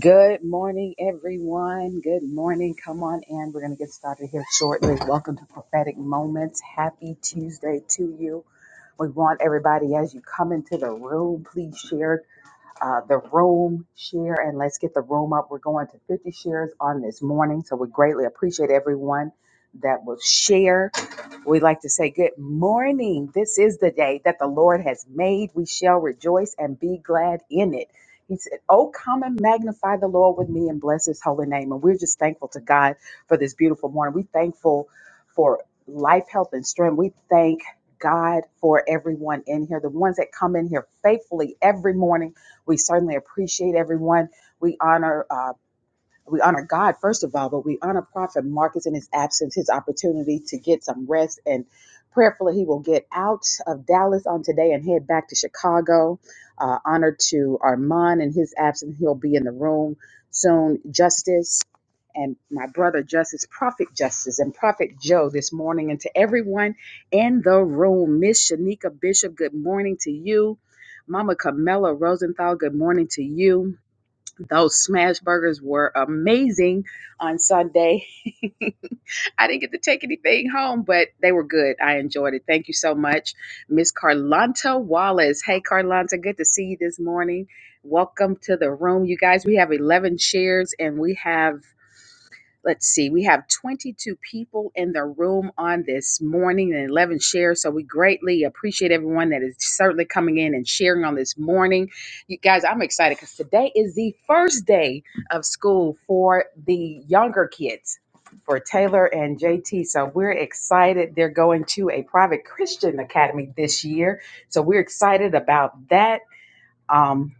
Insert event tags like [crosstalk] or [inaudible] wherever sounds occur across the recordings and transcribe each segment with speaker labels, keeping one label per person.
Speaker 1: Good morning, everyone. Good morning. Come on in. We're going to get started here shortly. Welcome to Prophetic Moments. Happy Tuesday to you. We want everybody as you come into the room, please share uh, the room share and let's get the room up. We're going to 50 shares on this morning. So we greatly appreciate everyone that will share. We'd like to say good morning. This is the day that the Lord has made. We shall rejoice and be glad in it. He said, Oh, come and magnify the Lord with me and bless his holy name. And we're just thankful to God for this beautiful morning. we are thankful for life, health, and strength. We thank God for everyone in here, the ones that come in here faithfully every morning we certainly appreciate everyone. We honor uh, we honor God first of all, but we honor Prophet Marcus in his absence, his opportunity to get some rest, and prayerfully he will get out of Dallas on today and head back to Chicago. Uh, honor to Armand in his absence, he'll be in the room soon. Justice and my brother Justice, Prophet Justice, and Prophet Joe this morning, and to everyone in the room, Miss Shanika Bishop, good morning to you. Mama Camilla Rosenthal, good morning to you. Those smash burgers were amazing on Sunday. I didn't get to take anything home, but they were good. I enjoyed it. Thank you so much, Miss Carlanta Wallace. Hey, Carlanta, good to see you this morning. Welcome to the room, you guys. We have 11 shares and we have let's see, we have 22 people in the room on this morning and 11 shares. So we greatly appreciate everyone that is certainly coming in and sharing on this morning. You guys, I'm excited because today is the first day of school for the younger kids. For Taylor and JT. So we're excited. They're going to a private Christian academy this year. So we're excited about that. Um,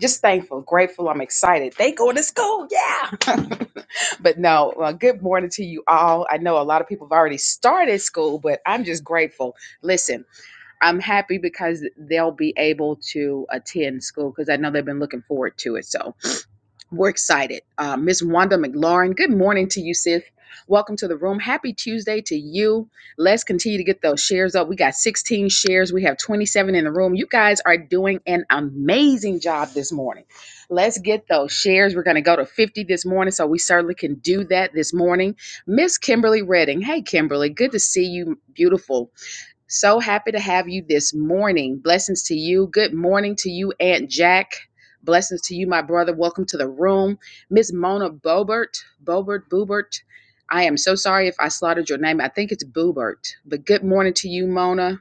Speaker 1: just thankful, grateful. I'm excited. They going to school. Yeah. [laughs] But no, uh, good morning to you all. I know a lot of people have already started school, but I'm just grateful. Listen, I'm happy because they'll be able to attend school because I know they've been looking forward to it. So we're excited. Uh, Miss Wanda McLaurin, good morning to you, sis. Welcome to the room. Happy Tuesday to you. Let's continue to get those shares up. We got 16 shares. We have 27 in the room. You guys are doing an amazing job this morning. Let's get those shares. We're going to go to 50 this morning, so we certainly can do that this morning. Miss Kimberly Redding. Hey, Kimberly. Good to see you. Beautiful. So happy to have you this morning. Blessings to you. Good morning to you, Aunt Jack. Blessings to you, my brother. Welcome to the room. Miss Mona Bobert, Bobert, Boobert. I am so sorry if I slaughtered your name. I think it's Boobert. But good morning to you, Mona.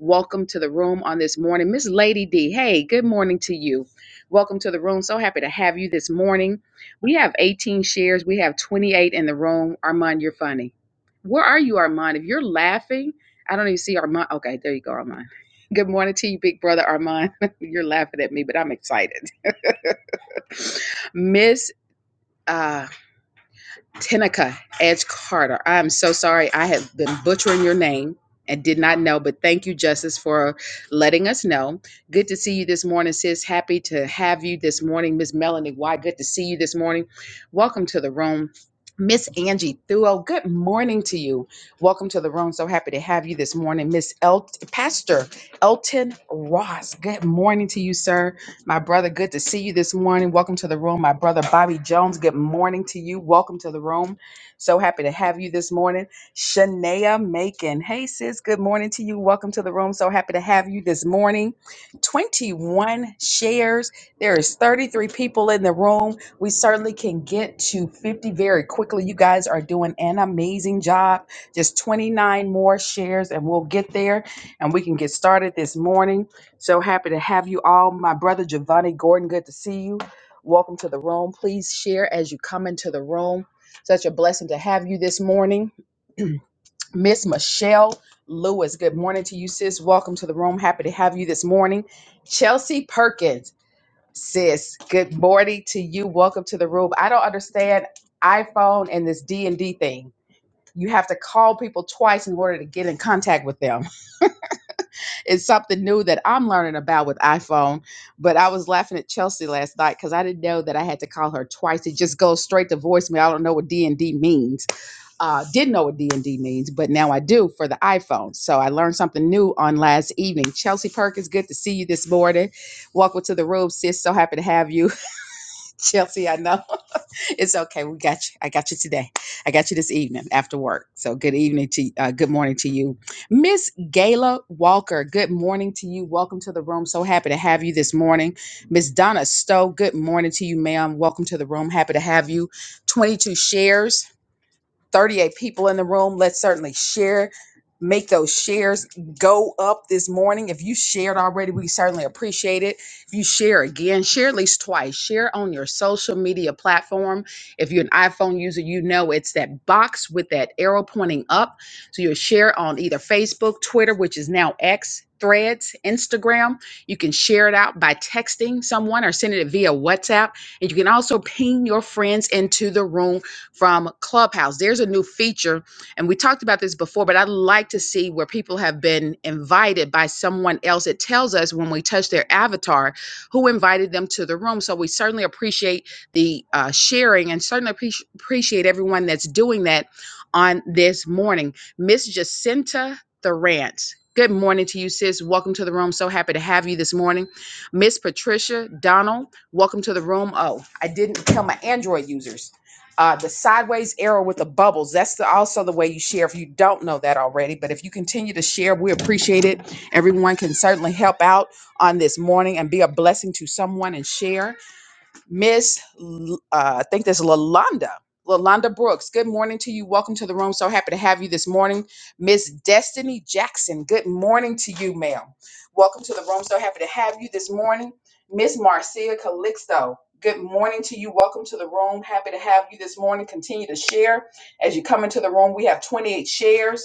Speaker 1: Welcome to the room on this morning. Miss Lady D, hey, good morning to you. Welcome to the room. So happy to have you this morning. We have 18 shares, we have 28 in the room. Armand, you're funny. Where are you, Armand? If you're laughing, I don't even see Armand. Okay, there you go, Armand. [laughs] Good morning to you, big brother Armand. [laughs] you're laughing at me, but I'm excited. [laughs] Miss. uh, Tenica Edge Carter. I am so sorry. I have been butchering your name and did not know, but thank you, Justice, for letting us know. Good to see you this morning, sis. Happy to have you this morning, Miss Melanie Why? Good to see you this morning. Welcome to the room. Miss Angie Thuo, good morning to you. Welcome to the room. So happy to have you this morning. Miss El- Pastor Elton Ross, good morning to you, sir. My brother, good to see you this morning. Welcome to the room. My brother Bobby Jones, good morning to you. Welcome to the room. So happy to have you this morning. Shania Macon. Hey sis, good morning to you. Welcome to the room. So happy to have you this morning. 21 shares. There is 33 people in the room. We certainly can get to 50 very quickly. You guys are doing an amazing job. Just 29 more shares and we'll get there and we can get started this morning. So happy to have you all. My brother Giovanni Gordon, good to see you. Welcome to the room. Please share as you come into the room. Such a blessing to have you this morning. Miss Michelle Lewis, good morning to you, sis. Welcome to the room. Happy to have you this morning. Chelsea Perkins, sis, good morning to you. Welcome to the room. I don't understand iPhone and this D&D thing. You have to call people twice in order to get in contact with them it's something new that I'm learning about with iPhone. But I was laughing at Chelsea last night because I didn't know that I had to call her twice. It just goes straight to voicemail. I don't know what D and D means. Uh, didn't know what D and D means, but now I do for the iPhone. So I learned something new on last evening. Chelsea Perkins, good to see you this morning. Welcome to the room, sis. So happy to have you, [laughs] Chelsea. I know it's okay. We got you. I got you today. I got you this evening after work. So good evening to uh, good morning to you, Miss Gayla Walker. Good morning to you. Welcome to the room. So happy to have you this morning, Miss Donna Stowe. Good morning to you, ma'am. Welcome to the room. Happy to have you. Twenty two shares. 38 people in the room. Let's certainly share, make those shares go up this morning. If you shared already, we certainly appreciate it. If you share again, share at least twice. Share on your social media platform. If you're an iPhone user, you know it's that box with that arrow pointing up. So you'll share on either Facebook, Twitter, which is now X. Threads, Instagram. You can share it out by texting someone or sending it via WhatsApp. And you can also ping your friends into the room from Clubhouse. There's a new feature, and we talked about this before, but I would like to see where people have been invited by someone else. It tells us when we touch their avatar who invited them to the room. So we certainly appreciate the uh, sharing and certainly appreci- appreciate everyone that's doing that on this morning. Miss Jacinta Thorant. Good morning to you, sis. Welcome to the room. So happy to have you this morning. Miss Patricia Donald, welcome to the room. Oh, I didn't tell my Android users. Uh, the sideways arrow with the bubbles. That's the, also the way you share if you don't know that already. But if you continue to share, we appreciate it. Everyone can certainly help out on this morning and be a blessing to someone and share. Miss, L- uh, I think that's Lalonda. Lalonda Brooks, good morning to you. Welcome to the room. So happy to have you this morning. Miss Destiny Jackson, good morning to you, ma'am. Welcome to the room. So happy to have you this morning. Miss Marcia Calixto, good morning to you. Welcome to the room. Happy to have you this morning. Continue to share as you come into the room. We have 28 shares.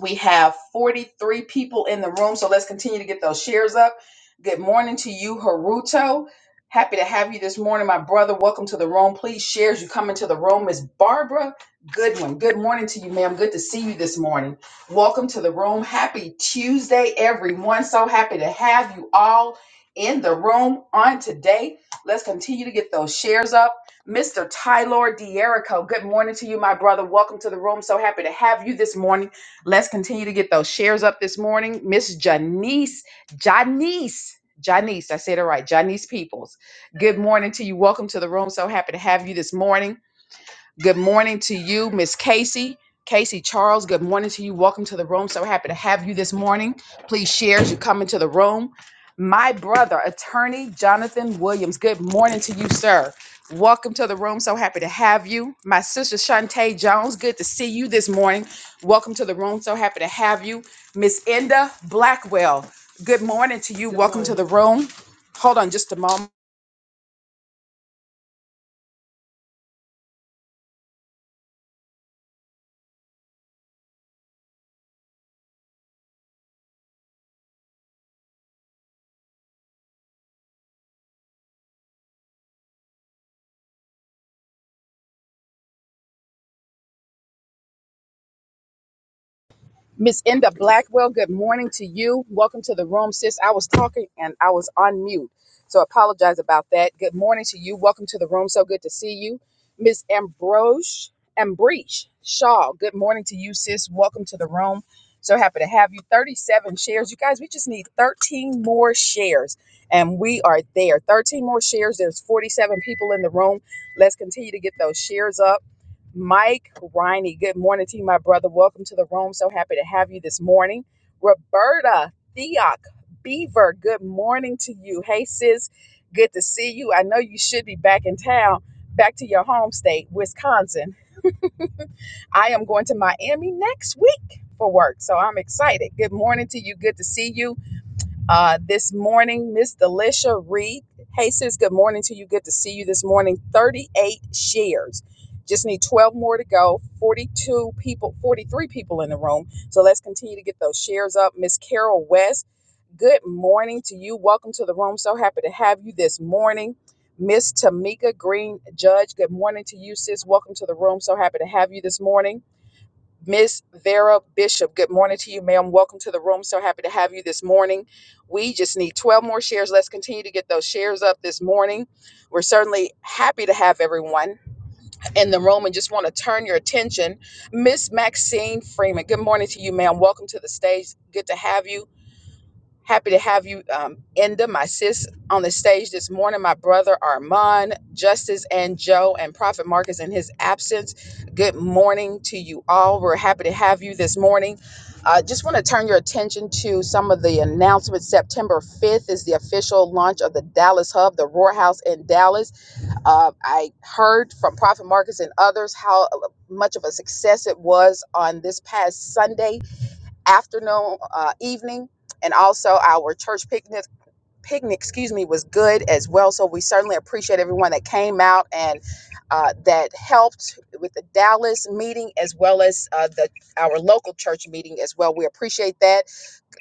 Speaker 1: We have 43 people in the room, so let's continue to get those shares up. Good morning to you, Haruto. Happy to have you this morning, my brother. Welcome to the room. Please share as you come into the room. Miss Barbara Goodwin. Good morning to you, ma'am. Good to see you this morning. Welcome to the room. Happy Tuesday, everyone. So happy to have you all in the room on today. Let's continue to get those shares up. Mr. Tyler D'Erico, good morning to you, my brother. Welcome to the room. So happy to have you this morning. Let's continue to get those shares up this morning. Miss Janice, Janice, Janice, I said it right, Janice Peoples. Good morning to you. Welcome to the room. So happy to have you this morning. Good morning to you, Miss Casey. Casey Charles, good morning to you. Welcome to the room. So happy to have you this morning. Please share as you come into the room. My brother, attorney Jonathan Williams, good morning to you, sir. Welcome to the room. So happy to have you. My sister Shantae Jones, good to see you this morning. Welcome to the room. So happy to have you. Miss Enda Blackwell, good morning to you. Good Welcome to morning. the room. Hold on just a moment. Miss Enda Blackwell, good morning to you. Welcome to the room, sis. I was talking and I was on mute, so apologize about that. Good morning to you. Welcome to the room. So good to see you. Miss Ambrose, Ambroche Shaw, good morning to you, sis. Welcome to the room. So happy to have you. 37 shares. You guys, we just need 13 more shares, and we are there. 13 more shares. There's 47 people in the room. Let's continue to get those shares up. Mike Riney. Good morning to you, my brother. Welcome to the room. So happy to have you this morning. Roberta Theoc Beaver. Good morning to you. Hey, sis. Good to see you. I know you should be back in town, back to your home state, Wisconsin. I am going to Miami next week for work, so I'm excited. Good morning to you. Good to see you uh, this morning, Miss Delisha Reed. Hey, sis, good morning to you. Good to see you this morning. 38 shares. Just need 12 more to go. 42 people, 43 people in the room. So let's continue to get those shares up. Miss Carol West, good morning to you. Welcome to the room. So happy to have you this morning. Miss Tamika Green Judge, good morning to you, sis. Welcome to the room. So happy to have you this morning. Miss Vera Bishop, good morning to you, ma'am. Welcome to the room. So happy to have you this morning. We just need 12 more shares. Let's continue to get those shares up this morning. We're certainly happy to have everyone in the room and just want to turn your attention. Miss Maxine Freeman, good morning to you, ma'am. Welcome to the stage. Good to have you. Happy to have you, um, Enda, my sis, on the stage this morning. My brother Armand, Justice, and Joe, and Prophet Marcus in his absence. Good morning to you all. We're happy to have you this morning. uh, just want to turn your attention to some of the announcements. September 5th is the official launch of the Dallas Hub, the Roar House in Dallas. Uh, I heard from Prophet Marcus and others how uh, much of a success it was on this past Sunday afternoon, uh, evening, and also our church picnic. Picnic, excuse me, was good as well. So we certainly appreciate everyone that came out and uh, that helped with the Dallas meeting as well as uh, the our local church meeting as well. We appreciate that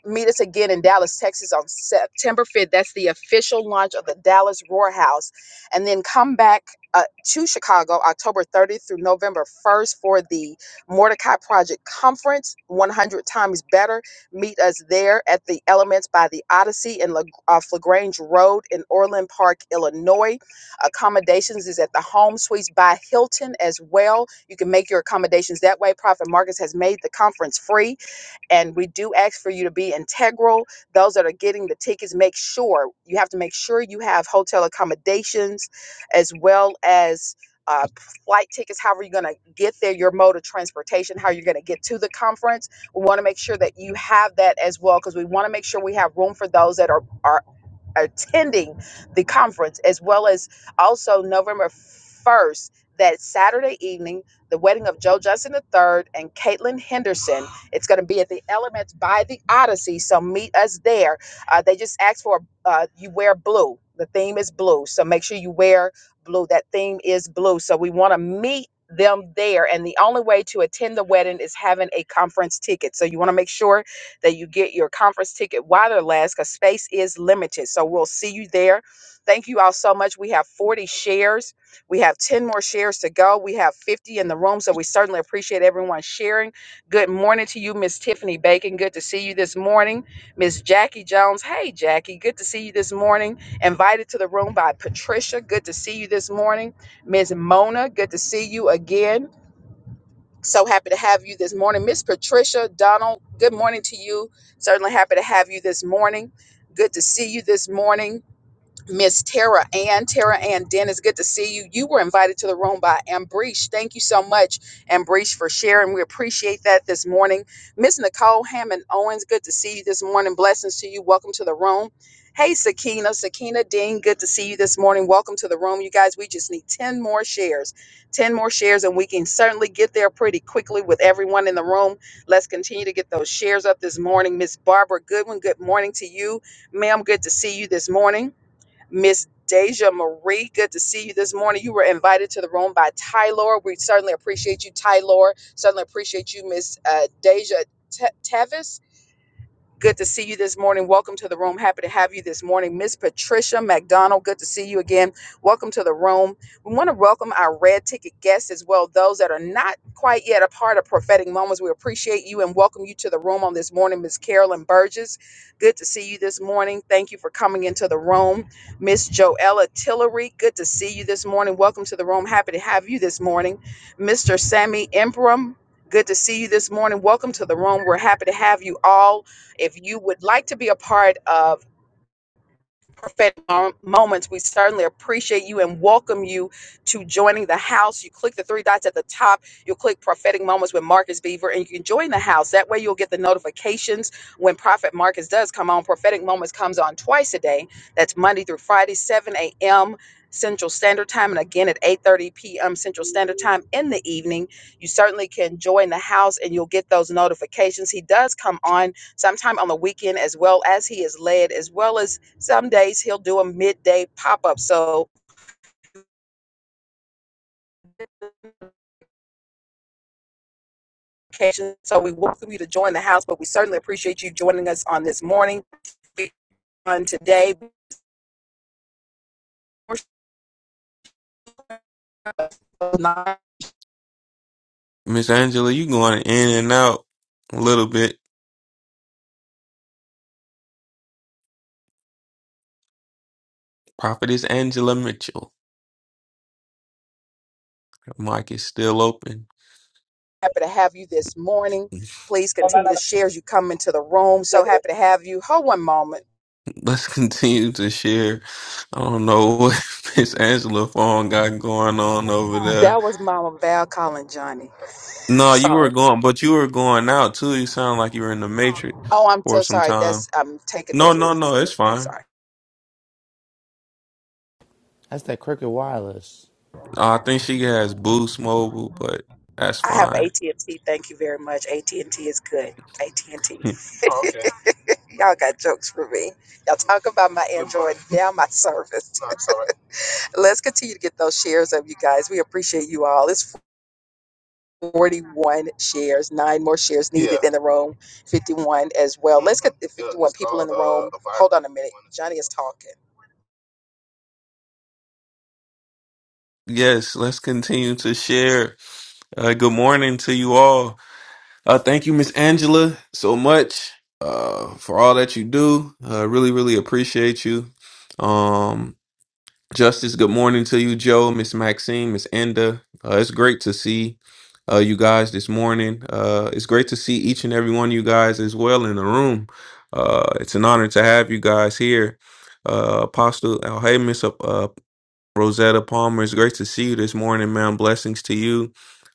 Speaker 1: meet us again in Dallas, Texas on September 5th. That's the official launch of the Dallas Roar House. And then come back uh, to Chicago October 30th through November 1st for the Mordecai Project Conference, 100 Times Better. Meet us there at the Elements by the Odyssey in La- uh, LaGrange Road in Orland Park, Illinois. Accommodations is at the Home Suites by Hilton as well. You can make your accommodations that way. Prophet Marcus has made the conference free and we do ask for you to be integral those that are getting the tickets make sure you have to make sure you have hotel accommodations as well as uh, flight tickets how are you going to get there your mode of transportation how you're going to get to the conference we want to make sure that you have that as well because we want to make sure we have room for those that are, are attending the conference, as well as also November 1st, that Saturday evening, the wedding of Joe Justin III and Caitlin Henderson. It's going to be at the Elements by the Odyssey, so meet us there. Uh, they just asked for uh, you wear blue. The theme is blue, so make sure you wear blue. That theme is blue, so we want to meet them there and the only way to attend the wedding is having a conference ticket so you want to make sure that you get your conference ticket while they last because space is limited. So we'll see you there. Thank you all so much. We have 40 shares. We have 10 more shares to go. We have 50 in the room. So we certainly appreciate everyone sharing. Good morning to you, Miss Tiffany Bacon. Good to see you this morning. Miss Jackie Jones. Hey, Jackie. Good to see you this morning. Invited to the room by Patricia. Good to see you this morning. Miss Mona. Good to see you again. So happy to have you this morning. Miss Patricia Donald, good morning to you. Certainly happy to have you this morning. Good to see you this morning. Miss Tara Ann. Tara Ann Dennis, good to see you. You were invited to the room by Ambreesh. Thank you so much, Ambreesh, for sharing. We appreciate that this morning. Miss Nicole Hammond Owens, good to see you this morning. Blessings to you. Welcome to the room. Hey, Sakina, Sakina Dean, good to see you this morning. Welcome to the room. You guys, we just need 10 more shares. 10 more shares, and we can certainly get there pretty quickly with everyone in the room. Let's continue to get those shares up this morning. Miss Barbara Goodwin, good morning to you. Ma'am, good to see you this morning. Miss Deja Marie, good to see you this morning. You were invited to the room by Tylor. We certainly appreciate you, Tylor. Certainly appreciate you, Miss uh, Deja Te- Tevis. Good to see you this morning. Welcome to the room. Happy to have you this morning. Miss Patricia McDonald, good to see you again. Welcome to the room. We want to welcome our red ticket guests as well, those that are not quite yet a part of prophetic moments. We appreciate you and welcome you to the room on this morning, Miss Carolyn Burgess. Good to see you this morning. Thank you for coming into the room. Miss Joella Tillery, good to see you this morning. Welcome to the room. Happy to have you this morning. Mr. Sammy Impram, good to see you this morning. Welcome to the room. We're happy to have you all. If you would like to be a part of prophetic mo- moments. We certainly appreciate you and welcome you to joining the house. You click the three dots at the top, you'll click prophetic moments with Marcus Beaver, and you can join the house. That way, you'll get the notifications when Prophet Marcus does come on. Prophetic moments comes on twice a day. That's Monday through Friday, 7 a.m. Central Standard Time, and again at 8:30 p.m. Central Standard Time in the evening. You certainly can join the house, and you'll get those notifications. He does come on sometime on the weekend, as well as he is led, as well as some days he'll do a midday pop up. So So we welcome you to join the house, but we certainly appreciate you joining us on this morning. On today, we're so happy
Speaker 2: Miss Angela, you going in and out a little bit. Prophetess Angela Mitchell. Your mic is still open.
Speaker 1: to have you this morning.
Speaker 2: [laughs]
Speaker 1: Please continue to share as you come into the room. So happy to have you. Hold one moment.
Speaker 2: Let's continue to share. I don't know what [laughs] Miss Angela Fawn got going on over there.
Speaker 1: That was Mama Val calling Johnny.
Speaker 2: No, you were
Speaker 1: Sorry.
Speaker 2: going, but you were going out too. You sound like you were in the Matrix
Speaker 1: Oh, I'm so
Speaker 2: for some
Speaker 1: sorry. That's
Speaker 2: time.
Speaker 1: I'm taking the
Speaker 2: No, no,
Speaker 1: kids to
Speaker 2: no, it's
Speaker 1: school.
Speaker 2: fine.
Speaker 1: Sorry.
Speaker 3: That's that Cricket Wireless.
Speaker 2: I think she has Boost Mobile, but that's
Speaker 1: I have
Speaker 2: fine.
Speaker 1: AT and T. Thank you very much. AT and T is good. AT and T.
Speaker 2: [laughs]
Speaker 1: [laughs] Y'all got jokes for me. Y'all talk about my Android, now my service. [laughs] Let's continue to get those shares of you guys. We appreciate you all. It's 41 shares, nine more shares needed in the room, 51 as well. Let's get the 51 people in the room. Hold on a minute. Johnny is talking.
Speaker 2: Yes, let's continue to share. Uh, good morning to you all. Uh, thank you, Miss Angela, so much uh, for all that you do. Uh, really, really appreciate you. Um, Justice, good morning to you, Joe, Miss Maxine, Miss Enda. Uh, it's great to see uh, you guys this morning. Uh, it's great to see each and every one of you guys as well in the room. Uh, it's an honor to have you guys here. Uh, Apostle Alhamis, Rosetta Palmer, it's great to see you this morning, ma'am. Blessings to you.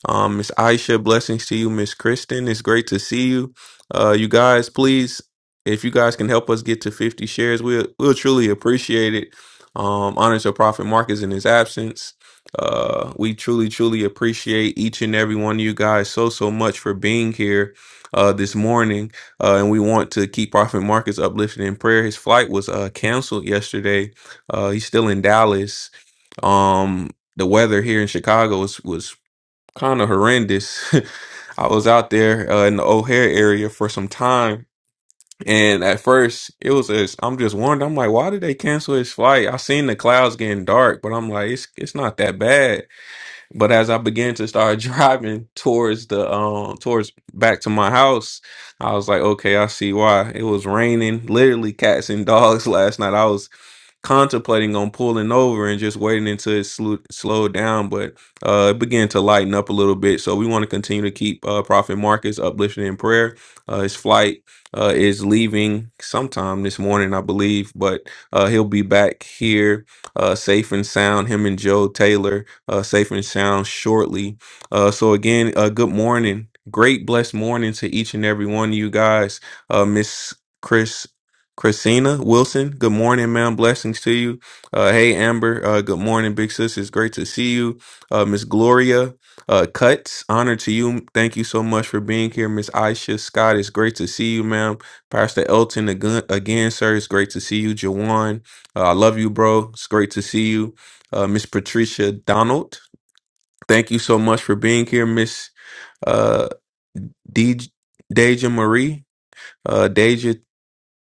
Speaker 2: Um, Miss Aisha, blessings to you, Miss Kristen. It's great to see you. Uh, you guys, please, if you guys can help us get to 50 shares, we'll we'll truly appreciate it. Um, honor to Prophet Marcus in his absence. Uh, we truly, truly appreciate each and every one of you guys so so much for being here uh this morning. Uh, and we want to keep Prophet Marcus uplifted in prayer. His flight was uh canceled yesterday. Uh, he's still in Dallas um, the weather here in Chicago was was kind of horrendous. [laughs] I was out there uh, in the O'Hare area for some time, and at first it was just, I'm just wondering. I'm like, why did they cancel his flight? I seen the clouds getting dark, but I'm like, it's it's not that bad. But as I began to start [laughs] driving towards the um towards back to my house, I was like, okay, I see why. It was raining, literally cats and dogs [laughs] last night. I was contemplating on pulling over and just waiting until it slo- slowed down, but uh, it began to lighten up a little bit. So we want to continue to keep uh, Prophet Marcus uplifted in prayer. Uh, his flight uh, is leaving sometime this morning, I believe, but uh, he'll be back here uh, safe and sound. Him and Joe Taylor uh, safe and sound shortly. Uh, so again, uh, good morning. Great blessed morning to each and every one of you guys. Uh, Miss Chris Christina Wilson, good morning, ma'am. Blessings to you. Uh, hey, Amber. Uh, good morning, big sis. It's great to see you. Uh, Miss Gloria uh, Cuts, honor to you. Thank you so much for being here, Miss Aisha Scott. It's great to see you, ma'am. Pastor Elton, again, again sir. It's great to see you, Jawan. Uh, I love you, bro. It's great to see you, uh, Miss Patricia Donald. Thank you so much for being here, Miss uh, D- Deja Marie. Uh, Deja,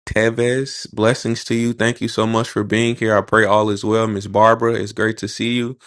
Speaker 2: Tevez, blessings to you. Thank you so much for being here. I pray all is well. Miss Barbara, it's great to see you.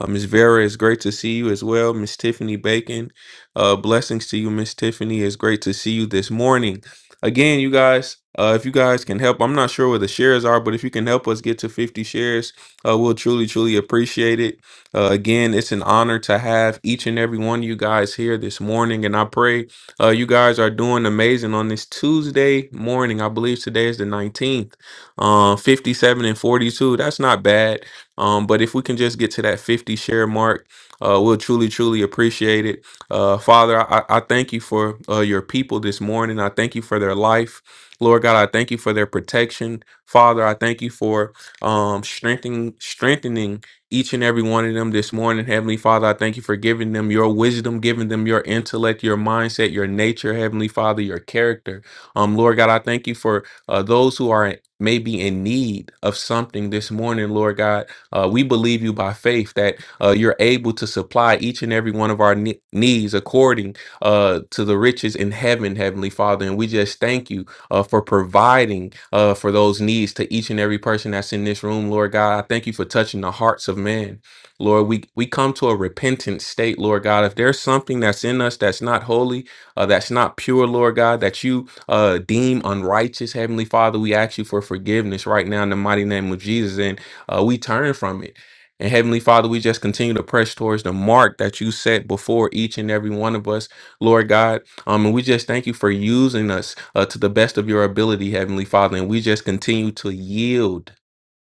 Speaker 2: Uh, Miss Vera, it's great to see you as well. Miss Tiffany Bacon, uh, blessings to you, Miss Tiffany. It's great to see you this morning. Again, you guys, uh, if you guys can help, I'm not sure where the shares are, but if you can help us get to 50 shares, uh, we'll truly, truly appreciate it. Uh, again, it's an honor to have each and every one of you guys here this morning, and I pray. Uh, you guys are doing amazing on this Tuesday morning. I believe today is the 19th. Um, 57 and 42. That's not bad. Um, but if we can just get to that 50 share mark, uh, we'll truly, truly appreciate it. Uh, Father, I, I I thank you for uh, your people this morning. I thank you for their life. Lord God, I thank you for their protection. Father, I thank you for um, strengthening, strengthening each and every one of them this morning. Heavenly Father, I thank you for giving them your wisdom, giving them your intellect, your mindset, your nature, Heavenly Father, your character. Um, Lord God, I thank you for uh, those who are maybe in need of something this morning, Lord God. Uh, we believe you by faith that uh, you're able to supply each and every one of our ne- needs according uh, to the riches in heaven, Heavenly Father. And we just thank you uh, for providing uh, for those needs to each and every person that's in this room, Lord God. I thank you for touching the hearts of men. Lord, we, we come to a repentant state, Lord God. If there's something that's in us that's not holy, uh, that's not pure, Lord God, that you uh, deem unrighteous, Heavenly Father, we ask you for forgiveness right now in the mighty name of Jesus. And uh, we turn from it. And Heavenly Father, we just continue to press towards the mark that you set before each and every one of us, Lord God. Um, and we just thank you for using us uh, to the best of your ability, Heavenly Father. And we just continue to yield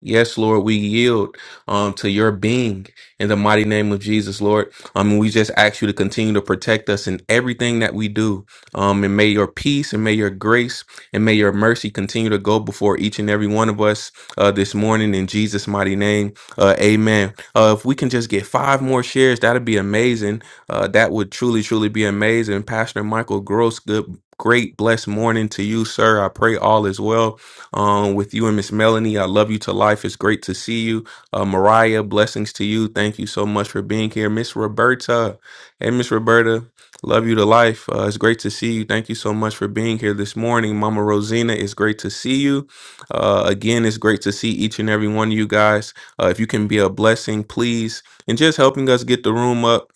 Speaker 2: Yes, Lord, we yield um, to your being in the mighty name of Jesus, Lord. Um, we just ask you to continue to protect us in everything that we do. Um, and may your peace and may your grace and may your mercy continue to go before each and every one of us uh, this morning in Jesus' mighty name. Uh, amen. Uh, if we can just get five more shares, that'd be amazing. Uh, that would truly, truly be amazing. Pastor Michael Gross, good. Great blessed morning to you, sir. I pray all is well um, with you and Miss Melanie. I love you to life. It's great to see you. Uh, Mariah, blessings to you. Thank you so much for being here. Miss Roberta. Hey, Miss Roberta. Love you to life. Uh, it's great to see you. Thank you so much for being here this morning. Mama Rosina, it's great to see you. Uh, again, it's great to see each and every one of you guys. Uh, if you can be a blessing, please. And just helping us get the room up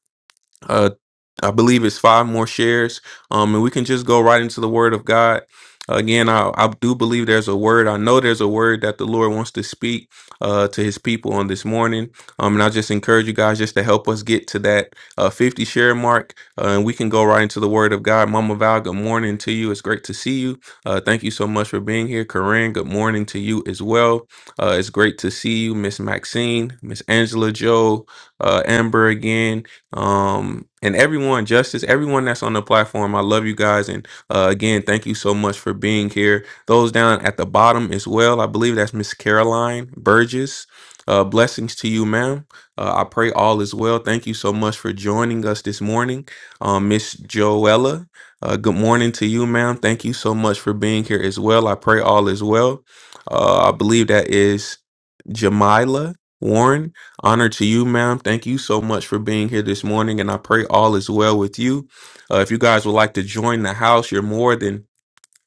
Speaker 2: uh i believe it's five more shares um and we can just go right into the word of god again i i do believe there's a word i know there's a word that the lord wants to speak uh to his people on this morning um and i just encourage you guys just to help us get to that uh 50 share mark uh, and we can go right into the word of god mama val good morning to you it's great to see you uh thank you so much for being here corinne good morning to you as well uh it's great to see you miss maxine miss angela joe uh amber again um and everyone justice everyone that's on the platform i love you guys and uh, again thank you so much for being here those down at the bottom as well i believe that's miss caroline burgess uh, blessings to you ma'am uh, i pray all is well thank you so much for joining us this morning um, miss joella uh, good morning to you ma'am thank you so much for being here as well i pray all is well uh, i believe that is jamila warren Honor to you, ma'am. Thank you so much for being here this morning, and I pray all is well with you. Uh, if you guys would like to join the house, you're more than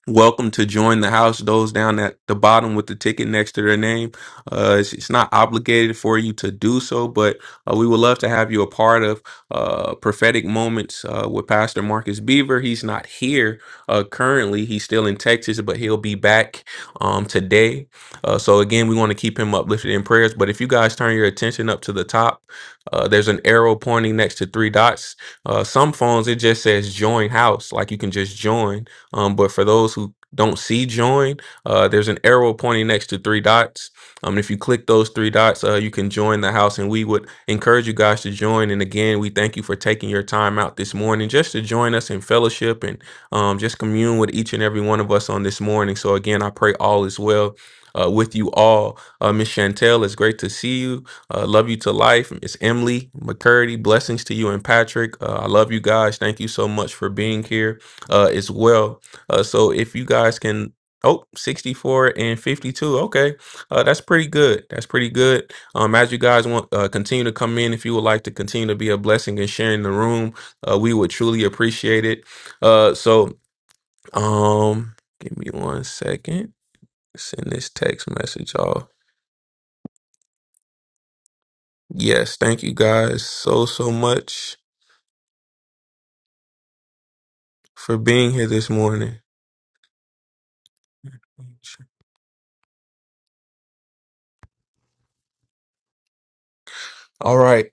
Speaker 2: welcome to join the house. Those down at the bottom with the ticket next to their name, uh, it's, it's not obligated for you to do so, but uh, we would love to have you a part of uh, prophetic moments uh, with Pastor Marcus Beaver. He's not here uh, currently; he's still in Texas, but he'll be back um, today. Uh, so again, we want to keep him uplifted in prayers. But if you guys turn your attention up to the top, uh, there's an arrow pointing next to three dots. Uh, some phones it just says join house, like you can just join um, but for those who don't see join, uh, there's an arrow pointing next to three dots. Um, if you click those three dots, uh, you can join the house, and we would encourage you guys to join. And again, we thank you for taking your time out this morning just to join us in fellowship and um, just commune with each and every one of us on this morning. So again, I pray all is well. Uh, with you all, uh, Miss Chantel, it's great to see you. Uh, love you to life. It's Emily McCurdy. Blessings to you and Patrick. Uh, I love you guys. Thank you so much for being here uh, as well. Uh, so if you guys can, oh, 64 and 52. Okay. Uh, that's pretty good. That's pretty good. Um, as you guys want, uh, continue to come in. If you would like to continue to be a blessing and sharing the room, uh, we would truly appreciate it. Uh, so, um, give me one second. Send this text message off. Yes. Thank you guys so, so much for being here this morning. All right,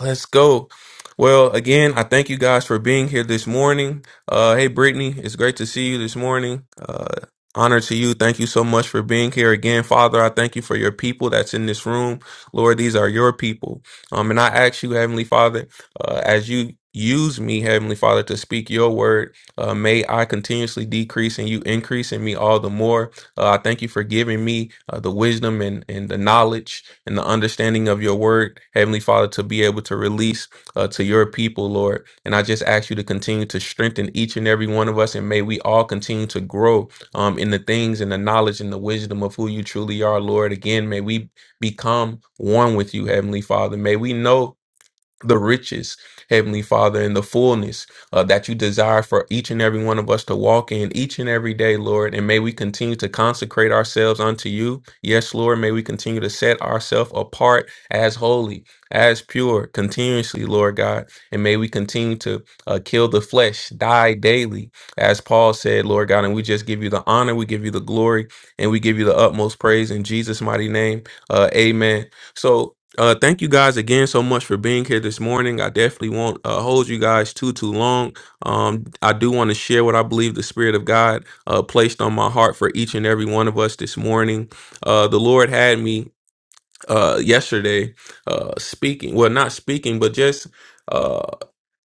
Speaker 2: let's go. Well, again, I thank you guys for being here this morning. Uh, hey, Brittany, it's great to see you this morning. Uh, honor to you. Thank you so much for being here again, Father. I thank you for your people that's in this room, Lord. These are your people. Um, and I ask you, Heavenly Father, uh, as you use me, Heavenly Father, to speak your word, uh, may I continuously decrease and you increase in me all the more. Uh, I thank you for giving me uh, the wisdom and and the knowledge and the understanding of your word, Heavenly Father, to be able to release uh, to your people, Lord. And I just ask you to continue to strengthen each and every one of us, and may we all continue to grow um, in the things and the knowledge and the wisdom of who you truly are, Lord. Again, may we become one with you, Heavenly Father. May we know the riches, Heavenly Father, and the fullness uh, that you desire for each and every one of us to walk in each and every day, Lord. And may we continue to consecrate ourselves unto you. Yes, Lord. May we continue to set ourselves apart as holy, as pure, continuously, Lord God. And may we continue to uh, kill the flesh, die daily, as Paul said, Lord God. And we just give you the honor, we give you the glory, and we give you the utmost praise in Jesus' mighty name. Uh, amen. So, uh thank you guys again so much for being here this morning i definitely won't uh, hold you guys too too long um i do want to share what i believe the spirit of god uh placed on my heart for each and every one of us this morning uh the lord had me uh yesterday uh speaking well not speaking but just uh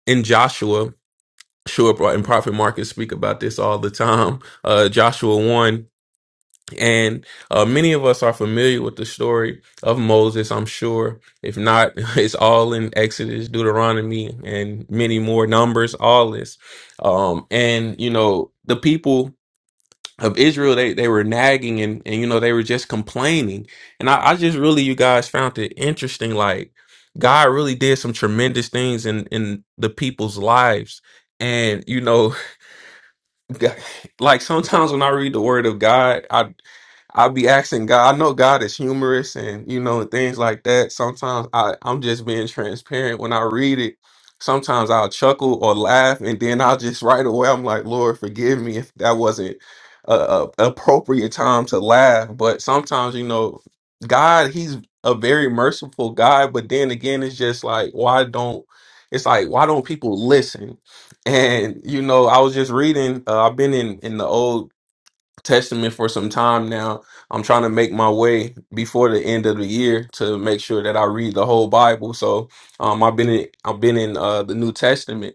Speaker 2: in joshua sure and prophet marcus speak about this all the time uh joshua 1 and uh, many of us are familiar with the story of Moses, I'm sure. If not, [laughs] it's all in Exodus, Deuteronomy, and many more numbers, all this. Um, and, you know, the people of Israel, they, they were nagging and, and, you know, they were just complaining. And I, I just really, you guys found it interesting. Like, God really did some tremendous things in, in the people's lives. And, you know, [laughs] like sometimes when I read the word of God, I'll be asking God. I know God is humorous and you know and things like that. Sometimes I I'm just being transparent when I read it. Sometimes I'll chuckle or laugh, and then I'll just right away I'm like, Lord, forgive me if that wasn't a, a appropriate time to laugh. But sometimes you know, God, He's a very merciful God. But then again, it's just like why don't it's like why don't people listen? And you know, I was just reading. Uh, I've been in in the old testament for some time now. I'm trying to make my way before the end of the year to make sure that I read the whole Bible. So um, I've been in, I've been in uh, the New Testament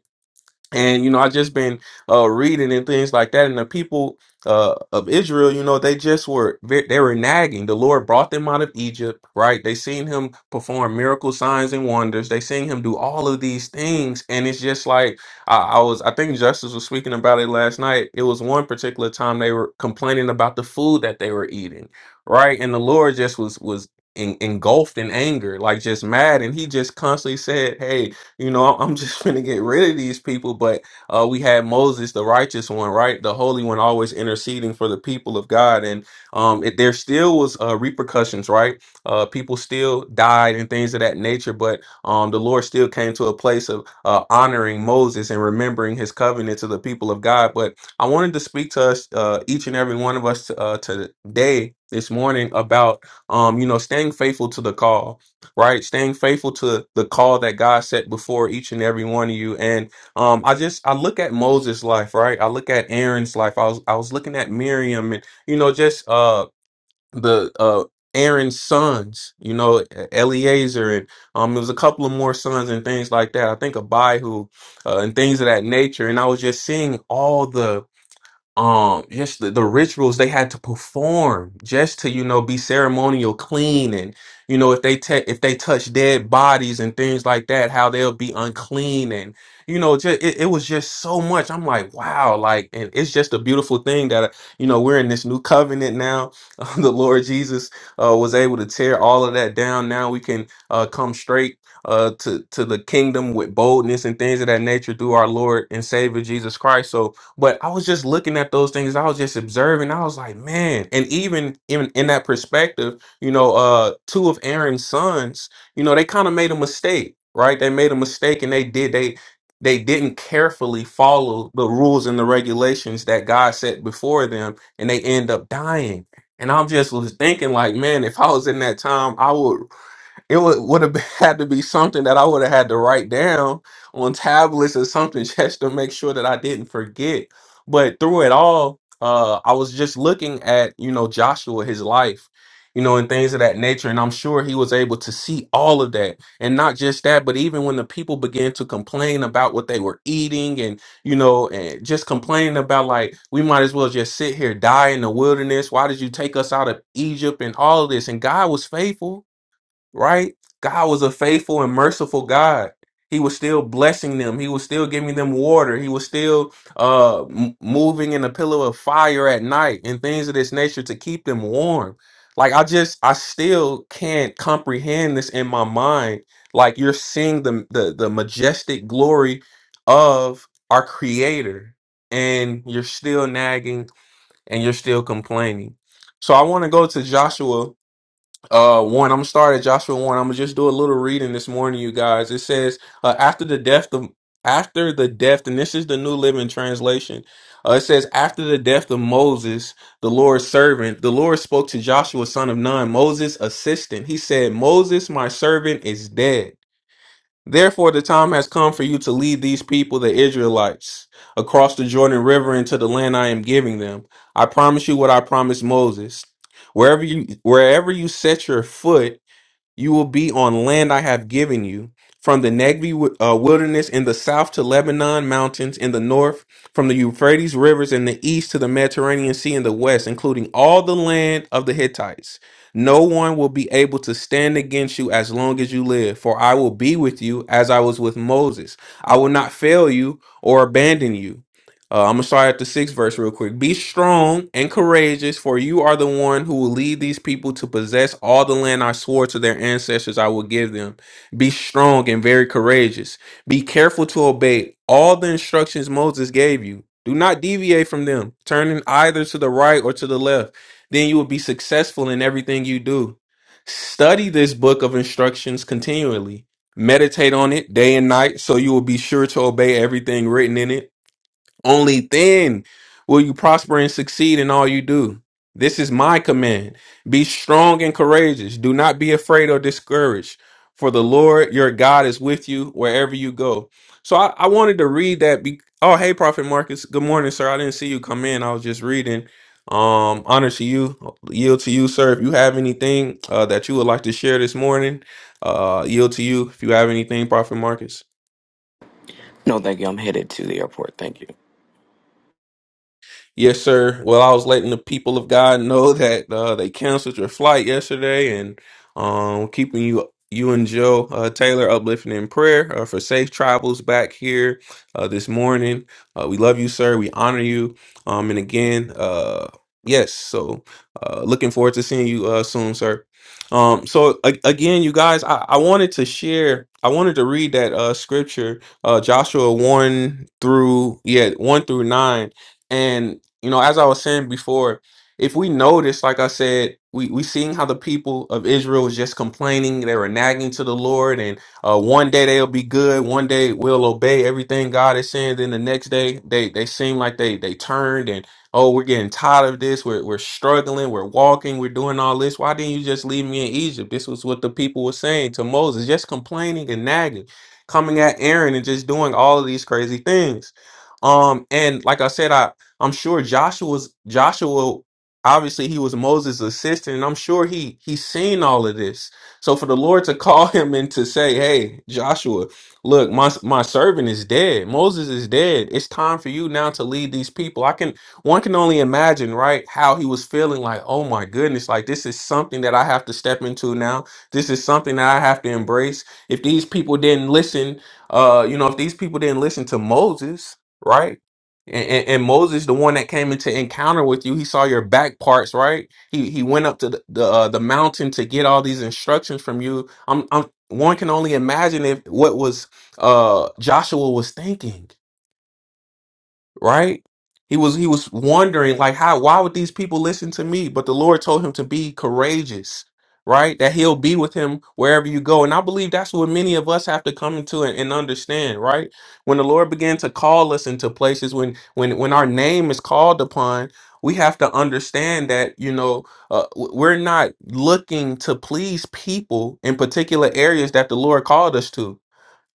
Speaker 2: and you know i just been uh reading and things like that and the people uh of israel you know they just were ve- they were nagging the lord brought them out of egypt right they seen him perform miracle signs and wonders they seen him do all of these things and it's just like i, I was i think justice was speaking about it last night it was one particular time they were complaining about the food that they were eating right and the lord just was was en- engulfed in anger like just mad and he just constantly said hey you know, I'm just [laughs] gonna get rid of these people. But uh, we had Moses, the righteous one, right, the holy one, always interceding for the people of God, and um, it, there still was uh, repercussions, right? Uh, people still died and things of that nature, but um, the Lord still came to a place of uh, honoring Moses and remembering His covenant to the people of God. But I wanted to speak to us, uh, each and every one of us, uh, today, this morning, about um, you know, staying faithful to the call right? Staying faithful to the call that God set before each and every one of you. And um, I just I look at Moses' life, right? I look at Aaron's life. I was I was looking at Miriam, and you know, just uh the uh Aaron's sons, you know, Eleazar, and um, there was a couple of more sons and things like that. I think Abihu, uh, and things of that nature. And I was just seeing all the um just the, the rituals they had to perform just to you know be ceremonial clean and you know if they take if they touch dead bodies and things like that how they'll be unclean and you know just it, it was just so much i'm like wow like and it's just a beautiful thing that uh, you know we're in this new covenant now [laughs] the lord jesus uh was able to tear all of that down now we can uh come straight uh to to the kingdom with boldness and things of that nature through our lord and savior jesus christ so but I was just looking at those things. I was just observing. I was like, man. And even even in that perspective, you know, uh, two of Aaron's sons, you know, they kind of made a mistake, right? They made a mistake, and they did they they didn't carefully follow the rules and the regulations that God set before them, and they end up dying. And I'm just was thinking, like, man, if I was in that time, I would. It would would have [laughs] had to be something that I would have had to write down on tablets or something [laughs] just to make sure that I didn't forget. But through it all, uh, I was just looking at you know Joshua, his life, you know, and things of that nature, and I'm sure he was able to see all of that, and not just that, but even when the people began to complain about what they were eating and you know, and just complaining about like we might as well just sit here die in the wilderness. Why did you take us out of Egypt and all of this? And God was faithful right? God was a faithful and merciful God. He was still blessing them. He was still giving them water. He was still uh, m- moving in a pillar of fire at night and things of this nature to keep them warm. Like I just, I still can't comprehend this in my mind. Like you're seeing the the, the majestic glory of our Creator, and you're still nagging and you're still complaining. So I want to go to Joshua uh, one, I'm gonna start at Joshua one. I'm gonna just do a little reading this morning, you guys. It says, uh, after the death of after the death, and this is the New Living Translation. Uh, it says, after the death of Moses, the Lord's servant, the Lord spoke to Joshua, son of Nun, Moses' assistant. He said, Moses, my servant, is dead. Therefore, the time has come for you to lead these people, the Israelites, across the Jordan River into the land I am giving them. I promise you what I promised Moses. Wherever you wherever you set your foot, you will be on land I have given you, from the Negev wi- uh, wilderness in the south to Lebanon mountains in the north, from the Euphrates rivers in the east to the Mediterranean Sea in the west, including all the land of the Hittites. No one will be able to stand against you as long as you live, for I will be with you as I was with Moses. I will not fail you or abandon you. Uh, I'm gonna start at the sixth verse real quick. Be strong and courageous, for you are the one who will lead these people to possess all the land I swore to their ancestors I will give them. Be strong and very courageous. Be careful to obey all the instructions Moses gave you. Do not deviate from them, turning either to the right or to the left. Then you will be successful in everything you do. Study this book of instructions continually. Meditate on it day and night so you will be sure to obey everything written in it. Only then will you prosper and succeed in all you do. This is my command. Be strong and courageous. Do not be afraid or discouraged, for the Lord your God is with you wherever you go. So I, I wanted to read that. Be- oh, hey, Prophet Marcus. Good morning, sir. I didn't see you come in. I was just reading. Um, honor to you, yield to you, sir. If you have anything uh, that you would like to share this morning, uh, yield to you. If you have anything, Prophet Marcus.
Speaker 4: No, thank you. I'm headed to the airport. Thank you.
Speaker 2: Yes, sir. Well, I was letting the people of God know that uh, they canceled your flight yesterday, and um, keeping you you and Joe uh, Taylor uplifting in prayer uh, for safe travels back here uh, this morning. Uh, we love you, sir. We honor you. Um, and again, uh, yes. So, uh, looking forward to seeing you uh, soon, sir. Um, so a- again, you guys, I, I wanted to share. I wanted to read that uh, scripture, uh, Joshua one through yeah one through nine. And you know, as I was saying before, if we notice, like I said, we we seeing how the people of Israel was just complaining, they were nagging to the Lord, and uh, one day they'll be good, one day we'll obey everything God is saying. Then the next day, they they seem like they they turned and oh, we're getting tired of this. We're we're struggling. We're walking. We're doing all this. Why didn't you just leave me in Egypt? This was what the people were saying to Moses, just complaining and nagging, coming at Aaron and just doing all of these crazy things. Um, and like I said, I. I'm sure Joshua's Joshua obviously he was Moses' assistant, and I'm sure he he's seen all of this. So for the Lord to [laughs] call him and to say, "Hey, Joshua, look, my my servant is dead. Moses is dead. It's time for you now to lead these people." I can one can only imagine, right, how he was feeling like, "Oh my goodness, like this is something that I have to step into now. This is something that I have to embrace. If these people didn't listen, uh, you know, if these people didn't listen to Moses, right? And, and, and Moses, the one that came into encounter with you, he saw your back parts, right? He he went up to the the, uh, the mountain to get all these instructions from you. I'm, I'm one can only imagine if what was uh Joshua was thinking right? He was he was wondering like how why would these people listen to me? But the Lord told him to be courageous, right? That he'll be with him wherever you go. And I believe that's what many of us have to come into and, and understand, right? When the Lord began to call us into places, when when when our name is called upon, we have to understand that, you know, uh, w- we're not looking to please people in particular areas that the Lord called us to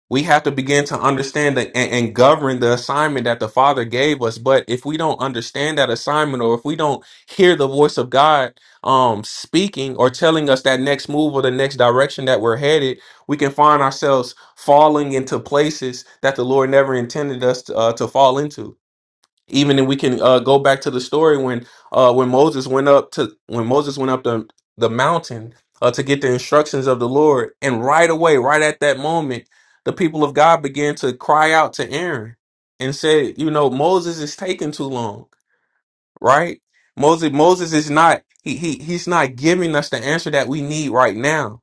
Speaker 2: we have to begin to understand that and, and govern the assignment that the father gave us but if we don't understand that assignment or if we don't hear the voice of god um speaking or telling us that next move or the next direction that we're headed we can find ourselves falling into places that the lord never intended us to, uh, to fall into even if we can uh, go back to the story when uh, when Moses went up to when Moses went up the the mountain uh, to get the instructions of the Lord, and right away, right at that moment, the people of God began to cry out to Aaron and said, "You know, Moses is taking too long, right? Moses Moses is not he he he's not giving us the answer that we need right now."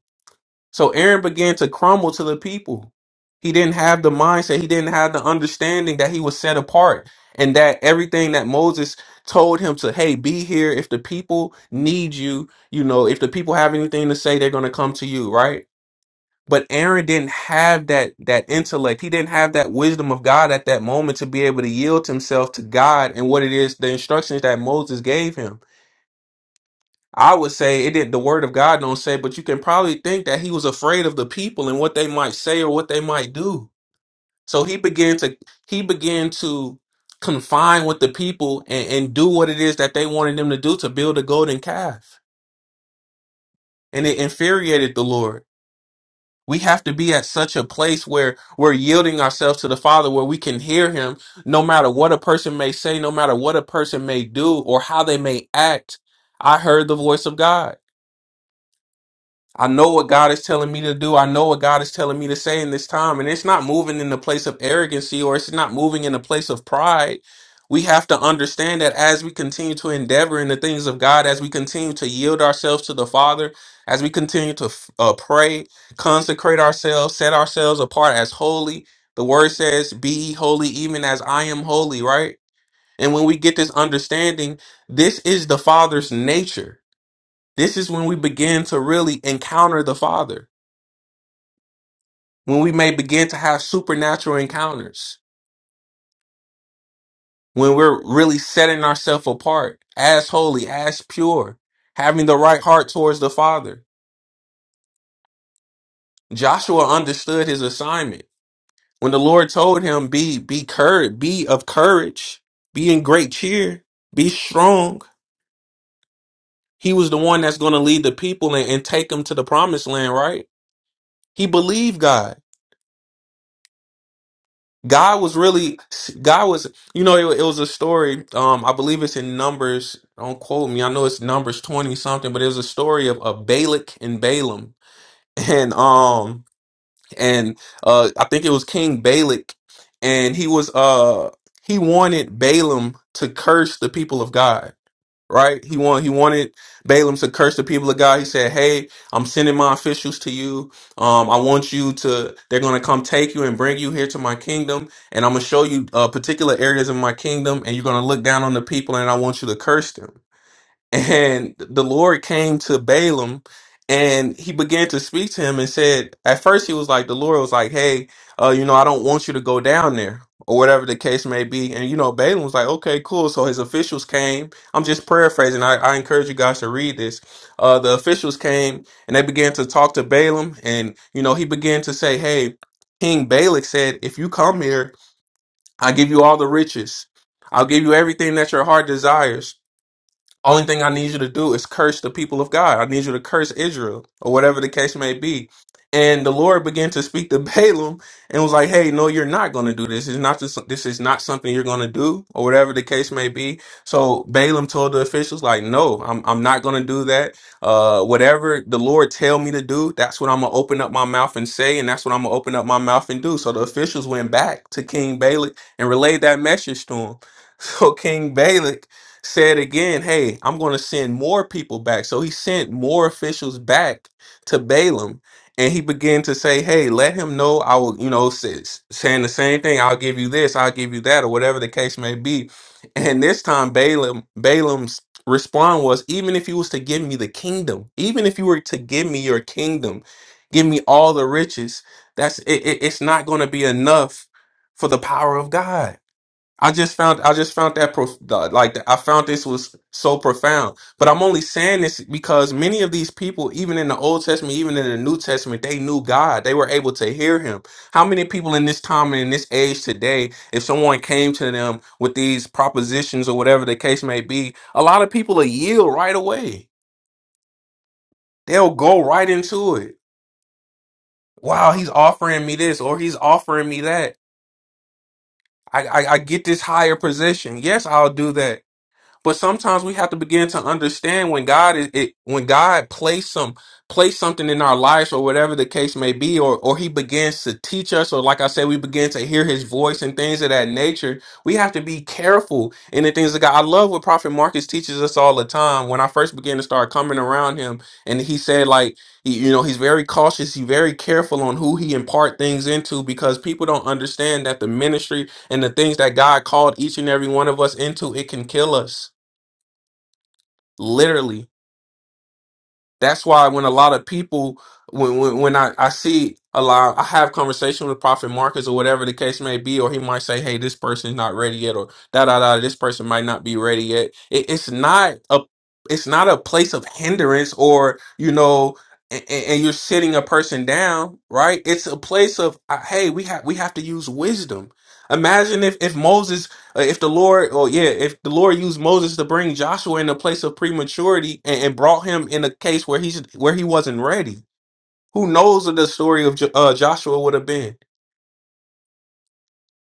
Speaker 2: So Aaron began to crumble to the people. He didn't have the mindset, he didn't have the understanding that he was set apart and that everything that Moses told him to, hey, be here if the people need you, you know, if the people have anything to say, they're going to come to you, right? But Aaron didn't have that that intellect. He didn't have that wisdom of God at that moment to be able to yield himself to God and what it is the instructions that Moses gave him. I would say it did the word of God don't say, but you can probably think that he was afraid of the people and what they might say or what they might do. So he began to he began to confine with the people and, and do what it is that they wanted them to do to build a golden calf. And it infuriated the Lord. We have to be at such a place where we're yielding ourselves to the Father, where we can hear him no matter what a person may say, no matter what a person may do or how they may act. I heard the voice of God. I know what God is telling me to do. I know what God is telling me to say in this time. And it's not moving in the place of arrogancy or it's not moving in the place of pride. We have to understand that as we continue to endeavor in the things of God, as we continue to yield ourselves to the Father, as we continue to uh, pray, consecrate ourselves, set ourselves apart as holy, the word says, Be ye holy, even as I am holy, right? And when we get this understanding, this is the Father's nature this is when we begin to really encounter the Father, when we may begin to have supernatural encounters, when we're really setting ourselves apart as holy, as pure, having the right heart towards the Father. Joshua understood his assignment. When the Lord told him, be, be courage, be of courage, be in great cheer, be strong. He was the one that's going to lead the people and, and take them to the promised land, right? He believed God. God was really, God was, you know, it, it was a story. Um, I believe it's in Numbers. Don't quote me. I know it's Numbers twenty something, but it was a story of, of Balak and Balaam, [laughs] and um, and uh, I think it was King Balak, and he was uh, he wanted Balaam to curse the people of God right? He wanted he wanted Balaam to curse the people of God. He said, "Hey, I'm sending my officials to you. Um, I want you to. They're going to come take you and bring you here to my kingdom, and I'm going to show you uh, particular areas of my kingdom, and you're going to look down on the people, and I want you to curse them." And the Lord came to Balaam and he began to speak to him and said, at first he was like, the Lord was like, hey, uh, you know, I don't want you to go down there or whatever the case may be. And, you know, Balaam was like, okay, cool. So his officials came. I'm just paraphrasing. I, I encourage you guys to read this. Uh, the officials came and they began to talk to Balaam. And, you know, he began to say, hey, King Balak said, if you come here, I give you all the riches. I'll give you everything that your heart desires only thing I need you to do is curse the people of God. I need you to curse Israel or whatever the case may be. And the Lord began to speak to [laughs] Balaam and was like, "Hey, no, you're not going to do this. It's not just, this is not something you're going to do or whatever the case may be." So Balaam told the officials, "Like, no, I'm I'm not going to do that. Uh, whatever the Lord tell me to do, that's what I'm gonna open up my mouth and say, and that's what I'm gonna open up my mouth and do." So the officials went back to King Balak and relayed that message to him. [laughs] So King Balak said again, Hey, I'm going to send more people back. So he sent more officials back to Balaam. And he began to say, Hey, let him know I will, you know, say, saying the same thing. I'll give you this, I'll give you that, or whatever the case may be. And this time, Balaam, Balaam's response was, Even if you was to give me the kingdom, even if you were to give me your kingdom, give me all the riches, that's it, it- it's not going to be enough for the power of God I just found I just found that prof- the- like the, I found this was so profound. But I'm only saying this because many of these people, even in the Old Testament, even in the New Testament, they knew God. They were able to hear Him. How many people in this time and in this age today, if someone came to them with these propositions or whatever the case may be, a lot of people will yield right away. They'll go right into it. Wow, he's offering me this or he's offering me that. I, I, I get this higher position. Yes, I'll do that But sometimes we have to begin to understand when God is it, when God plays some place something in our lives or whatever the case may be, or or He begins to teach us, or like I said, we begin to hear His voice and things of that nature. We have to be careful in the things that God. I love what Prophet Marcus teaches us all the time. When I first began to start coming around him, and he said like he- you know he's very cautious, he's very careful on who he impart things into because people don't understand that the ministry and the things that God called each and every one of us into it can kill us Literally. That's why when a lot of people, when when, when I, I see a lot, I have conversation with Prophet Marcus or whatever the case may be, or he might say, hey, this person's not ready yet, or da da da, this person might not be ready yet. It, it's not a it's not a place of hindrance or, you know, and, and you're sitting a person down, right? It's a place of, uh, hey, we have we have to use wisdom. Imagine if if Moses uh, If the Lord, oh yeah, if the Lord used Moses to bring Joshua in a place of prematurity and, and brought him in a case where he's where he wasn't ready, who knows what the story of Jo- uh, Joshua would have been?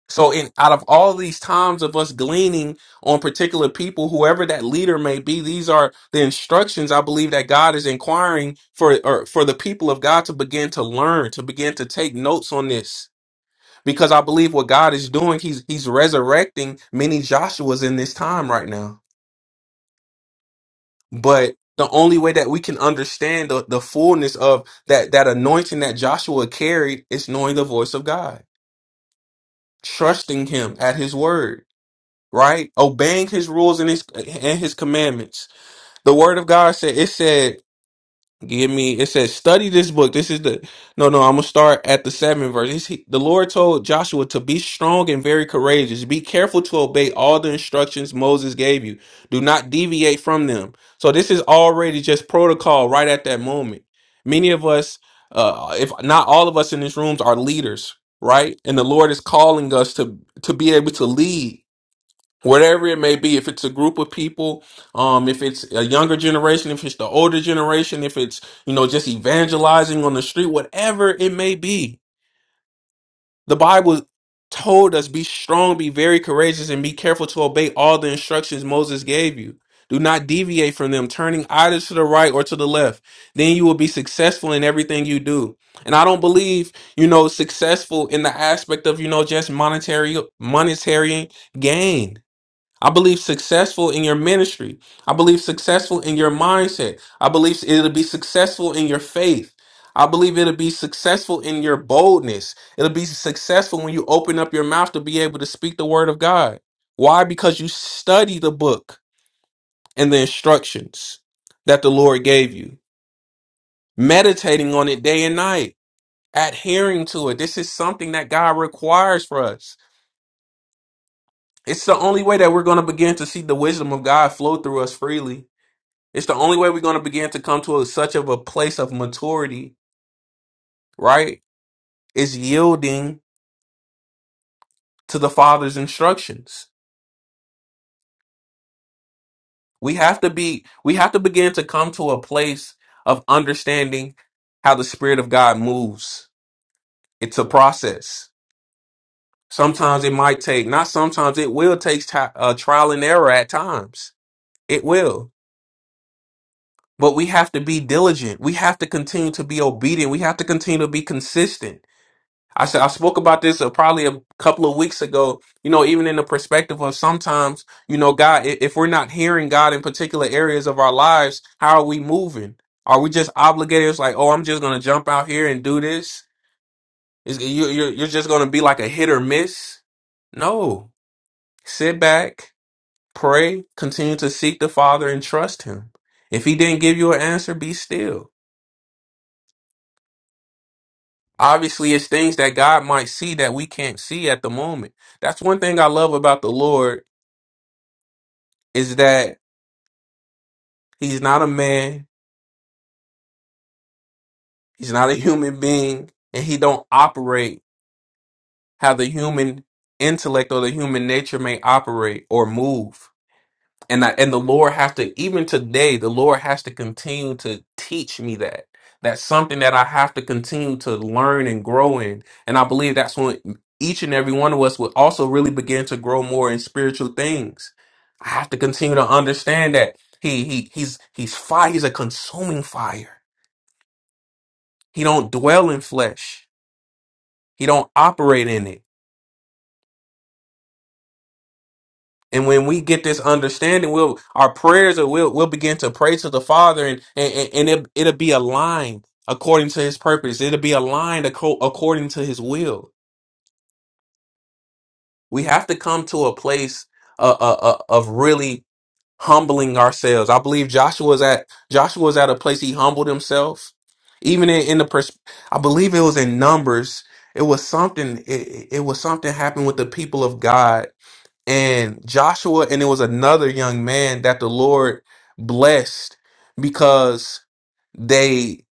Speaker 2: So, in out of all these times of us gleaning on particular people, whoever that leader may be, these are the instructions I believe that God is inquiring for or for the people of God to begin to learn, to begin to take notes on this. Because I believe what God is doing, He's He's resurrecting many Joshuas in this time right now. But the only way that we can understand the, the fullness of that that anointing that Joshua carried is knowing the voice of God, trusting him at his word, right? Obeying his rules and his and his commandments. The word of God said it said Give me. It says, "Study this book." This is the no, no. I'm gonna start at the seventh verse. He's- He, the Lord told Joshua to be strong and very courageous. Be careful to obey all the instructions Moses gave you. Do not deviate from them. So this is already just protocol right at that moment. Many of us, uh, if not all of us in this rooms, are leaders, right? And the Lord is calling us to to be able to lead whatever it may be if it's a group of people um if it's a younger generation if it's the older generation if it's you know just evangelizing on the street whatever it may be the bible told us be strong be very courageous and be careful to obey all the instructions moses gave you do not deviate from them turning either to the right or to the left then you will be successful in everything you do and i don't believe you know successful in the aspect of you know just monetary monetary gain I believe successful in your ministry. I believe successful in your mindset. I believe it'll be successful in your faith. I believe it'll be successful in your boldness. It'll be successful when you open up your mouth to be able to speak the word of God. Why? Because you study the book and the instructions that the Lord gave you, meditating on it day and night, adhering to it. This is something that God requires for us. It's the only way that we're going to begin to see the wisdom of God flow through us freely. It's the only way we're going to begin to come to a, such of a place of maturity, right? Is yielding to the Father's instructions. We have to be, we have to begin to come to a place of understanding how the Spirit of God moves. It's a process. Sometimes it might take, not sometimes, it will take ti uh, trial and error at times. It will. But we have to be diligent. We have to continue to be obedient. We have to continue to be consistent I said I spoke about this uh, probably a couple of weeks ago. You know, even in the perspective of sometimes, you know, God, i- if we're not hearing God in particular areas of our lives, how are we moving? Are we just obligated? It's like, oh, I'm just gonna jump out here and do this. Is you you're, you're just gonna be like a hit or miss? No. Sit back, pray, continue to seek the Father and trust Him. If He didn't give you an answer, be still. Obviously, it's things that God might see that we can't see at the moment. That's one thing I love about the Lord is that he's not a man, he's not a human being, and he don't operate how the human intellect or the human nature may operate or move. and I, and the Lord has to even today the Lord has to continue to teach me that that's something that I have to continue to learn and grow in and I believe that's when each and every one of us will also really begin to grow more in spiritual things I have to continue to understand that he he he's he's fire he's a consuming fire he don't dwell in flesh he don't operate in it And when we get this understanding, we'll our prayers will we'll, we'll begin to pray to the Father, and and and it, it'll be aligned according to His purpose. It'll be aligned acco- according to His will. We have to come to a place uh, uh, uh, of really humbling ourselves. I believe Joshua's at Joshua's at a place he humbled himself, even in, in the pers- I believe it was in Numbers. It was something. It, it it was something happened with the people of God and Joshua, and it was another young man that the Lord blessed because they.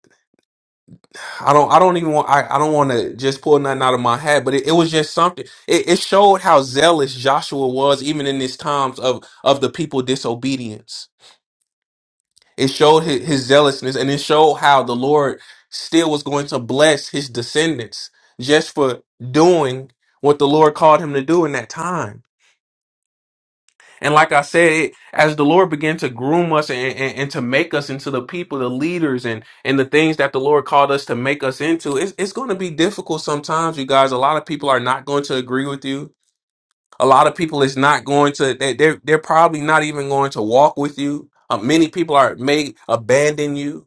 Speaker 2: I don't. I don't even want. I, I don't want to just pull nothing out of my hat, but it, it was just something. It, it showed how zealous Joshua was, even in these times of of the people disobedience. It showed his, his zealousness, and it showed how the Lord still was going to bless his descendants just for doing what the Lord called him to do in that time And like I said, it, as the Lord began to groom us and, and, and to make us into the people, the leaders, and and the things that the Lord called us to make us into, it's, it's going to be difficult sometimes, you guys. A lot of people are not going to agree with you. A lot of people is not going to. They, they're they're probably not even going to walk with you. Uh, many people are may abandon you,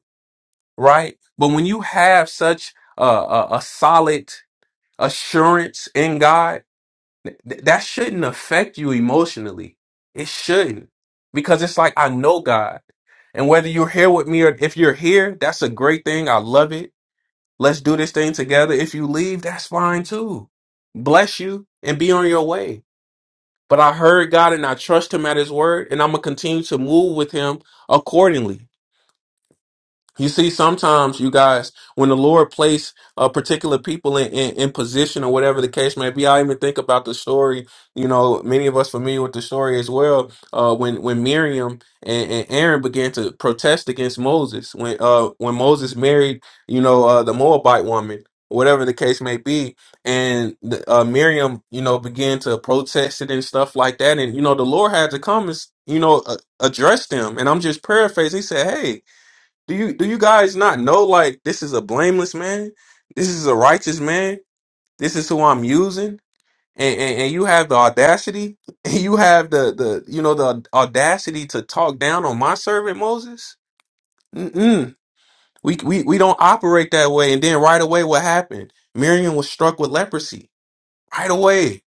Speaker 2: right? But when you have such a, a, a solid assurance in God Th- that shouldn't affect you emotionally. It shouldn't. Because it's like, I know God. And whether you're here with me or if you're here, that's a great thing. I love it. Let's do this thing together. If you leave, that's fine too. Bless you and be on your way. But I heard God and I trust Him at His word, and I'm going to continue to move with Him accordingly. You see, sometimes you guys, when the Lord place a particular people in, in, in position or whatever the case may be, I even think about the story. You know, many of us familiar with the story as well. Uh, when when Miriam and, and Aaron began to protest against Moses, when uh when Moses married, you know, uh, the Moabite woman, whatever the case may be, and the, uh, Miriam, you know, began to protest it and stuff like that, and you know, the Lord had to come and you know uh, address them. And I'm just paraphrasing. He said, "Hey." Do you do you guys not know like this is a blameless man? This is a righteous man. This is who I'm using. And, and, and you have the audacity, [laughs] and you have the, the you know the audacity to talk down on my servant Moses. Mm-mm. We, we we don't operate that way. And then right away, what happened? Miriam was struck with leprosy right away.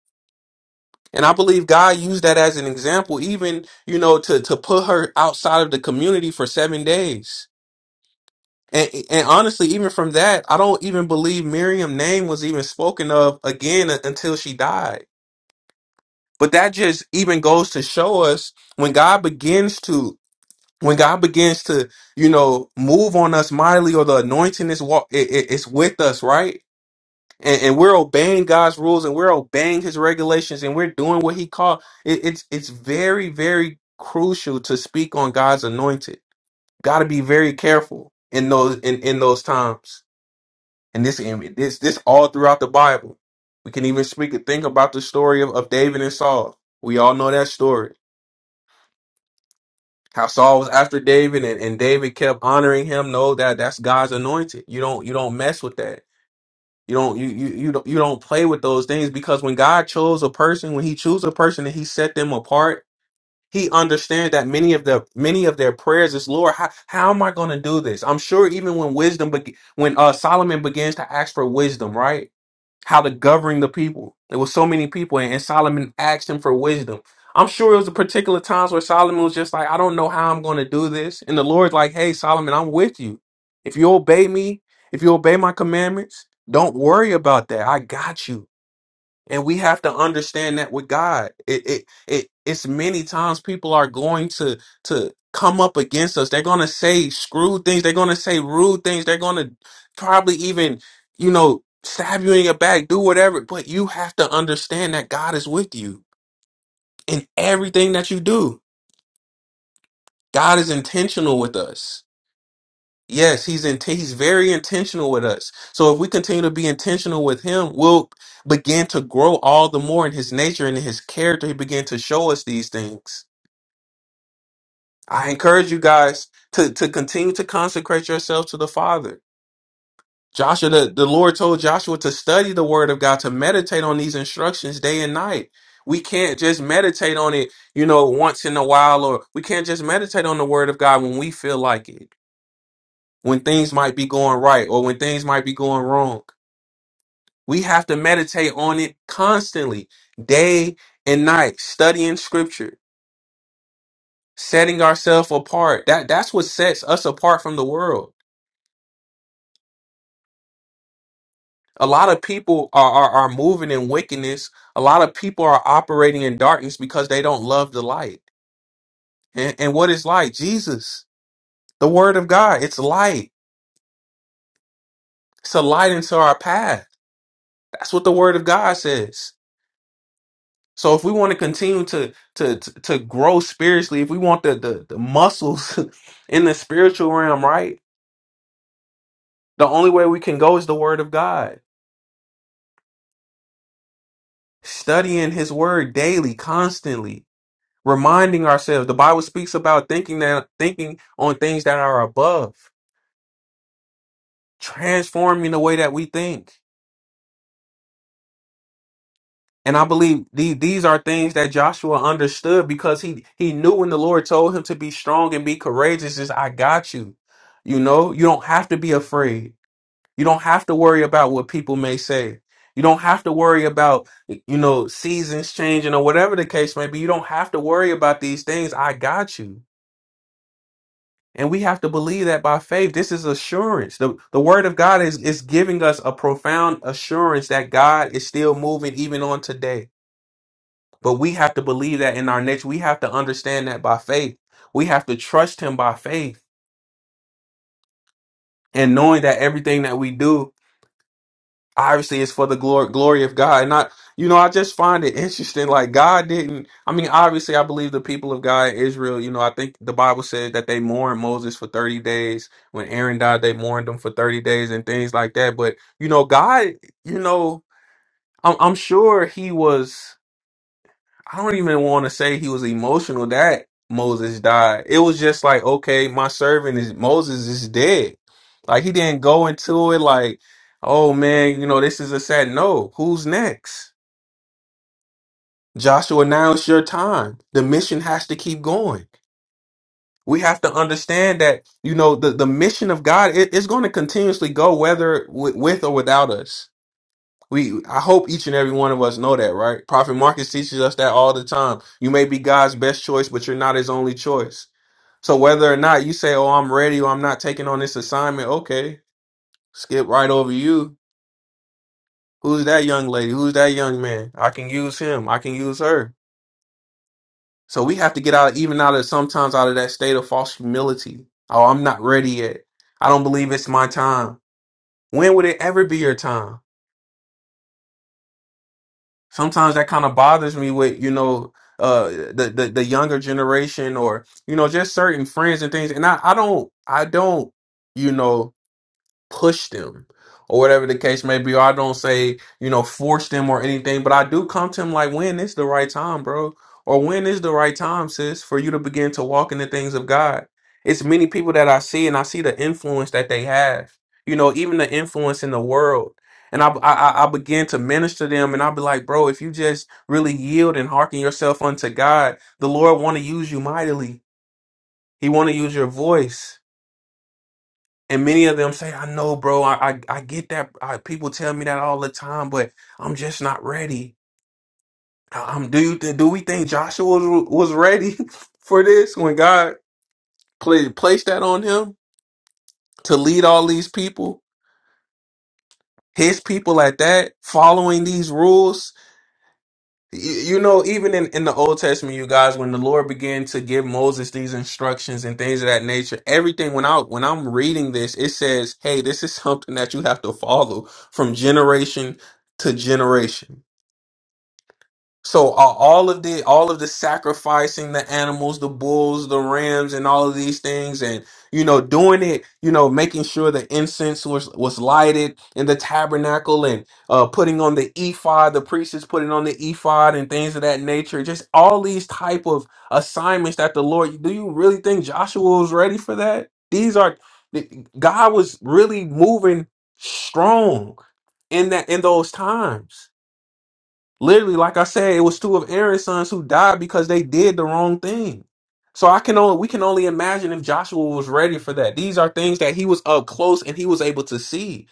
Speaker 2: And I believe God used that as an example, even you know to to put her outside of the community for seven days And, and honestly, even from that, I don't even believe Miriam's name was even spoken of again u- until she died. But that just even goes to show us when God begins to when God begins to you know move on us mightily, or the anointing is wa- it, it, it's with us, right? And, and we're obeying God's rules and we're obeying His regulations and we're doing what He called. It, it's it's very very crucial to speak on God's anointed. Got to be very careful in those in in those times. And this and this this all throughout the Bible. We can even speak and think about the story of, of David and Saul. We all know that story. How Saul was after David and, and David kept honoring him. No, that that's God's anointed. You don't you don't mess with that. You don't you you you don't you don't play with those things because when God chose a person, when he chose a person and he set them apart, he understands that many of the many of their prayers is Lord, how, how am I gonna do this? I'm sure even when wisdom be- when uh Solomon begins to ask for wisdom, right? how to govern the people. There were so many people, and, and Solomon asked him for wisdom. I'm sure it was a particular times where Solomon was just like, I don't know how I'm going to do this. And the Lord's like, Hey, Solomon, I'm with you. If you obey me, if you obey my commandments, don't worry about that. I got you. And we have to understand that with God. It it it it's many times people are going to to come up against us. They're gonna say screw things, they're gonna say rude things, they're gonna probably even, you know, stab you in your back, do whatever. But you have to understand that God is with you in everything that you do. God is intentional with us. Yes, he's in, he's very intentional with us. So if we continue to be intentional with him, we'll begin to grow all the more in his nature and in his character. He began to show us these things. I encourage you guys to to continue to consecrate yourselves to the Father. Joshua, the, the Lord told Joshua to study the word of God, to meditate on these instructions day and night. We can't just meditate on it, you know, once in a while, or we can't just meditate on the word of God when we feel like it. when things might be going right or when things might be going wrong. We have to meditate on it constantly, day and night, studying scripture, setting ourselves apart. That that's what sets us apart from the world. A lot of people are, are, are moving in wickedness. A lot of people are operating in darkness because they don't love the light. And, and what is light? Jesus, the word of God. It's light. It's a light into our path. That's what the word of God says. So if we want to continue to to to to grow spiritually, if we want the, the the muscles [laughs] in the spiritual realm, right? The only way we can go is the word of God. Studying his word daily, constantly, reminding ourselves. The Bible speaks about thinking that thinking on things that are above, transforming the way that we think. And I believe these these are things that Joshua understood because he he knew when the Lord told him to be strong and be courageous, is I got you. You know, you don't have to be afraid. You don't have to worry about what people may say. You don't have to worry about, you know, seasons changing or whatever the case may be. You don't have to worry about these things. I got you. And we have to believe that by faith. This is assurance. The, the word of God is, is giving us a profound assurance that God is still moving even on today. But we have to believe that in our next. We have to understand that by faith. We have to trust him by faith and knowing that everything that we do obviously it's for the glory glory of God. Not you know, I just find it interesting. Like God didn't. I mean, obviously, I believe the people of God, in Israel. You know, I think the Bible says that they mourned Moses for thirty days. When Aaron died, they mourned him for thirty days and things like that. But you know, God, you know, I'm, I'm sure He was. I don't even want to say he was emotional that Moses died. It was just like, okay, my servant is Moses is dead. Like he didn't go into it like, oh man, you know, this is a sad no. Who's next? Joshua, now it's your time. The mission has to keep going. We have to understand that, you know, the, the mission of God is going to continuously go whether with, with or without us. We, I hope each and every one of us know that, right? Prophet Marcus teaches us that all the time. You may be God's best choice, but you're not his only choice. So whether or not you say, "Oh, I'm ready," or "I'm not taking on this assignment," okay, skip right over you. Who's that young lady? Who's that young man? I can use him. I can use her. So we have to get out, even out of sometimes out of that state of false humility. Oh, I'm not ready yet. I don't believe it's my time. When would it ever be your time? sometimes that kind of bothers me with you know uh the, the the younger generation or you know just certain friends and things and i i don't i don't you know push them or whatever the case may be. Or I don't say, you know, force them or anything, but I do come to him like, when is the right time, bro? Or when is the right time, sis, for you to begin to walk in the things of God? It's many people that I see and I see the influence that they have, you know, even the influence in the world. And I, I, I I begin to minister to them and I'll be like, bro, if you just really yield and hearken yourself unto God, the Lord want to use you mightily. He want to use your voice. And many of them say, I know, bro, I, I, I get that. I, people tell me that all the time, but I'm just not ready. I- I'm do you think, do we think Joshua was, was ready [laughs] for this when God pla- placed that on him to lead all these people, his people at that, following these rules? Y- You know, even in, in the Old Testament, you guys, when the Lord began to give Moses these instructions and things of that nature, everything when I when I'm reading this, it says, "Hey, this is something that you have to follow from generation to generation." So are all of the all of the sacrificing the animals, the bulls, the rams, and all of these things, and you know, doing it, you know, making sure the incense was was lighted in the tabernacle, and uh, putting on the ephod, the priest is putting on the ephod, and things of that nature. Just all these type of assignments that the Lord. Do you really think Joshua was ready for that? These are God was really moving strong in that in those times Literally, like I said, it was two of Aaron's sons who died because they did the wrong thing. So I can only we can only imagine if Joshua was ready for that. These are things that he was up close and he was able to see.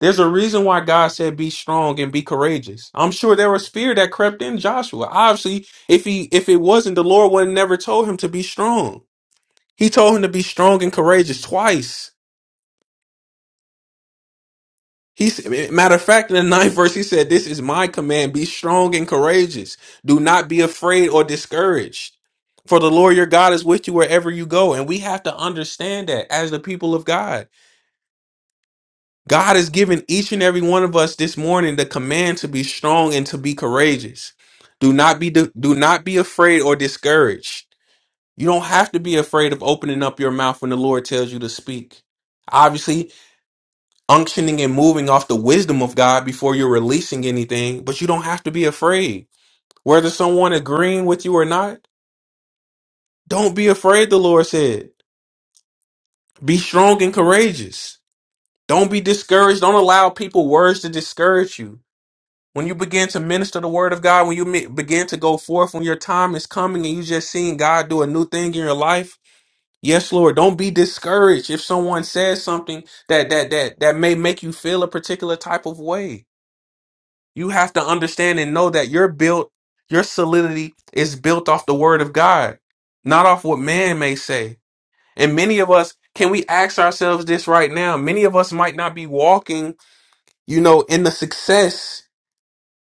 Speaker 2: There's a reason why God said be strong and be courageous. I'm sure there was fear that crept in Joshua. Obviously, if he if it wasn't, the Lord would have never told him to be strong. He told him to be strong and courageous twice. He's matter of fact, in the ninth verse, he said, This is my command. Be strong and courageous. Do not be afraid or discouraged. For the Lord your God is with you wherever you go. And we have to understand that as the people of God. God has given each and every one of us this morning the command to be strong and to be courageous. Do not be do not be afraid or discouraged. You don't have to be afraid of opening up your mouth when the Lord tells you to speak. Obviously, unctioning and moving off the wisdom of God before you're releasing anything, but you don't have to be afraid. Whether someone agreeing with you or not, don't be afraid, the Lord said. Be strong and courageous. Don't be discouraged. Don't allow people words to discourage you. When you begin to minister the word of God, when you mi- begin to go forth, when your time is coming and you just seeing God do a new thing in your life, yes, Lord, don't be discouraged if someone says something that that that that may make you feel a particular type of way You have to understand and know that your built your solidity is built off the word of God, not off what man may say. And many of us, can we ask ourselves this right now? Many of us might not be walking, you know, in the success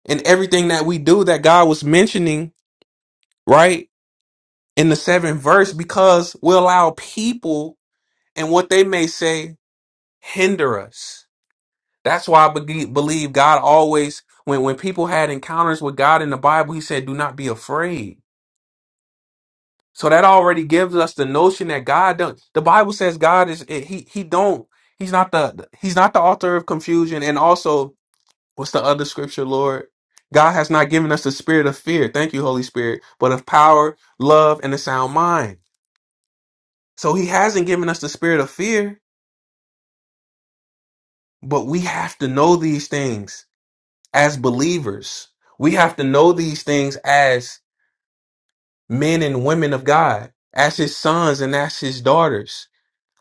Speaker 2: and everything that we do that God was mentioning, right? In the seventh verse, because we allow people and what they may say hinder us That's why I bege- believe God always, when, when people had encounters with God in the Bible, he said, do not be afraid. So that already gives us the notion that God don't, the Bible says God is, eh, he, he don't, he's not the, he's not the author of confusion. And also, what's the other scripture, Lord? God has not given us the spirit of fear. Thank you, Holy Spirit, but of power, love, and a sound mind. So he hasn't given us the spirit of fear, but we have to know these things as believers. We have to know these things as men and women of God, as his sons and as his daughters.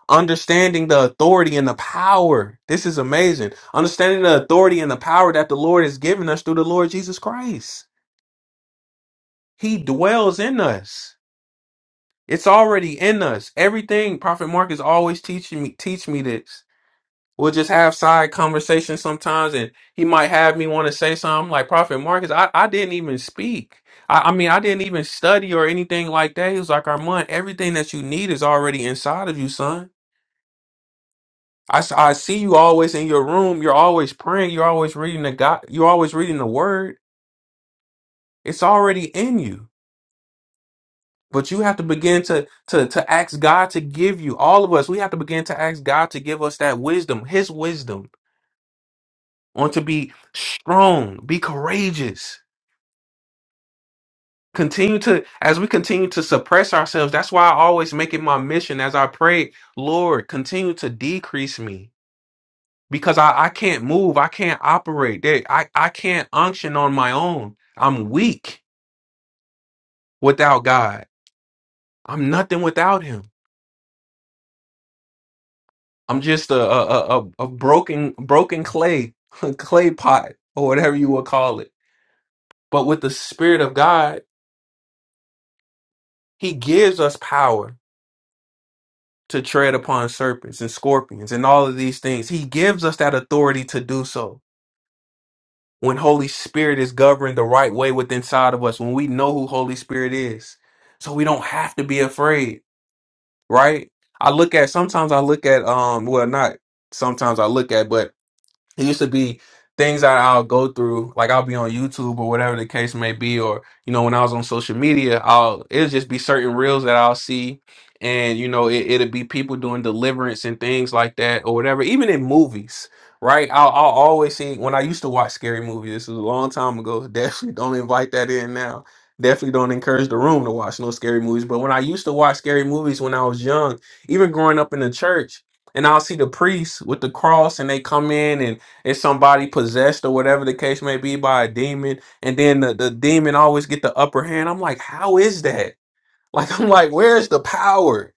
Speaker 2: Understanding the authority and the power. This is amazing. Understanding the authority and the power that the Lord has given us through the Lord Jesus Christ. He dwells in us. It's already in us. Everything Prophet Mark is always teaching me teach me this. We'll just have side conversations sometimes, and he might have me want to say something like Prophet Marcus. I, I didn't even speak. I, I mean, I didn't even study or anything like that. He was like, Armand, everything that you need is already inside of you, son. I, s- I see you always in your room. You're always praying. You're always reading the God. You're always reading the Word. It's already in you, but you have to begin to to to ask God to give you. All of us, we have to begin to ask God to give us that wisdom, His wisdom, on to be strong, be courageous. continue to as we continue to suppress ourselves that's why i always make it my mission as i pray lord continue to decrease me because i, I can't move i can't operate there I, I can't unction on my own i'm weak without god i'm nothing without him i'm just a a, a, a a broken broken clay [laughs] clay pot or whatever you would call it but with the spirit of god he gives us power to tread upon serpents and scorpions and all of these things. He gives us that authority to do so. When Holy Spirit is governed the right way within inside of us, when we know who Holy Spirit is. So we don't have to be afraid, right? I look at sometimes I look at um well not sometimes I look at but it used to be things that I'll go through, like I'll be on YouTube or whatever the case may be, or you know, when I was on social media, I'll it'll just be certain reels that I'll see, and you know, it, it'll be people doing deliverance and things like that or whatever, even in movies. Right, I'll, I'll always see when I used to watch scary movies. This was a long time ago. [laughs] Definitely don't invite that in now. Definitely don't encourage the room to watch no scary movies. But when I used to watch scary movies when I was young, even growing up in the church, and I'll see the priests with the cross, and they come in and it's somebody possessed or whatever the case may be by a demon, and then the, the demon always get the upper hand. I'm like, how is that? [laughs] Like, I'm like, where's the power?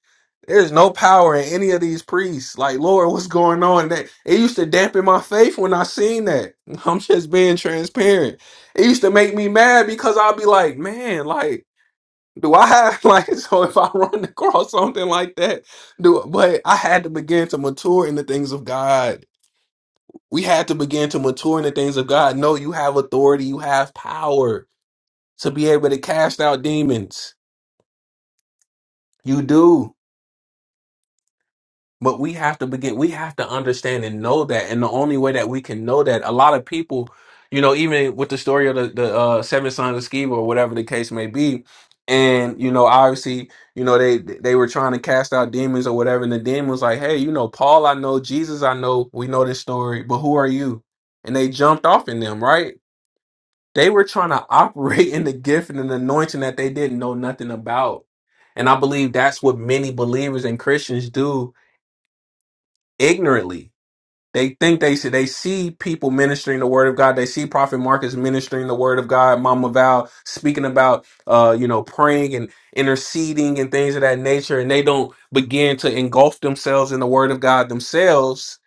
Speaker 2: There's no power in any of these priests. Like, Lord, what's going on? That it used to dampen my faith when I seen that. [laughs] I'm just being transparent. It used to make me mad because I'd be like, man, like, do I have [laughs] like so if I run across something like that, do but I had to begin to mature in the things of God we had to begin to mature in the things of God. No, you have authority, you have power to be able to cast out demons. You do. But we have to begin, we have to understand and know that. And the only way that we can know that, a lot of people, you know, even with the story of the, the uh, seven sons of Sceva or whatever the case may be, and you know, obviously, you know, they they were trying to cast out demons or whatever, and the demon was like, Hey, you know, Paul I know, Jesus I know, we know this story, but who are you? And they jumped off in them, right? They were trying to operate in the gift and an anointing that they didn't know nothing about. And I believe that's what many believers and Christians do ignorantly. They think they see, they see people ministering the word of God. They see Prophet Marcus ministering the word of God, Mama Val speaking about, uh, you know, praying and interceding and things of that nature. And they don't begin to engulf themselves in the word of God themselves.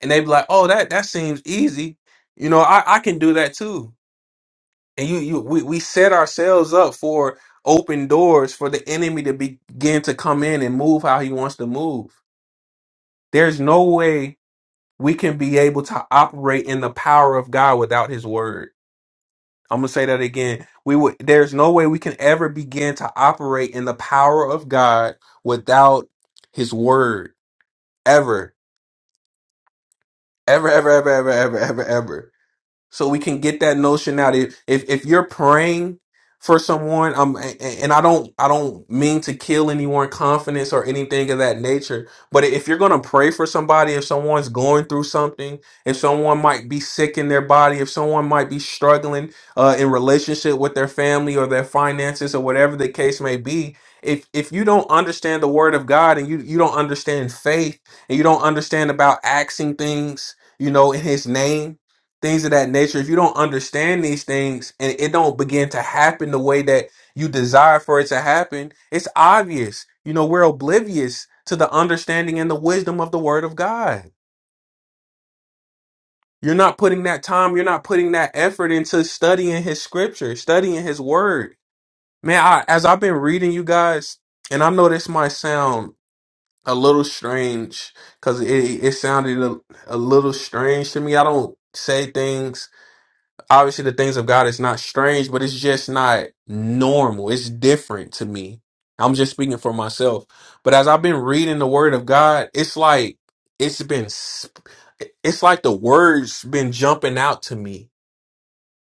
Speaker 2: And they be like, oh, that, that seems easy. You know, I, I can do that too and you, you, we, we set ourselves up for open doors for the enemy to begin to come in and move how he wants to move. There's no way we can be able to operate in the power of God without his word. I'm going to say that again. We would, there's no way we can ever begin to operate in the power of God without his word. Ever, ever, ever, ever, ever, ever, ever, ever. so we can get that notion out if if, if you're praying for someone um a- a- and i don't i don't mean to kill anyone confidence or anything of that nature but if you're going to pray for somebody if someone's going through something if someone might be sick in their body if someone might be struggling uh, in relationship with their family or their finances or whatever the case may be if if you don't understand the word of god and you you don't understand faith and you don't understand about asking things you know in his name things of that nature if you don't understand these things and it don't begin to happen the way that you desire for it to happen it's obvious you know we're oblivious to the understanding and the wisdom of the word of god you're not putting that time you're not putting that effort into studying his scripture studying his word man I, as i've been reading you guys and i know this might sound a little strange because it, it sounded a, a little strange to me i don't say things obviously the things of God is not strange, but it's just not normal. It's different to me. I'm just speaking for myself. But as I've been reading the word of God, it's like it's been sp- it's like the words been jumping out to me.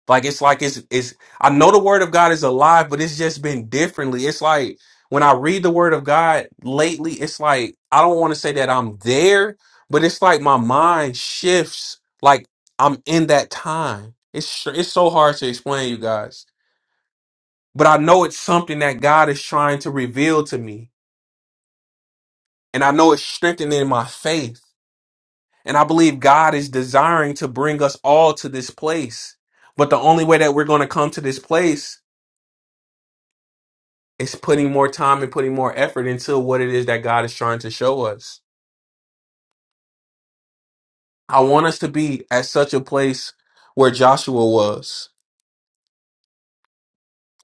Speaker 2: Like it's like it's it's I know the word of God is alive, but it's just been differently. It's like when I read the word of God lately, it's like I don't want to say that I'm there, but it's like my mind shifts like I'm in that time. It's str- it's so hard to explain you guys. But I know it's something that God is trying to reveal to me. And I know it's strengthening my faith. And I believe God is desiring to bring us all to this place. But the only way that we're going to come to this place It's putting more time and putting more effort into what it is that God is trying to show us. I want us to be at such a place where Joshua was.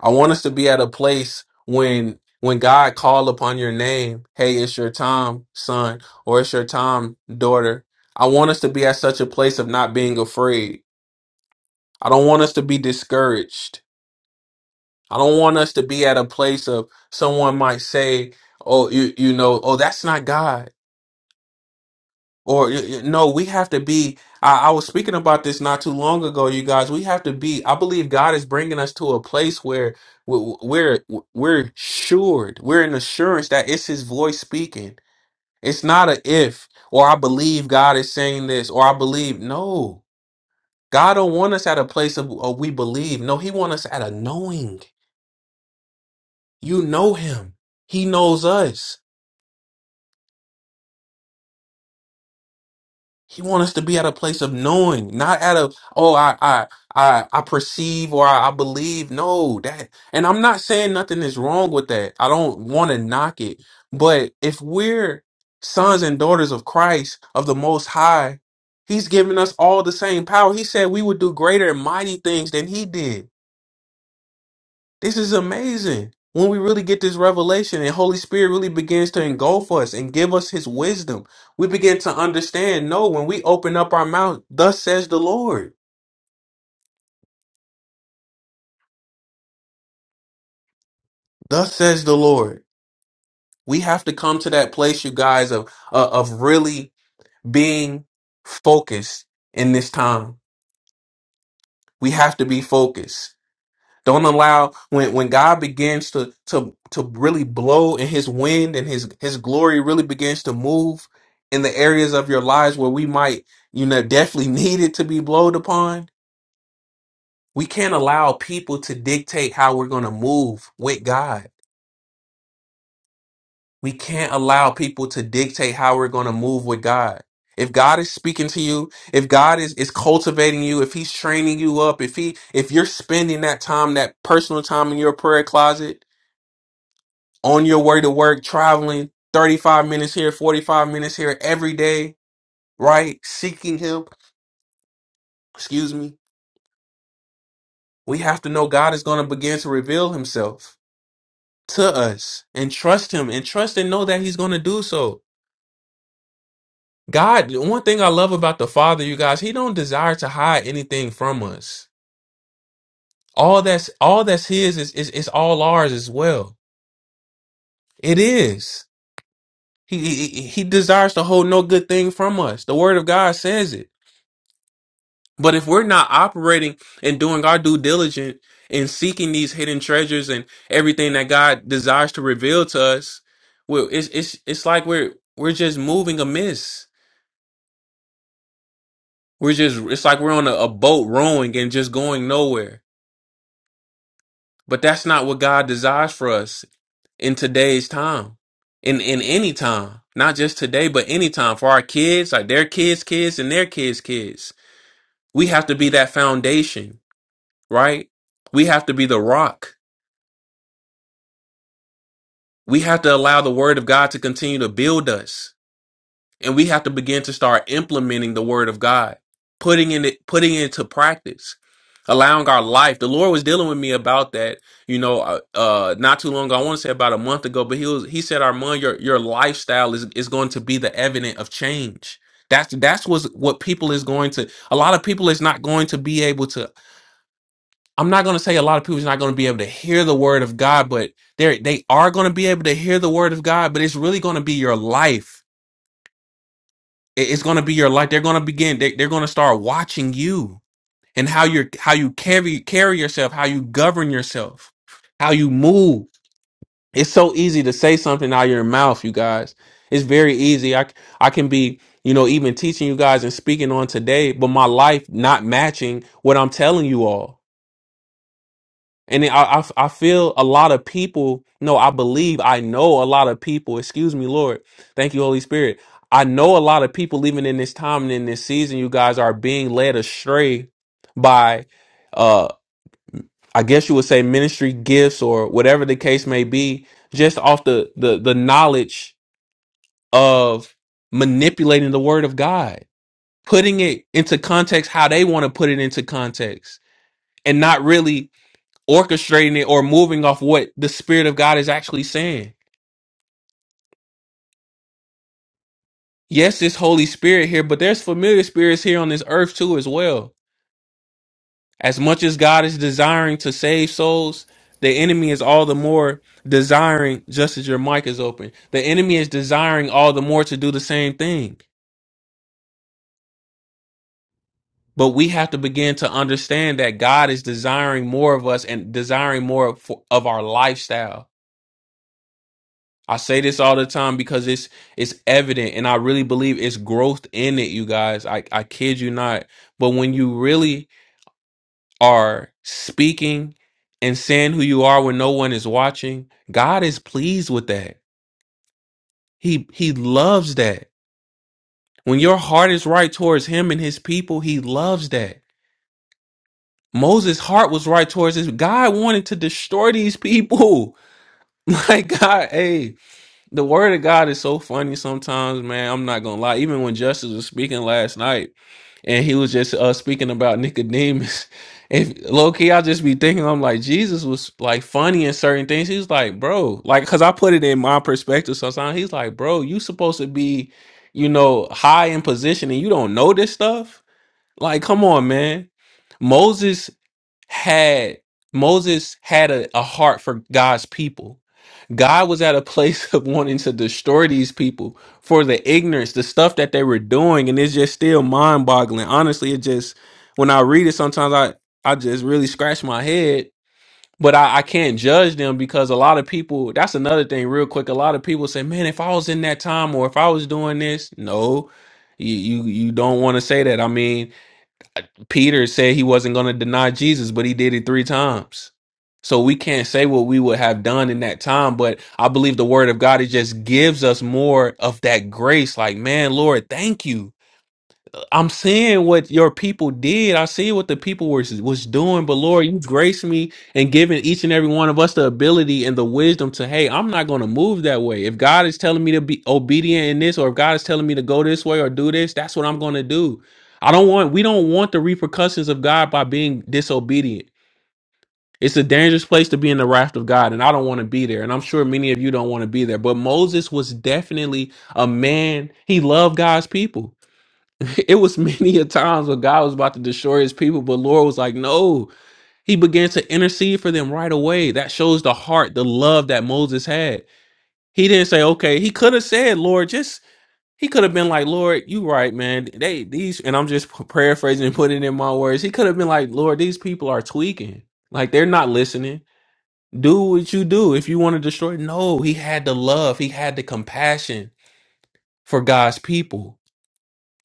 Speaker 2: I want us to be at a place when when God called upon your name, hey, it's your time, son, or it's your time, daughter. I want us to be at such a place of not being afraid. I don't want us to be discouraged. I don't want us to be at a place of someone might say, "Oh, you you know, oh that's not God." Or y- y- no, we have to be. I, I was speaking about this not too long ago, you guys. We have to be. I believe God is bringing us to a place where we- we're we're assured. We're in assurance that it's His voice speaking. It's not a if or I believe God is saying this or I believe. No, God don't want us at a place of, of we believe. No, He want us at a knowing. You know Him. He knows us. He wants us to be at a place of knowing, not at a oh I I I I perceive or I, I believe. No, that and I'm not saying nothing is wrong with that. I don't want to knock it, but if we're sons and daughters of Christ of the Most High, He's given us all the same power. He said we would do greater and mighty things than He did. This is amazing. When we really get this revelation and Holy Spirit really begins to engulf us and give us his wisdom, we begin to understand, no, when we open up our mouth, thus says the Lord. Thus says the Lord. We have to come to that place, you guys, of uh, of really being focused in this time. We have to be focused. Don't allow when when God begins to to to really blow in his wind and his his glory really begins to move in the areas of your lives where we might, you know, definitely [laughs] need it to be blowed upon. We can't allow people to dictate how we're going to move with God. We can't allow people to dictate how we're going to move with God. If God is speaking to you, if God is is cultivating you, if he's training you up, if he if you're spending that time, that personal time in your prayer closet, on your way to work, traveling 35 minutes here, 45 minutes here every day, right? Seeking Him, excuse me. We have to know God is going to begin to reveal Himself to us and trust Him and trust and know that He's going to do so. God, one thing I love about the Father, you guys, He don't desire to hide anything from us. All that's all that's His is is, is all ours as well. It is. He, he he he desires to hold no good thing from us. The Word of God says it. But if we're not operating and doing our due diligence and seeking these hidden treasures and everything that God desires to reveal to us, well, it's it's it's like we're we're just moving amiss. We're just it's like we're on a, a boat rowing and just going nowhere. But that's not what God desires for us in today's time, in in any time, not just today, but any time for our kids, like their kids' kids and their kids' kids. We have to be that foundation, right? We have to be the rock We have to allow the word of God to continue to build us. And we have to begin to start implementing the word of God, putting in it, putting it into practice, allowing our life. The Lord was dealing with me about that, you know, uh, uh not too long ago. I want to say about a month ago, but he was he said, Armand, your your lifestyle is is going to be the evidence of change. That's that's what's, what people is going to a lot of people is not going to be able to I'm not going to say a lot of people's not going to be able to hear the word of God, but they they are going to be able to hear the word of God, but it's really going to be your life. It- It's going to be your life. They're going to begin. They, they're going to start watching you and how you how you carry carry yourself, how you govern yourself, how you move. It's so easy to say something out of your mouth, you guys. It's very easy. I c- I can be you know even teaching you guys and speaking on today, but my life not matching what I'm telling you all And I, I, I feel a lot of people, no, I believe I know a lot of people, excuse me, Lord. Thank you, Holy Spirit. I know a lot of people, even in this time and in this season, you guys are being led astray by, uh, I guess you would say ministry gifts or whatever the case may be, just off the, the, the knowledge of manipulating the word of God, putting it into context how they want to put it into context and not really orchestrating it or moving off what the Spirit of God is actually saying. Yes, it's Holy Spirit here, but there's familiar spirits here on this earth too, as well. As much as God is desiring to save souls, the enemy is all the more desiring, just as your mic is open, the enemy is desiring all the more to do the same thing. But we have to begin to understand that God is desiring more of us and desiring more of, of our lifestyle I say this all the time because it's it's evident and I really believe it's growth in it, you guys. I, I kid you not. But when you really are speaking and saying who you are when no one is watching, God is pleased with that. He he loves that. When your heart is right towards him and his people, he loves that. Moses' heart was right towards his God wanted to destroy these people. [laughs] Like God, hey. the word of God is so funny sometimes, man. I'm not gonna lie. Even when Justice was speaking last night, and he was just uh, speaking about Nicodemus, [laughs] if low key, I just be thinking, I'm like, Jesus was like funny in certain things. He's like, bro, like, cause I put it in my perspective sometimes. He's like, bro, you supposed to be, you know, high in position, and you don't know this stuff. Like, come on, man. Moses had Moses had a, a heart for God's people God was at a place [laughs] of wanting to destroy these people for the ignorance, the stuff that they were doing, and it's just still mind boggling. Honestly, it just when I read it, sometimes I I just really scratch my head. But I, I can't judge them because a lot of people. That's another thing, real quick. A lot of people say, "Man, if I was in that time, or if I was doing this," no, you you, you don't want to say that. I mean, Peter said he wasn't going to deny Jesus, but he did it three times. So we can't say what we would have done in that time, but I believe the word of God, it just gives us more of that grace. Like, man, Lord, thank you I'm seeing what your people did. I see what the people were was doing. But Lord, you grace me and giving each and every one of us the ability and the wisdom to, hey, I'm not going to move that way. If God is telling me to be obedient in this, or if God is telling me to go this way or do this, that's what I'm going to do. I don't want. We don't want the repercussions of God by being disobedient. It's a dangerous place to be in the wrath of God, and I don't want to be there. And I'm sure many of you don't want to be there. But Moses was definitely a man. He loved God's people. [laughs] It was many a times where God was about to destroy his people, but Lord was like, no. He began to intercede for them right away. That shows the heart, the love that Moses had. He didn't say, okay, he could have said, Lord, just he could have been like, Lord, you right, man. They these, and I'm just [laughs] paraphrasing and putting it in my words. He could have been like, Lord, these people are tweaking. Like they're not listening. Do what you do if you want to destroy. No, he had the love, he had the compassion for God's people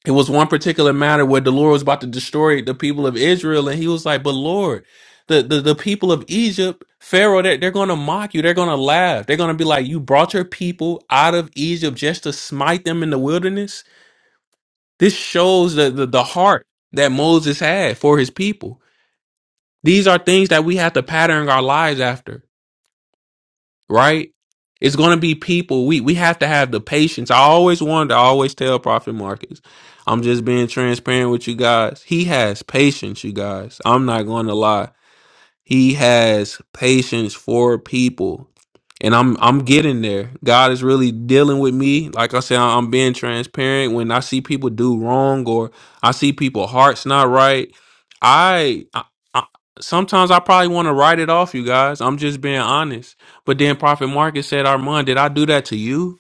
Speaker 2: it was one particular matter where the Lord was about to destroy the people of Israel, and he was like, But Lord, the, the, the people of Egypt, Pharaoh, they're, they're going to mock you. They're going to laugh. They're going to be like, You brought your people out of Egypt just to smite them in the wilderness. This shows the, the, the heart that Moses had for his people. These are things that we have to pattern our lives after right? It's going to be people. We we have to have the patience. I always wanted to always tell Prophet Marcus. I'm just being transparent with you guys. He has patience, you guys. I'm not going to lie. He has patience for people. And I'm I'm getting there. God is really dealing with me. Like I said, I'm being transparent. When I see people do wrong or I see people hearts not right, I, I, I sometimes I probably want to write it off, you guys. I'm just being honest. But then Prophet Marcus said, Armand, did I do that to you?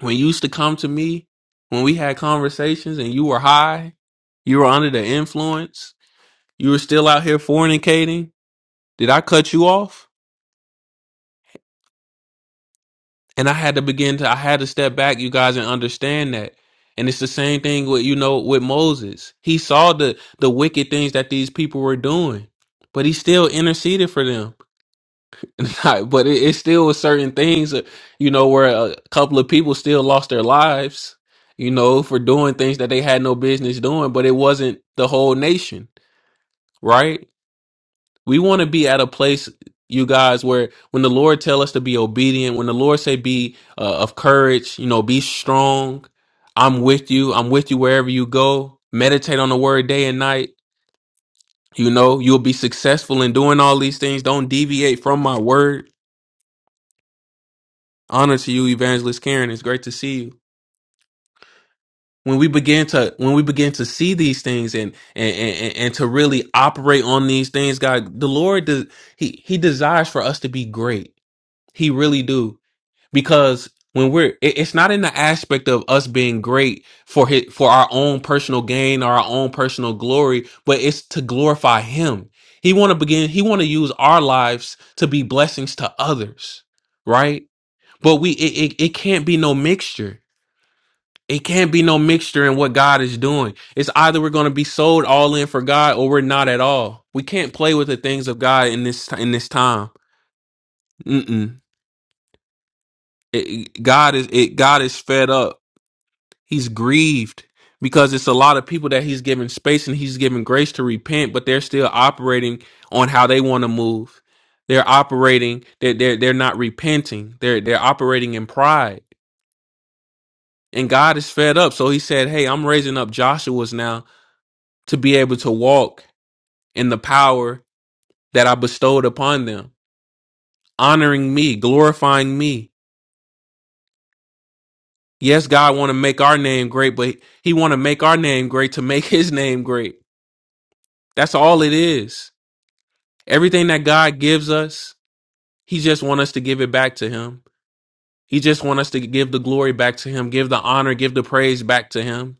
Speaker 2: When you used to come to me, when we had conversations and you were high, you were under the influence, you were still out here fornicating did I cut you off? And I had to begin to I had to step back, you guys, and understand that. And it's the same thing with you know with Moses. He saw the the wicked things that these people were doing, but he still interceded for them. [laughs] but it, it still was certain things, uh, you know, where a couple of people still lost their lives, you know, for doing things that they had no business doing. But it wasn't the whole nation, right? We want to be at a place, you guys, where when the Lord tell us to be obedient, when the Lord say be uh, of courage, you know, be strong. I'm with you. I'm with you wherever you go. Meditate on the word day and night. You know, you'll be successful in doing all these things. Don't deviate from my word. Honor to you, Evangelist Karen. It's great to see you. When we begin to when we begin to see these things and and and, and to really operate on these things, God, the Lord does, he he desires for us to be great. He really do. because when we're it- it's not in the aspect of us being great for his, for our own personal gain or our own personal glory but it's to glorify him he want to begin he want to use our lives to be blessings to others right but we it, it, it can't be no mixture it can't be no mixture in what god is doing it's either we're going to be sold all in for god or we're not at all we can't play with the things of god in this in this time Mm-mm. It- it- god is it god is fed up He's grieved because it's a lot of people that he's given space and he's given grace to repent, but they're still operating on how they want to move. They're operating, they're, they're, they're not repenting. They're, they're operating in pride. And God is fed up. So he said, Hey, I'm raising up Joshua's now to be able to walk in the power that I bestowed upon them, honoring me, glorifying me. Yes, God want to make our name great, but he want to make our name great to make his name great. That's all it is. Everything that God gives us, he just want us to give it back to him. He just want us to give the glory back to him, give the honor, give the praise back to him.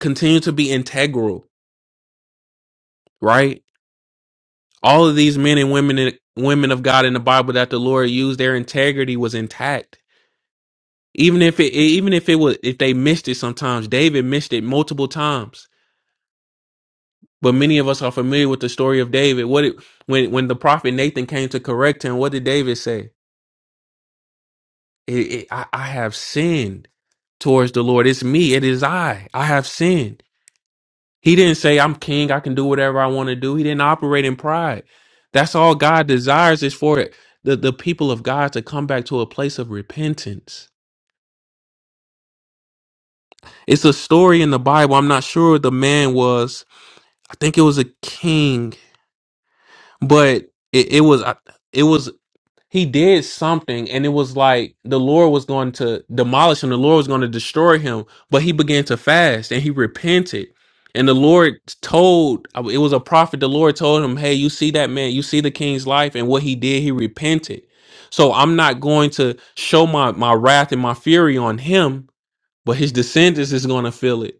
Speaker 2: Continue to be integral, right? All of these men and women and women of God in the Bible that the Lord used, their integrity was intact. Even if it even if it was if they missed it sometimes, David missed it multiple times. But many of us are familiar with the story of David. What it, when when the prophet Nathan came to correct him, what did David say? It, it, I, I have sinned towards the Lord. It's me. It is I. I have sinned. He didn't say, I'm king. I can do whatever I want to do. He didn't operate in pride. That's all God desires is for the, the people of God to come back to a place of repentance. It's a story in the Bible. I'm not sure what the man was. I think it was a king, but it, it was. it was he did something and it was like the lord was going to demolish him the lord was going to destroy him but he began to fast and he repented and the lord told it was a prophet the lord told him hey you see that man you see the king's life and what he did he repented so i'm not going to show my my wrath and my fury on him but his descendants is going to feel it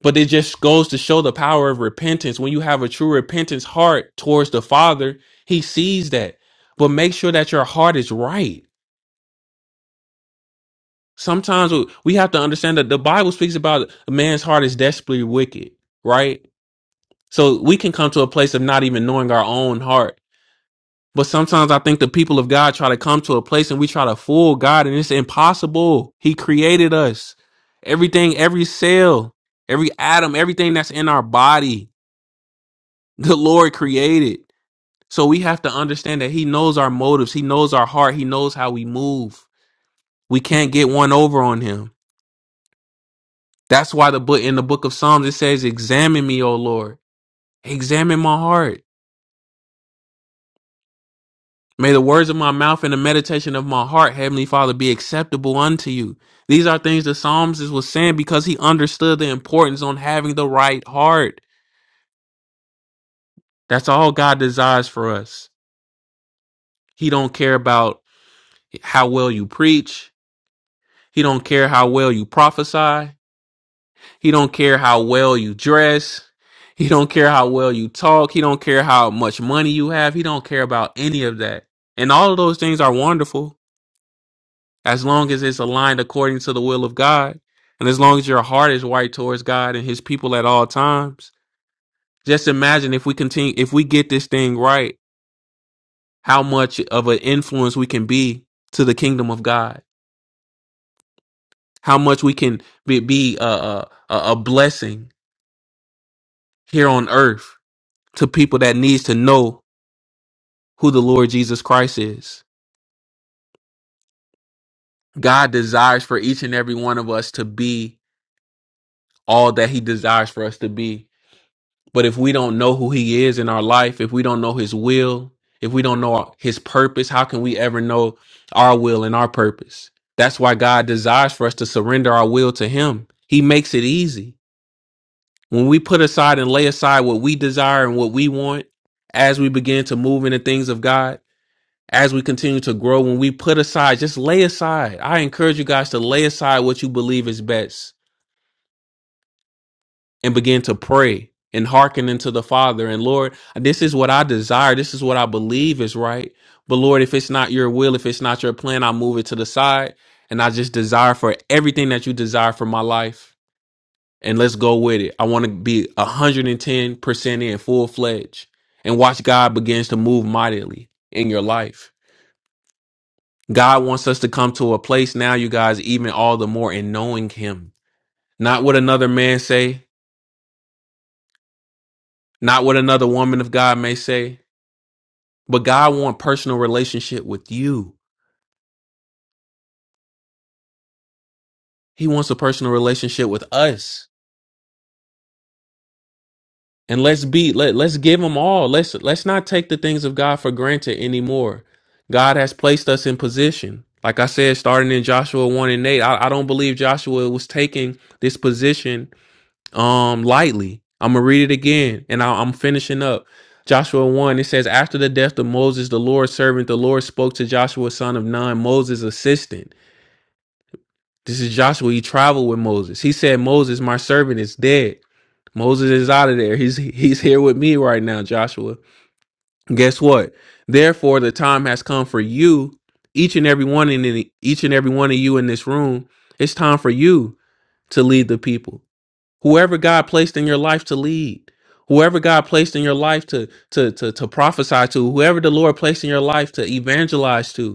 Speaker 2: but it just goes to show the power of repentance. When you have a true repentance heart towards the Father, He sees that. But make sure that your heart is right. Sometimes we we have to understand that the Bible speaks about a man's heart is desperately wicked, right? So we can come to a place of not even knowing our own heart. But sometimes I think the people of God try to come to a place and we try to fool God, and it's impossible. He created us. Everything, every cell, every atom, everything that's in our body the Lord created. So we have to understand that He knows our motives, He knows our heart, He knows how we move. We can't get one over on Him. That's why the book in the book of Psalms it says, Examine me, O Lord. Examine my heart. May the words of my mouth and the meditation of my heart, Heavenly Father, be acceptable unto you. These are things the Psalms is- was saying because he understood the importance on having the right heart. That's all God desires for us. He don't care about how well you preach. He don't care how well you prophesy. He don't care how well you dress. He don't care how well you talk. He don't care how much money you have. He don't care about any of that. And all of those things are wonderful as long as it's aligned according to the will of God. And as long as your heart is right towards God and his people at all times. Just imagine if we continue if we get this thing right, how much of an influence we can be to the kingdom of God. How much we can be, be a, a, a a blessing here on earth to people that needs to know who the Lord Jesus Christ is. God desires for each and every one of us to be all that he desires for us to be. But if we don't know who he is in our life, if we don't know his will, if we don't know his purpose, how can we ever know our will and our purpose? That's why God desires for us to surrender our will to him. He makes it easy. When we put aside and lay aside what we desire and what we want as we begin to move in the things of God, as we continue to grow, when we put aside, just lay aside. I encourage you guys to lay aside what you believe is best and begin to pray and hearken into the Father. And Lord, this is what I desire. This is what I believe is right. But Lord, if it's not your will, if it's not your plan, I move it to the side. And I just desire for everything that you desire for my life. And let's go with it. I want to be 110% in full fledged and watch God begins to move mightily in your life. God wants us to come to a place now, you guys, even all the more in knowing him. Not what another man say, not what another woman of God may say, but God wants personal relationship with you. He wants a personal relationship with us. And let's be let, let's give him all. Let's let's not take the things of God for granted anymore. God has placed us in position. Like I said, starting in Joshua 1 and 8, I, I don't believe Joshua was taking this position um lightly. I'm gonna read it again, and I, I'm finishing up. Joshua 1, it says, After the death of Moses, the Lord's servant, the Lord spoke to Joshua, son of Nun, Moses' assistant. This is Joshua. He traveled with Moses. He said, Moses, my servant, is dead. Moses is out of there. He's he's here with me right now, Joshua. Guess what? Therefore, the time has come for you, each and every one in the, each and every one of you in this room. It's time for you to lead the people whoever God placed in your life to lead, whoever God placed in your life to to to to prophesy to, whoever the Lord placed in your life to evangelize to.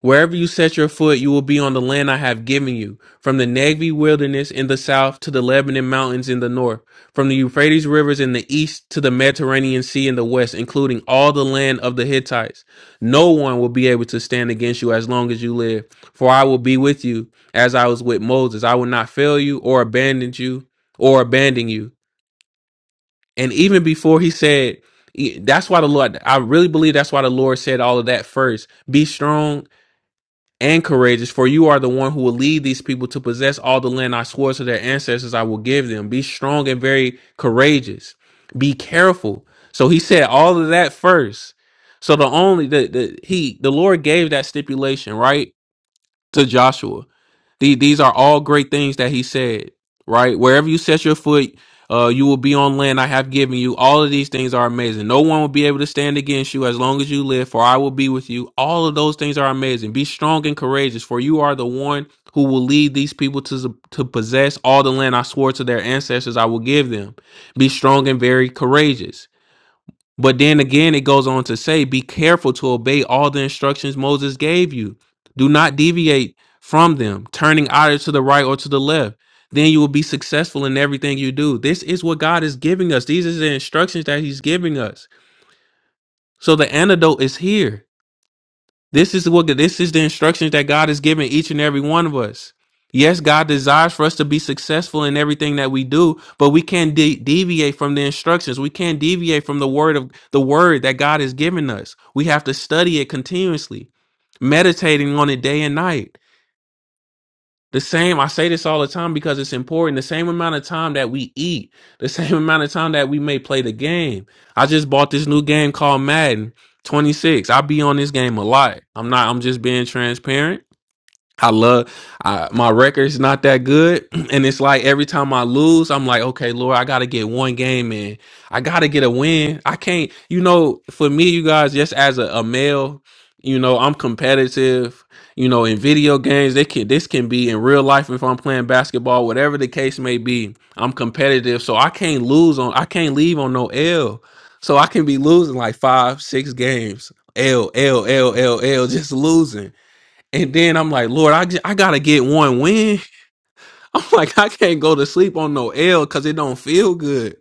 Speaker 2: Wherever you set your foot, you will be on the land I have given you, from the Negev wilderness in the south to the Lebanon mountains in the north, from the Euphrates rivers in the east to the Mediterranean Sea in the west, including all the land of the Hittites. No one will be able to stand against you as long as you live, for I will be with you as I was with Moses. I will not fail you or abandon you or abandon you. And even before he said, e, that's why the Lord, I really believe that's why the Lord said all of that first. Be strong and courageous, for you are the one who will lead these people to possess all the land I swore to their ancestors I will give them. Be strong and very courageous. Be careful. So he said all of that first. So the only the, the he the Lord gave that stipulation, right? To Joshua. The- These are all great things that he said, right? Wherever you set your foot, uh, you will be on land I have given you. All of these things are amazing. No one will be able to stand against you as long as you live, for I will be with you. All of those things are amazing. Be strong and courageous, for you are the one who will lead these people to, to possess all the land I swore to their ancestors I will give them. Be strong and very courageous. But then again, it goes on to say, be careful to obey all the instructions Moses gave you. Do not deviate from them, turning either to the right or to the left. Then you will be successful in everything you do. This is what God is giving us. These are the instructions that He's giving us. So the antidote is here. This is what this is the instructions that God has given each and every one of us. Yes, God desires for us to be successful in everything that we do, but we can't de- deviate from the instructions. We can't deviate from the word of the word that God has given us. We have to study it continuously, meditating on it day and night. The same, I say this all the time because it's important. The same amount of time that we eat, the [laughs] same amount of time that we may play the game. I just bought this new game called Madden 26. I be on this game a lot. I'm not, I'm just being transparent I love I, my record's not that good, [clears throat] and it's like every time I lose, I'm like, okay, Lord, I got to get one game in. I got to get a win. I can't, you know, for me, you guys, just as a, a male, you know, I'm competitive. You know, in video games, they can this can be in real life if I'm playing basketball, whatever the case may be. I'm competitive, so I can't lose on. I can't leave on no L. So I can be losing like five, six games. L L L L L, just losing. And then I'm like, Lord, I just, I gotta get one win. [laughs] I'm like, I can't go to sleep on no L because it don't feel good.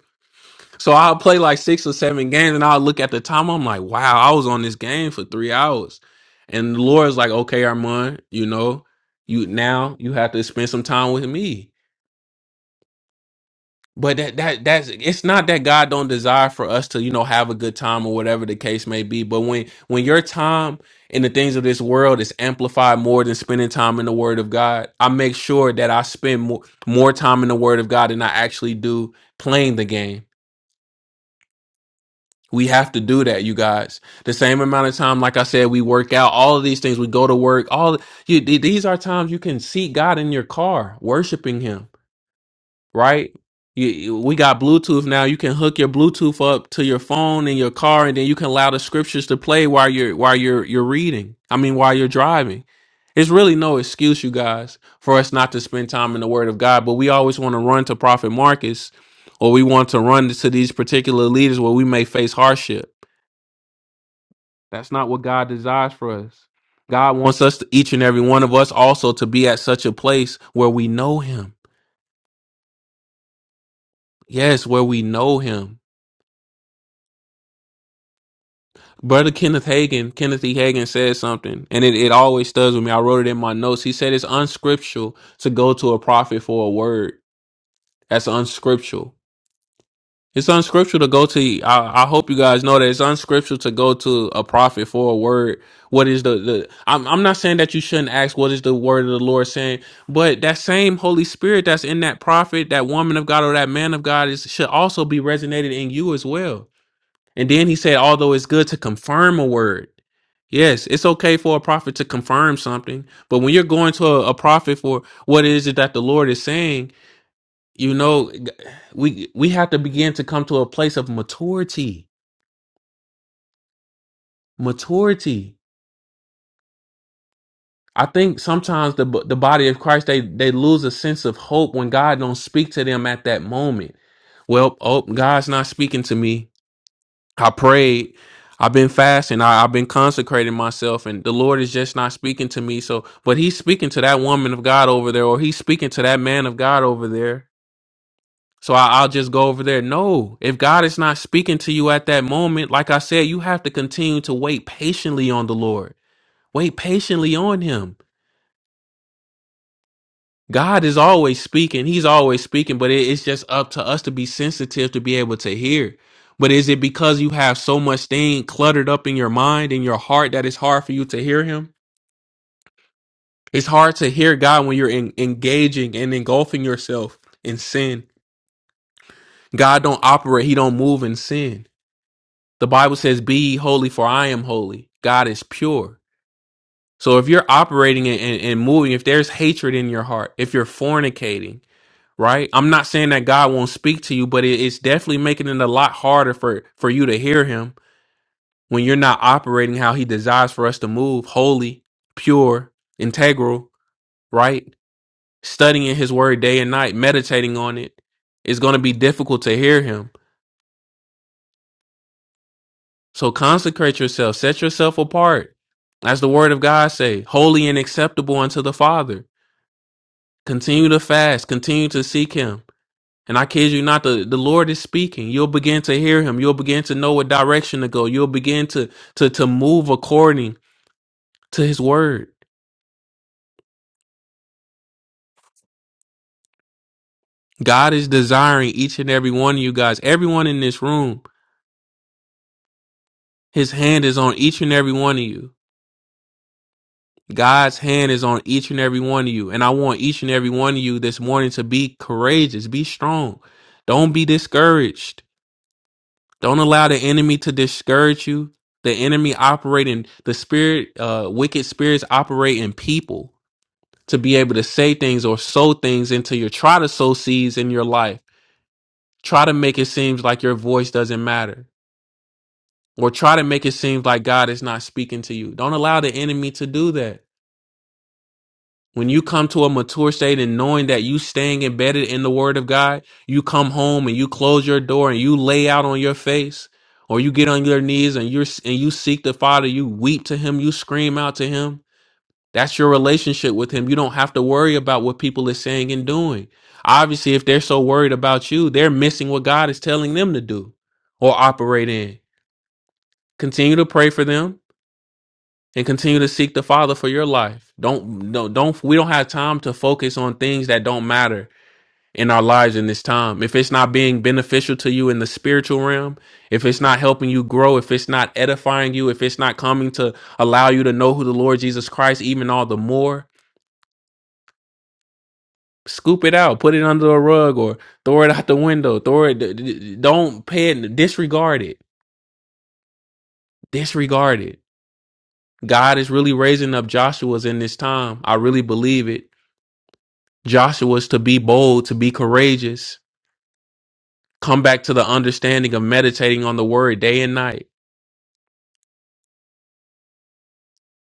Speaker 2: So I'll play like six or seven games, and I'll look at the time. I'm like, wow, I was on this game for three hours. And the Lord's like, okay, Armand, you know, you now you have to spend some time with me. But that that that's it's not that God don't desire for us to, you know, have a good time or whatever the case may be. But when when your time in the things of this world is amplified more than spending time in the Word of God, I make sure that I spend more more time in the Word of God than I actually do playing the game. We have to do that, you guys. The same amount of time, like I said, we work out, all of these things, we go to work, all you, th- these are times you can see God in your car, worshiping Him right? You, you- we got Bluetooth now. You can hook your Bluetooth up to your phone in your car, and then you can allow the scriptures to play while you're while you're you're reading. I mean, while you're driving. It's really no excuse, you guys, for us not to spend time in the Word of God. But we always want to run to Prophet Marcus, or we want to run to these particular leaders where we may face hardship. That's not what God desires for us. God wants us, to, each and every one of us, also to be at such a place where we know Him. Yes, where we know Him Brother Kenneth Hagan, Kenneth E. Hagan said something, and it, it always stuns with me. I wrote it in my notes. He said it's unscriptural to go to a prophet for a word. That's unscriptural. It's unscriptural to go to. I, I hope you guys know that it's unscriptural to go to a prophet for a word. What is the the? I'm I'm not saying that you shouldn't ask what is the word of the Lord saying, but that same Holy Spirit that's in that prophet, that woman of God, or that man of God is should also be resonated in you as well and then he said, although it's good to confirm a word. Yes, it's okay for a prophet to confirm something. But when you're going to a, a prophet for what is it that the Lord is saying, you know, g- we we have to begin to come to a place of maturity. Maturity. I think sometimes the b- the body of Christ they they lose a sense of hope when God don't speak to them at that moment. Well, oh, God's not speaking to me I prayed. I've been fasting. I, I've been consecrating myself, and the Lord is just not speaking to me. So, but He's speaking to that woman of God over there, or He's speaking to that man of God over there. So I, I'll just go over there. No, if God is not speaking to you at that moment, like I said, you have to continue to wait patiently on the Lord. Wait patiently on Him. God is always speaking. He's always speaking, but it, it's just up to us to be sensitive to be able to hear. But is it because you have so much thing cluttered up in your mind and your heart that it's hard for you to hear him? It's hard to hear God when you're en- engaging and engulfing yourself in sin. God don't operate, he don't move in sin. The Bible says, "Be ye holy for I am holy." God is pure. So if you're operating and, and and moving, if there's hatred in your heart, if you're fornicating, right? I'm not saying that God won't speak to you, but it, it's definitely making it a lot harder for for you to hear Him when you're not operating how He desires for us to move, holy, pure, integral, right? Studying His Word day and night, meditating on it, it's going to be difficult to hear Him. So consecrate yourself, set yourself apart, as the Word of God say, holy and acceptable unto the Father. Continue to fast, continue to seek Him And I kid you not, the, the Lord is speaking. You'll begin to hear him. You'll begin to know what direction to go. You'll begin to to to move according to his word. God is desiring each and every one of you guys, everyone in this room, his hand is on each and every one of you. God's hand is on each and every one of you. And I want each and every one of you this morning to be courageous, be strong. Don't be discouraged. Don't allow the enemy to discourage you. The enemy operating the spirit, uh, wicked spirits operate in people to be able to say things or sow things into your try to sow seeds in your life. Try to make it seem like your voice doesn't matter, or try to make it seem like God is not speaking to you. Don't allow the enemy to do that. When you come to a mature state and knowing that you staying embedded in the word of God, you come home and you close your door and you lay out on your face or you get on your knees and you and you seek the Father, you weep to him, you scream out to him. That's your relationship with him. You don't have to worry about what people are saying and doing. Obviously, if they're so worried about you, they're missing what God is telling them to do or operate in. Continue to pray for them and continue to seek the Father for your life. Don't don't don't we don't have time to focus on things that don't matter in our lives in this time. If it's not being beneficial to you in the spiritual realm, if it's not helping you grow, if it's not edifying you, if it's not coming to allow you to know who the Lord Jesus Christ even all the more, scoop it out, put it under the rug or throw it out the window, throw it d- d- don't pay it disregard it. Disregard it. God is really raising up Joshua's in this time. I really believe it. Joshua is to be bold, to be courageous, come back to the understanding of meditating on the word day and night.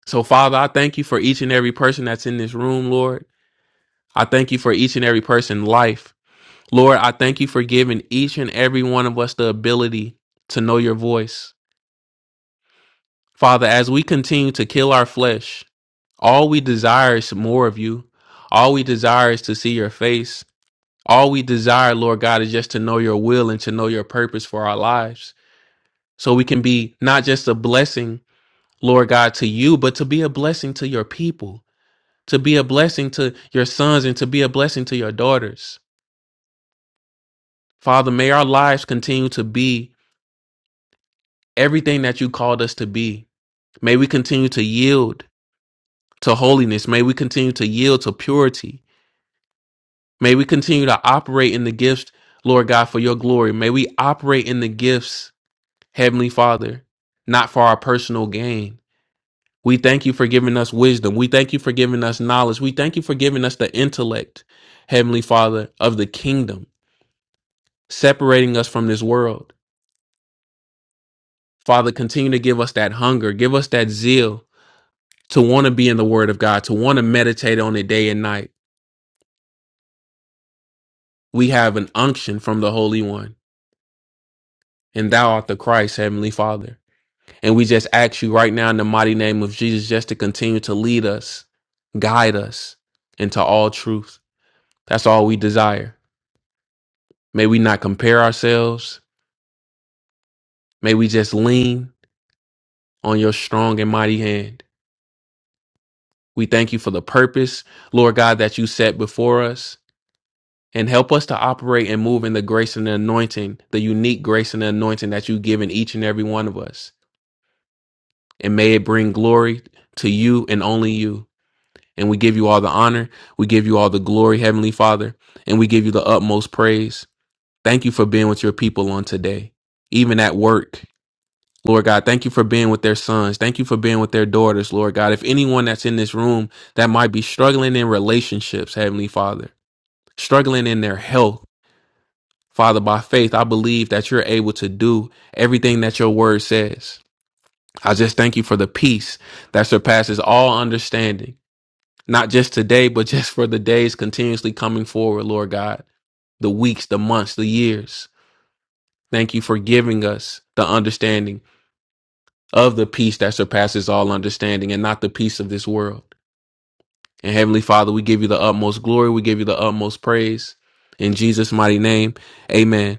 Speaker 2: So, Father, I thank you for each and every person that's in this room, Lord. I thank you for each and every person's life. Lord, I thank you for giving each and every one of us the ability to know your voice. Father, as we continue to kill our flesh, all we desire is more of you. All we desire is to see your face. All we desire, Lord God, is just to know your will and to know your purpose for our lives. so we can be not just a blessing, Lord God, to you, but to be a blessing to your people, to be a blessing to your sons, and to be a blessing to your daughters. Father, may our lives continue to be everything that you called us to be. May we continue to yield to holiness. May we continue to yield to purity. May we continue to operate in the gifts, Lord God, for your glory. May we operate in the gifts, Heavenly Father, not for our personal gain We thank you for giving us wisdom. We thank you for giving us knowledge. We thank you for giving us the intellect, Heavenly Father, of the kingdom, separating us from this world. Father, continue to give us that hunger, give us that zeal to want to be in the Word of God, to want to meditate on it day and night. We have an unction from the Holy One, and Thou art the Christ, Heavenly Father. And we just ask you right now in the mighty name of Jesus just to continue to lead us, guide us into all truth. That's all we desire. May we not compare ourselves. May we just lean on your strong and mighty hand. We thank you for the purpose, Lord God, that you set before us. And help us to operate and move in the grace and the anointing, the unique grace and the anointing that you've given each and every one of us. And may it bring glory to you and only you. And we give you all the honor. We give you all the glory, Heavenly Father. And we give you the utmost praise. Thank you for being with your people on today, even at work. Lord God, thank you for being with their sons. Thank you for being with their daughters, Lord God. If anyone that's in this room that might be struggling in relationships, Heavenly Father, struggling in their health, Father, by faith, I believe that you're able to do everything that your word says. I just thank you for the peace that surpasses all understanding, not just today, but [laughs] just for the days continuously coming forward, Lord God, the weeks, the months, the years. Thank you for giving us the understanding of the peace that surpasses all understanding and not the peace of this world. And Heavenly Father, we give you the utmost glory. We give you the utmost praise. In Jesus' mighty name, amen.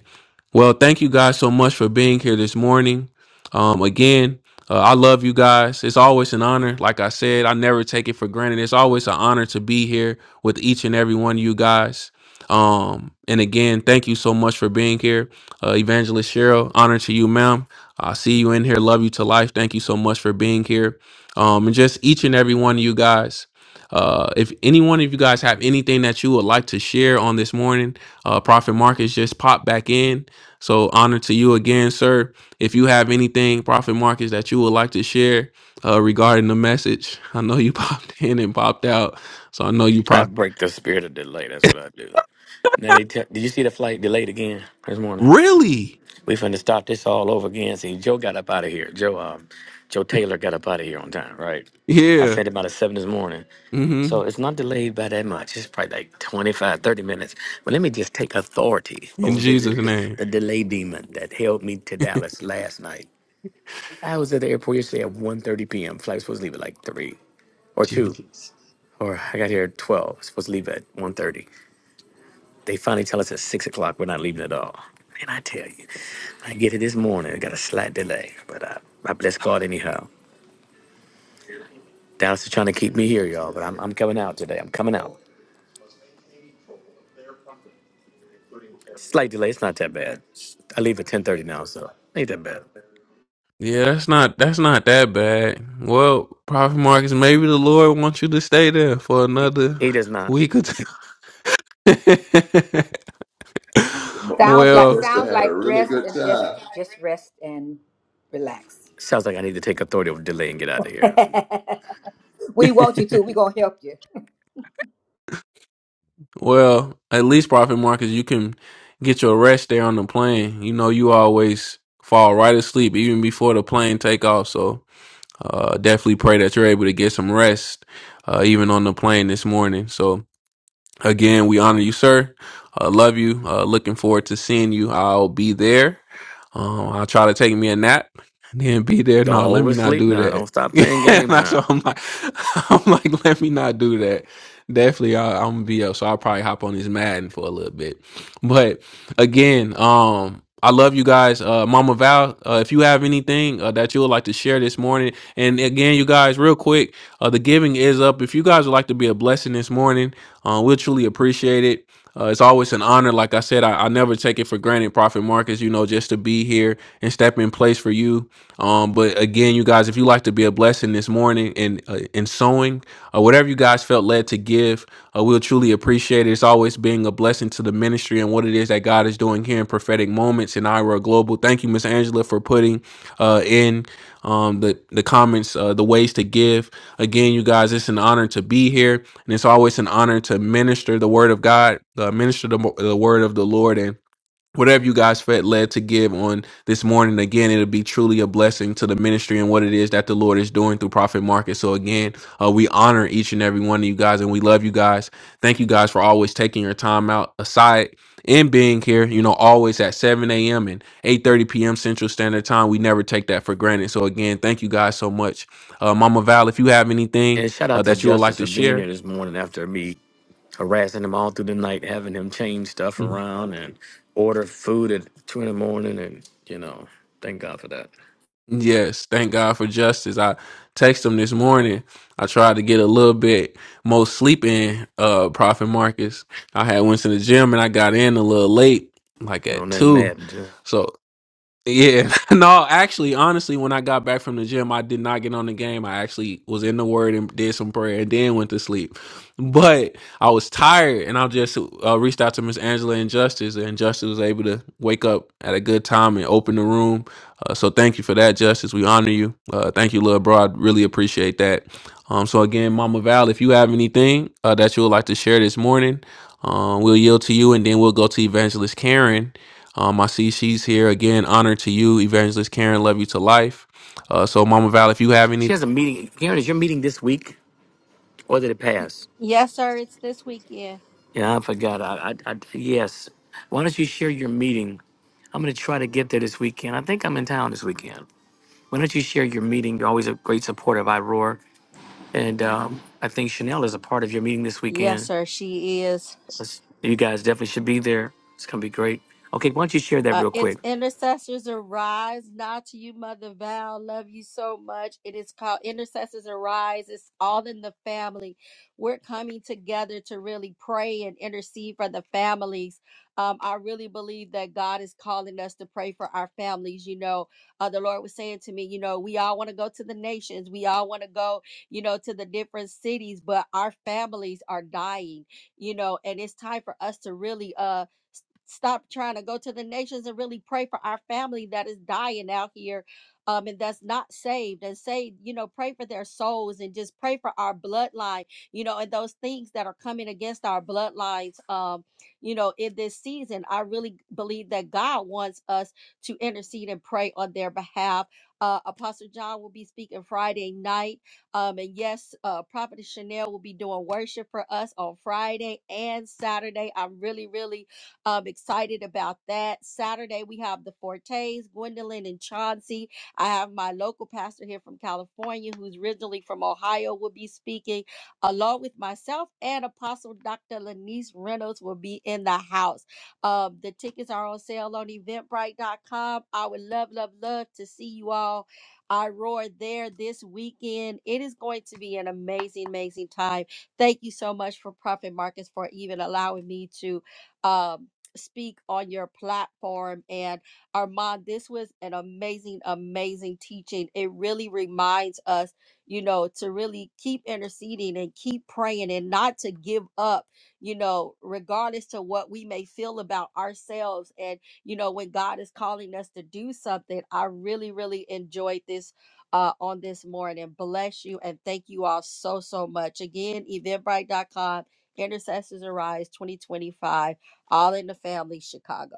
Speaker 2: Well, thank you guys so much for being here this morning. Um, again, uh, I love you guys. It's always an honor. Like I said, I never take it for granted. It's always an honor to be here with each and every one of you guys. Um, and again, thank you so much for being here, uh, Evangelist Cheryl. Honor to you, ma'am. I see you in here. Love you to life. Thank you so much for being here. Um, and just each and every one of you guys. Uh, if any one of you guys have anything that you would like to share on this morning, uh, Prophet Marcus just popped back in. So honor to you again, sir. If you have anything, Prophet Marcus, that you would like to share uh, regarding the message, [laughs] I know you [laughs] popped in and popped out, so I know you
Speaker 4: I
Speaker 2: probably
Speaker 4: break the spirit of delay. That's what I do. Now they tell. Did you see the flight delayed again this morning?
Speaker 2: really,
Speaker 4: We finna stop this all over again. See, Joe got up out of here. Joe, um, Joe Taylor got up out of here on time, right? I
Speaker 2: yeah,
Speaker 4: said about at seven this morning.
Speaker 2: hmm
Speaker 4: So it's not delayed by that much. It's probably like 25, 30 minutes. But let me just take authority
Speaker 2: in
Speaker 4: over the,
Speaker 2: Jesus'
Speaker 4: the,
Speaker 2: name.
Speaker 4: the delay demon that held me to Dallas last night. I was at the airport yesterday at 1.30 p.m. Flight was supposed to leave at like 3 or 2.
Speaker 2: Jesus.
Speaker 4: or I got here at 12. I was supposed to leave at 1.30. They finally tell us at 6 o'clock we're not leaving at all. And I tell you, I get it this morning. I got a slight delay, but I, I bless God anyhow. Dallas is trying to keep me here, y'all, but I'm, I'm coming out today. I'm coming out. Slight delay. It's not that bad. I leave at 10.30 now, so ain't that bad.
Speaker 2: Yeah, that's not that's not that bad. Well, Prophet Marcus, maybe the Lord wants you to stay there for
Speaker 4: He,
Speaker 2: another
Speaker 4: he does not.
Speaker 2: week or two. [laughs]
Speaker 5: Sounds
Speaker 6: You
Speaker 5: like
Speaker 2: well,
Speaker 6: must have
Speaker 5: sounds
Speaker 6: had a
Speaker 5: like
Speaker 6: really
Speaker 5: rest
Speaker 6: good
Speaker 5: and just
Speaker 6: time.
Speaker 5: just rest and relax.
Speaker 4: Sounds like I need to take authority over delay and get out of
Speaker 5: [laughs]
Speaker 4: here.
Speaker 5: we want you to. We're gonna help you.
Speaker 2: Well, at least Prophet Marcus, you can get your rest there on the plane. You know, you always fall right asleep even before the plane take off. So uh, definitely pray that you're able to get some rest uh, even on the plane this morning. So Again, we honor you, sir. Uh, love you. Uh, looking forward to seeing you. I'll be there. Um, I'll try to take me a nap and then be there.
Speaker 4: Don't
Speaker 2: No, let me not
Speaker 4: oversleep
Speaker 2: do
Speaker 4: now.
Speaker 2: that.
Speaker 4: Don't stop
Speaker 2: [laughs]
Speaker 4: playing
Speaker 2: and
Speaker 4: games
Speaker 2: that's
Speaker 4: now.
Speaker 2: what I'm like. [laughs] I'm like, let me not do that. Definitely, I, I'm gonna be up, so I'll probably hop on this Madden for a little bit. but again um i love you guys uh mama val uh, if you have anything uh, that you would like to share this morning and again you guys real quick uh the giving is up if you guys would like to be a blessing this morning uh, we'll truly appreciate it uh, it's always an honor like i said I, I never take it for granted prophet marcus you know just to be here and step in place for you um, but again, you guys, if you like to be a blessing this morning and uh, in sowing or uh, whatever you guys felt led to give, uh, we'll truly appreciate it. It's always being a blessing to the ministry and what it is that God is doing here in prophetic moments in Ira Global. Thank you, Miss Angela, for putting uh, in um, the the comments, uh, the ways to give. Again, you guys, it's an honor to be here, and it's always an honor to minister the word of God, uh, minister the, the word of the Lord, and whatever you guys felt led to give on this morning again it'll be truly a blessing to the ministry and what it is that the lord is doing through prophet market so again uh, we honor each and every one of you guys and we love you guys thank you guys for always taking your time out aside and being here you know always at 7 a.m and 8 30 p.m central standard time we never take that for granted so again thank you guys so much uh, mama val if you have anything
Speaker 4: And shout
Speaker 2: uh,
Speaker 4: out to
Speaker 2: that you would like
Speaker 4: Justice for
Speaker 2: to
Speaker 4: being here
Speaker 2: share
Speaker 4: this morning after me harassing him all through the night, having him change stuff around and order food at two in the morning, and you know, thank God for that.
Speaker 2: Yes, thank God for justice. I text him this morning. I tried to get a little bit more sleep in, uh, Prophet Marcus. I had went to the gym and I got in a little late, like
Speaker 4: And on
Speaker 2: at
Speaker 4: that
Speaker 2: two.
Speaker 4: mad, dude.
Speaker 2: So yeah, [laughs] no, actually, honestly, when I got back from the gym, I did not get on the game. I actually was in the word and did some prayer and then went to sleep. But I was tired and I just uh, reached out to Miss Angela and Justice, and Justice was able to wake up at a good time and open the room. Uh, so thank you for that, Justice. We honor you. Uh, thank you, Lil Bro. I really appreciate that. Um, so again, Mama Val, if you have anything uh, that you would like to share this morning, um, we'll yield to you and then we'll go to Evangelist Karen um, I see she's here again. Honor to you, Evangelist Karen. Love you to life. Uh, so, Mama Val, if you have any
Speaker 4: she has a meeting. Karen, is your meeting this week or did it
Speaker 7: Y-
Speaker 4: pass?
Speaker 7: Yes, sir. It's this weekend.
Speaker 4: Yeah, I forgot. I, I, I yes. Why don't you share your meeting? I'm gonna try to get there this weekend. I think I'm in town this weekend. Why don't you share your meeting? You're always a great supporter of iRoar, and um, I think Chanel is a part of your meeting this
Speaker 7: Yes,
Speaker 4: weekend.
Speaker 7: sir. She is.
Speaker 4: Let's- you guys definitely should be there. It's gonna be great. Okay, why don't you share that
Speaker 7: Uh,
Speaker 4: real
Speaker 7: it's
Speaker 4: quick?
Speaker 7: Intercessors Arise. Not to you, Mother Val. Love you so much. It is called Intercessors Arise. It's all in the family. We're coming together to really pray and intercede for the families. Um, I really believe that God is calling us to pray for our families. You know, uh, the Lord was saying to me, you know, we all want to go to the nations, we all want to go, you know, to the different cities, but our families are dying, you know, and it's time for us to really, uh, stop trying to go to the nations and really pray for our family that is dying out here um, and that's not saved and say you know pray for their souls and just pray for our bloodline you know and those things that are coming against our bloodlines um you know in this season i really believe that god wants us to intercede and pray on their behalf uh apostle john will be speaking friday night um and yes uh prophet chanel will be doing worship for us on friday and saturday i'm really really I'm excited about that. Saturday, we have the Fortes, Gwendolyn and Chauncey. I have my local pastor here from California, who's originally from Ohio, will be speaking, along with myself and Apostle Dr. Lanice Reynolds will be in the house. Um, the tickets are on sale on eventbrite.com. I would love, love, love to see you all. I roar there this weekend. It is going to be an amazing, amazing time. Thank you so much for Prophet Marcus for even allowing me to. Um, speak on your platform. And Armand, this was an amazing, amazing teaching. It really reminds us, you know, to really keep interceding and keep praying and not to give up, you know, regardless to what we may feel about ourselves. And, you know, when God is calling us to do something, I really, really enjoyed this. Uh, on this morning. Bless you and thank you all so, so much. Again, eventbrite dot com. Intercessors Arise 2025 all in the Family Chicago.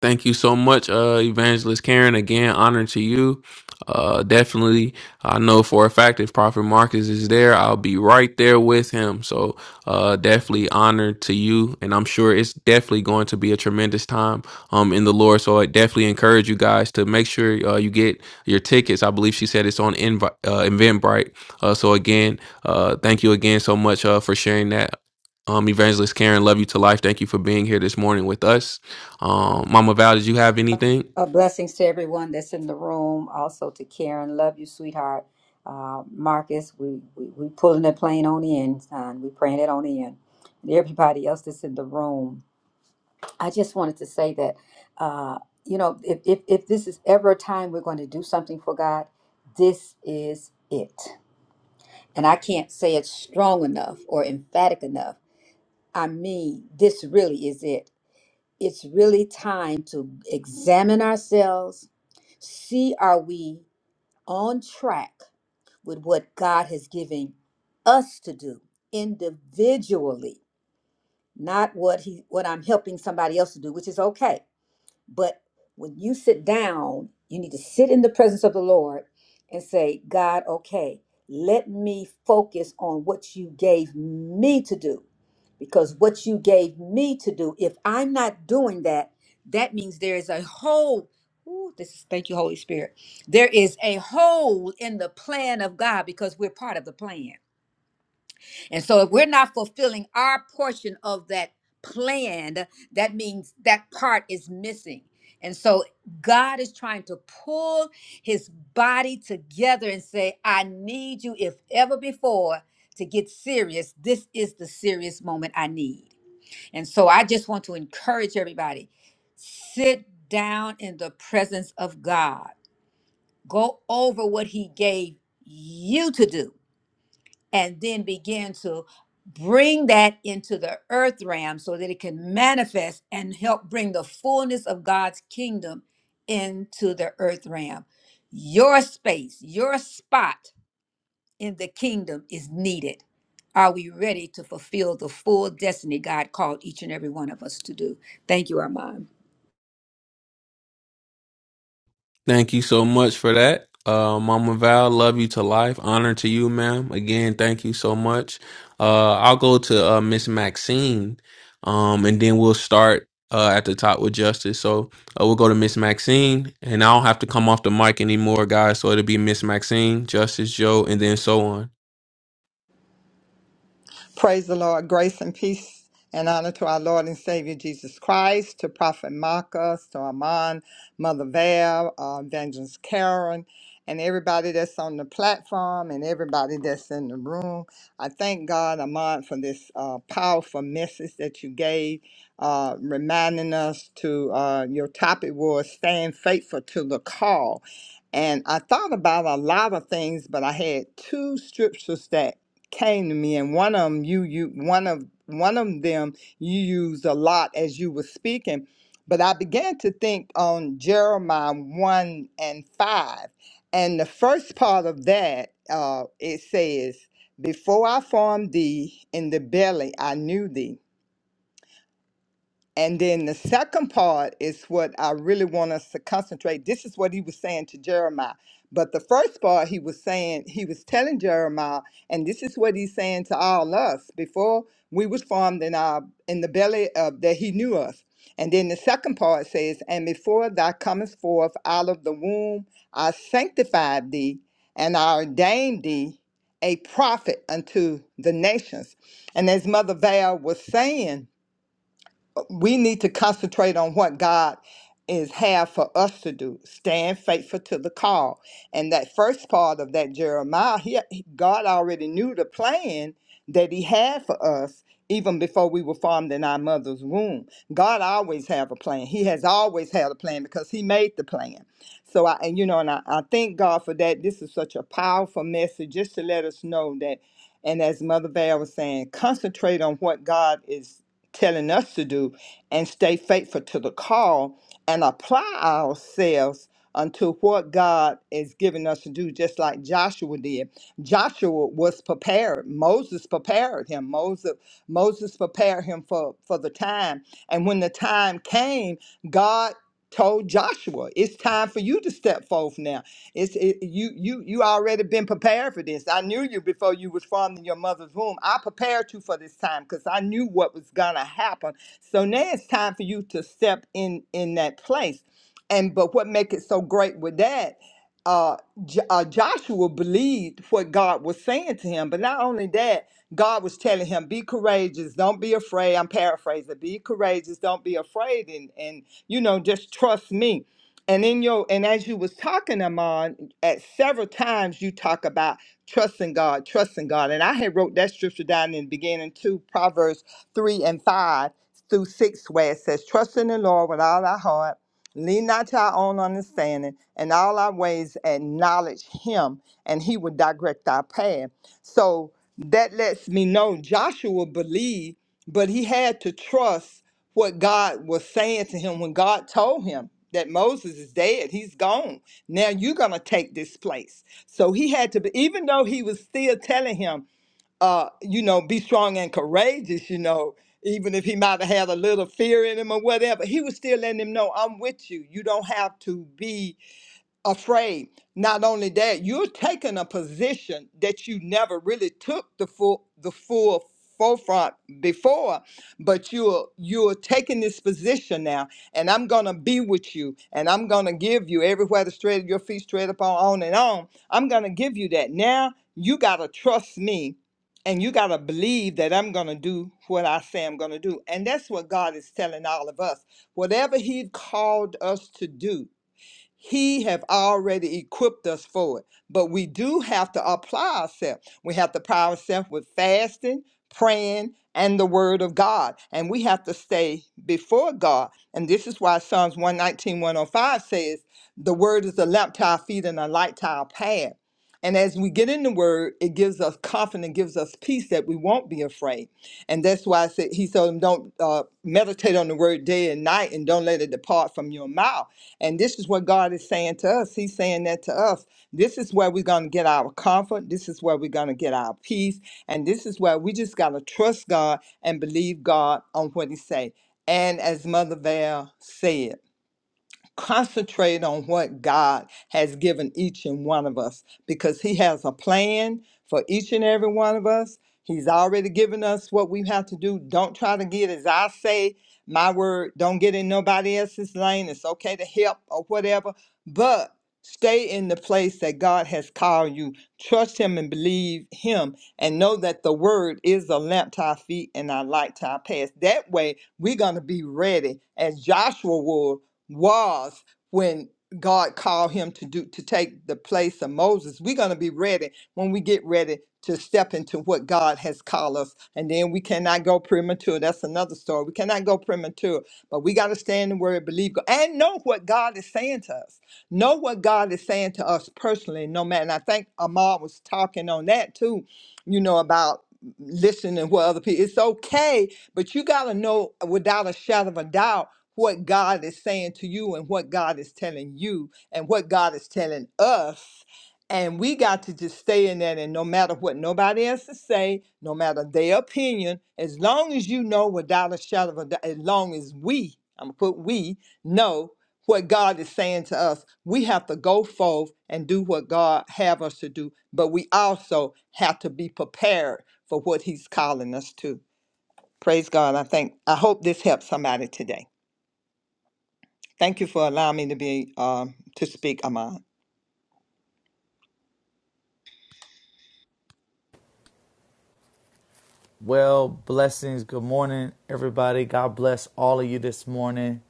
Speaker 2: Thank you so much, uh, Evangelist Karen. Again, honor to you. Uh, definitely, I know for a fact if Prophet Marcus is there, I'll be right there with him. So, uh, definitely honor to you, and I'm sure it's definitely going to be a tremendous time, um, in the Lord. So, I definitely encourage you guys to make sure uh, you get your tickets. I believe she said it's on Invi- uh, Eventbrite. Uh, so again, uh, thank you again so much uh, for sharing that. Um, Evangelist Karen, love you to life. Thank you for being here this morning with us. Um, Mama Val, did you have anything?
Speaker 5: Uh, blessings to everyone that's in the room. Also to Karen, love you, sweetheart. Uh, Marcus, we, we we pulling the plane on in, son. We praying it on in, and everybody else that's in the room. I just wanted to say that, uh, you know, if, if if this is ever a time we're going to do something for God, this is it. and I can't say it strong enough or emphatic enough. I mean, this really is it. It's really time to examine ourselves, see are we on track with what God has given us to do individually, not what he what I'm helping somebody else to do, which is okay but when you sit down, you need to sit in the presence of the Lord and say, God, okay, let me focus on what you gave me to do. Because what you gave me to do, if I'm not doing that, that means there is a hole. Ooh, this is, thank you, Holy Spirit. There is a hole in the plan of God because we're part of the plan. And so if we're not fulfilling our portion of that plan, that means that part is missing. And so God is trying to pull his body together and say, I need you, if ever before, to get serious. This is the serious moment I need. And so I just want to encourage everybody sit down in the presence of God, go over what he gave you to do and then begin to bring that into the earth realm so that it can manifest and help bring the fullness of God's kingdom into the earth realm. Your space, your spot in the kingdom is needed. Are we ready to fulfill the full destiny God called each and every one of us to do? Thank you, Armand.
Speaker 2: Thank you so much for that. Uh, Mama Val, love you to life. Honor to you, ma'am. Again, thank you so much. Uh, I'll go to uh, Miss Maxine, um, and then we'll start uh, at the top with justice. So uh, we'll go to Miss Maxine, and I don't have to come off the mic anymore, guys. So it'll be Miss Maxine, Justice Joe, and then so on.
Speaker 8: Praise the Lord. Grace and peace and honor to our Lord and Savior Jesus Christ, to Prophet Marcus, to Armand, Mother Val, uh, Evangelist Karen, and everybody that's on the platform and everybody that's in the room. I thank God, Armand, for this uh, powerful message that you gave, uh, reminding us to uh, your topic was staying faithful to the call. And I thought about a lot of things, but I had two scriptures that came to me, and one of them you you one of one of them you used a lot as you were speaking. But I began to think on Jeremiah one and five, and the first part of that uh, it says, "Before I formed thee in the belly, I knew thee." And then the second part is what I really want us to concentrate. This is what he was saying to Jeremiah. But the first part he was saying, he was telling Jeremiah, and this is what he's saying to all us before we was formed in our in the belly of that he knew us. And then the second part says, And before thou comest forth out of the womb, I sanctified thee, and I ordained thee a prophet unto the nations. And as Mother Val was saying, we need to concentrate on what God is have for us to do. Stand faithful to the call. And that first part of that Jeremiah, he, he- God already knew the plan that he had for us even before we were formed in our mother's womb. God always have a plan. He has always had a plan because he made the plan. So I and you know and I, I thank God for that. This is such a powerful message just to let us know that and as Mother Val was saying, concentrate on what God is telling us to do and stay faithful to the call and apply ourselves unto what God is giving us to do, just like Joshua did. Joshua was prepared. Moses prepared him. Moses, Moses prepared him for, for the time. And when the time came, God told Joshua, it's time for you to step forth now. It's it, you you you already been prepared for this. I knew you before you was formed in your mother's womb. I prepared you for this time because I knew what was gonna happen so now it's time for you to step in in that place. And but what make it so great with that? Uh, J- uh, Joshua believed what God was saying to him, but not only that, God was telling him, "Be courageous, don't be afraid." I'm paraphrasing. Be courageous, don't be afraid, and and you know, just trust me. And in your and as you was talking, Amon, at several times you talk about trusting God, trusting God, and I had wrote that scripture down in the beginning too, Proverbs three and five through 6, where it says, Trust in the Lord with all our heart, lean not to our own understanding, and all our ways acknowledge Him, and He will direct our path. So that lets me know Joshua believed, but he had to trust what God was saying to him when God told him that Moses is dead, he's gone. Now you're going to take this place. So he had to, be, even though he was still telling him, uh, you know, be strong and courageous, you know, even if he might have had a little fear in him or whatever, he was still letting him know, I'm with you. You don't have to be afraid. Not only that, you're taking a position that you never really took the full the full forefront before, but you're you're taking this position now, and I'm gonna be with you, and I'm gonna give you everywhere the straight of your feet straight up on, on and on. I'm gonna give you that. Now you gotta trust me and you gotta believe that I'm gonna do what I say I'm gonna do. And that's what God is telling all of us. Whatever He called us to do he have already equipped us for it. But we do have to apply ourselves. We have to apply ourselves with fasting, praying, and the word of God. And we have to stay before God. And this is why Psalms 119, 105 says, the word is a lamp to our feet and a light to our path. And as we get in the word, it gives us confidence, gives us peace that we won't be afraid. And that's why I said, he told them, don't uh, meditate on the word day and night and don't let it depart from your mouth. And this is what God is saying to us. He's saying that to us. This is where we're going to get our comfort. This is where we're going to get our peace. And this is where we just got to trust God and believe God on what He say. And as Mother Val said, concentrate on what God has given each and one of us because He has a plan for each and every one of us. He's already given us what we have to do. Don't try to get, as I say, my word, don't get in nobody else's lane. It's okay to help or whatever, but stay in the place that God has called you. Trust Him and believe Him and know that the word is a lamp to our feet and a light to our path. That way, we're going to be ready as Joshua was was when God called him to do to take the place of Moses. We're going to be ready when we get ready to step into what God has called us. And then we cannot go premature. That's another story. We cannot go premature, but we got to stand in the word, believe God, and know what God is saying to us. Know what God is saying to us personally, no matter. And I think Amar was talking on that too, you know, about listening to what other people. It's okay, but you got to know without a shadow of a doubt what God is saying to you and what God is telling you and what God is telling us. And we got to just stay in that and no matter what nobody else is say, no matter their opinion, as long as you know without a shadow of a doubt, as long as we, I'm gonna put we, know what God is saying to us, we have to go forth and do what God have us to do. But we also have to be prepared for what he's calling us to. Praise God. I think I hope this helps somebody today. Thank you for allowing me to be um to speak, Ahmad.
Speaker 3: Well, blessings. Good morning, everybody. God bless all of you this morning.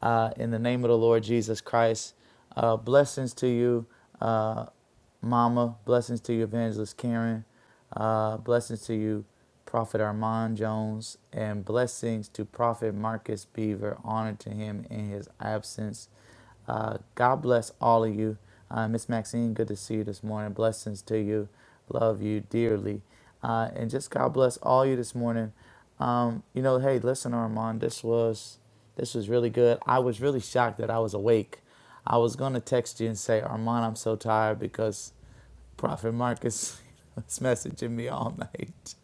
Speaker 3: Uh, in the name of the Lord Jesus Christ. Uh, blessings to you, uh, Mama. Blessings to you, Evangelist Karen. Uh, blessings to you, Prophet Armand Jones. And blessings to Prophet Marcus Beaver. Honor to him in his absence. Uh, God bless all of you. Uh, Miss Maxine, good to see you this morning. Blessings to you. Love you dearly. Uh, and just God bless all you this morning. Um, you know, hey, listen, Armand, this was this was really good. I was really shocked that I was awake. I was gonna text you and say, Armand, I'm so tired because Prophet Marcus [laughs] was messaging me all [laughs] night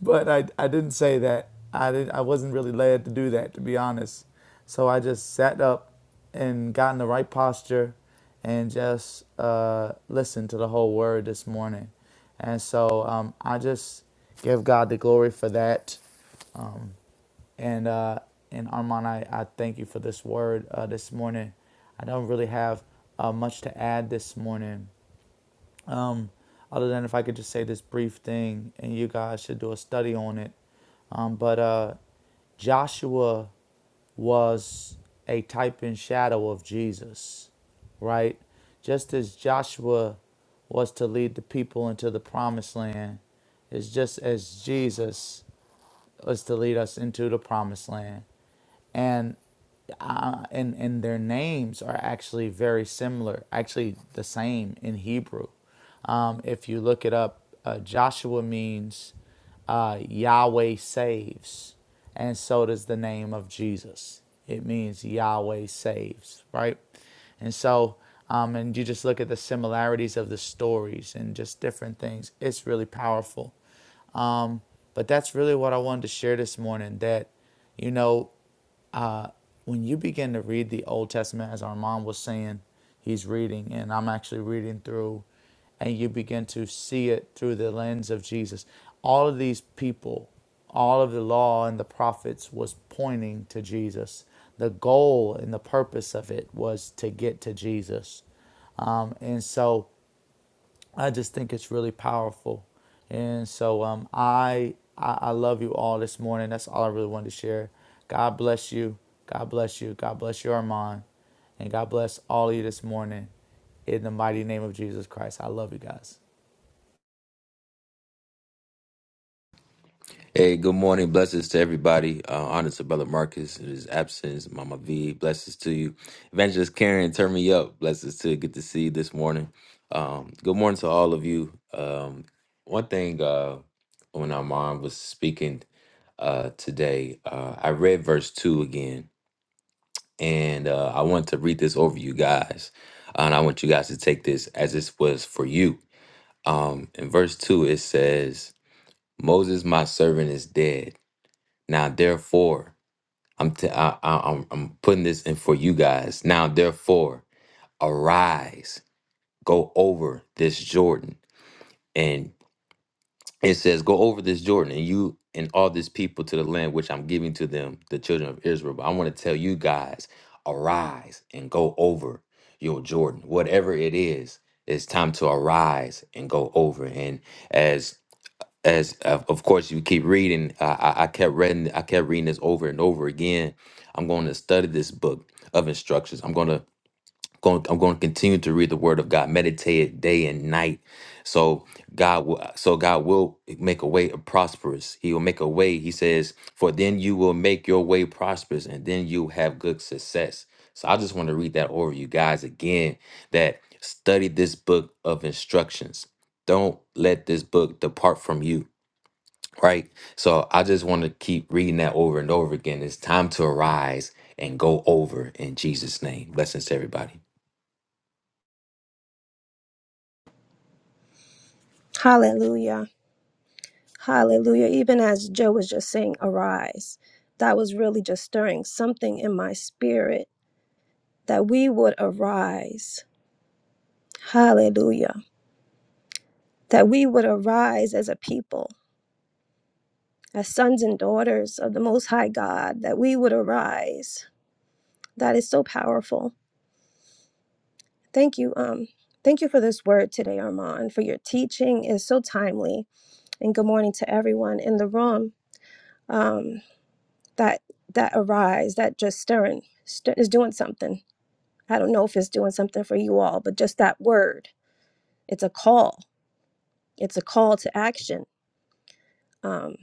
Speaker 3: but I, I didn't say that. I didn't. I wasn't really led to do that, to be honest. So I just sat up and got in the right posture and just uh, listened to the whole word this morning. And so um, I just give God the glory for that. Um, and uh, and Armand, I, I thank you for this word uh, this morning. I don't really have uh, much to add this morning um, other than if I could just say this brief thing, and you guys should do a study on it. Um, but uh, Joshua was a type and shadow of Jesus, right? Just as Joshua was to lead the people into the promised land, it's just as Jesus was to lead us into the promised land. And uh, and and their names are actually very similar, actually the same in Hebrew. Um, if you look it up, uh, Joshua means uh, Yahweh saves, and so does the name of Jesus. It means Yahweh saves, right? And so, um, and you just look at the similarities of the stories and just different things. It's really powerful. But that's really what I wanted to share this morning that, you know, when you begin to read the Old Testament, as Armand was saying, he's reading, and I'm actually reading through, and you begin to see it through the lens of Jesus. All of these people, all of the law and the prophets was pointing to Jesus. The goal and the purpose of it was to get to Jesus. Um, and so I just think it's really powerful. And so um, I, I I love you all this morning. That's all I really wanted to share. God bless you. God bless you. God bless your Armand. And God bless all of you this morning. In the mighty name of Jesus Christ. I love you guys.
Speaker 9: Hey, good morning. Blessings to everybody. Uh, honor to Brother Marcus in his absence. Mama V, blessings to you. Evangelist Karen, turn me up. Blessings to good to see you this morning. Um, good morning to all of you. Um, one thing uh, when our mom was speaking uh, today, uh, I read verse 2 again, and uh, I want to read this over you guys. And I want you guys to take this as this was for you. Um, in verse 2, it says, Moses, my servant, is dead. Now, therefore, I'm t- I, I, I'm I'm putting this in for you guys. Now, therefore, arise, go over this Jordan, and it says, go over this Jordan, and you and all this people to the land which I'm giving to them, the children of Israel. But I want to tell you guys, arise and go over your Jordan, whatever it is. It's time to arise and go over. And as as of of course you keep reading I, I I kept reading i kept reading this over and over again i'm going to study this book of instructions i'm going to going, i'm going to continue to read the word of god meditate it day and night so god will so god will make a way of prosperous he will make a way he says for then you will make your way prosperous and then you have good success so i just want to read that over you guys again that study this book of instructions don't let this book depart from you right? So I just want to keep reading that over and over again. It's time to arise and go over in Jesus' name. Blessings to everybody.
Speaker 10: Hallelujah. Hallelujah. Even as Joe was just saying, arise, that was really just stirring something in my spirit that we would arise. Hallelujah. That we would arise as a people, as sons and daughters of the Most High God, that we would arise. That is so powerful. Thank you. Um, thank you for this word today, Armand, for your teaching is so timely. And good morning to everyone in the room. um. that that arise that just stirring stir, is doing something i don't know if it's doing something for you all but just that word it's a call it's a call to action um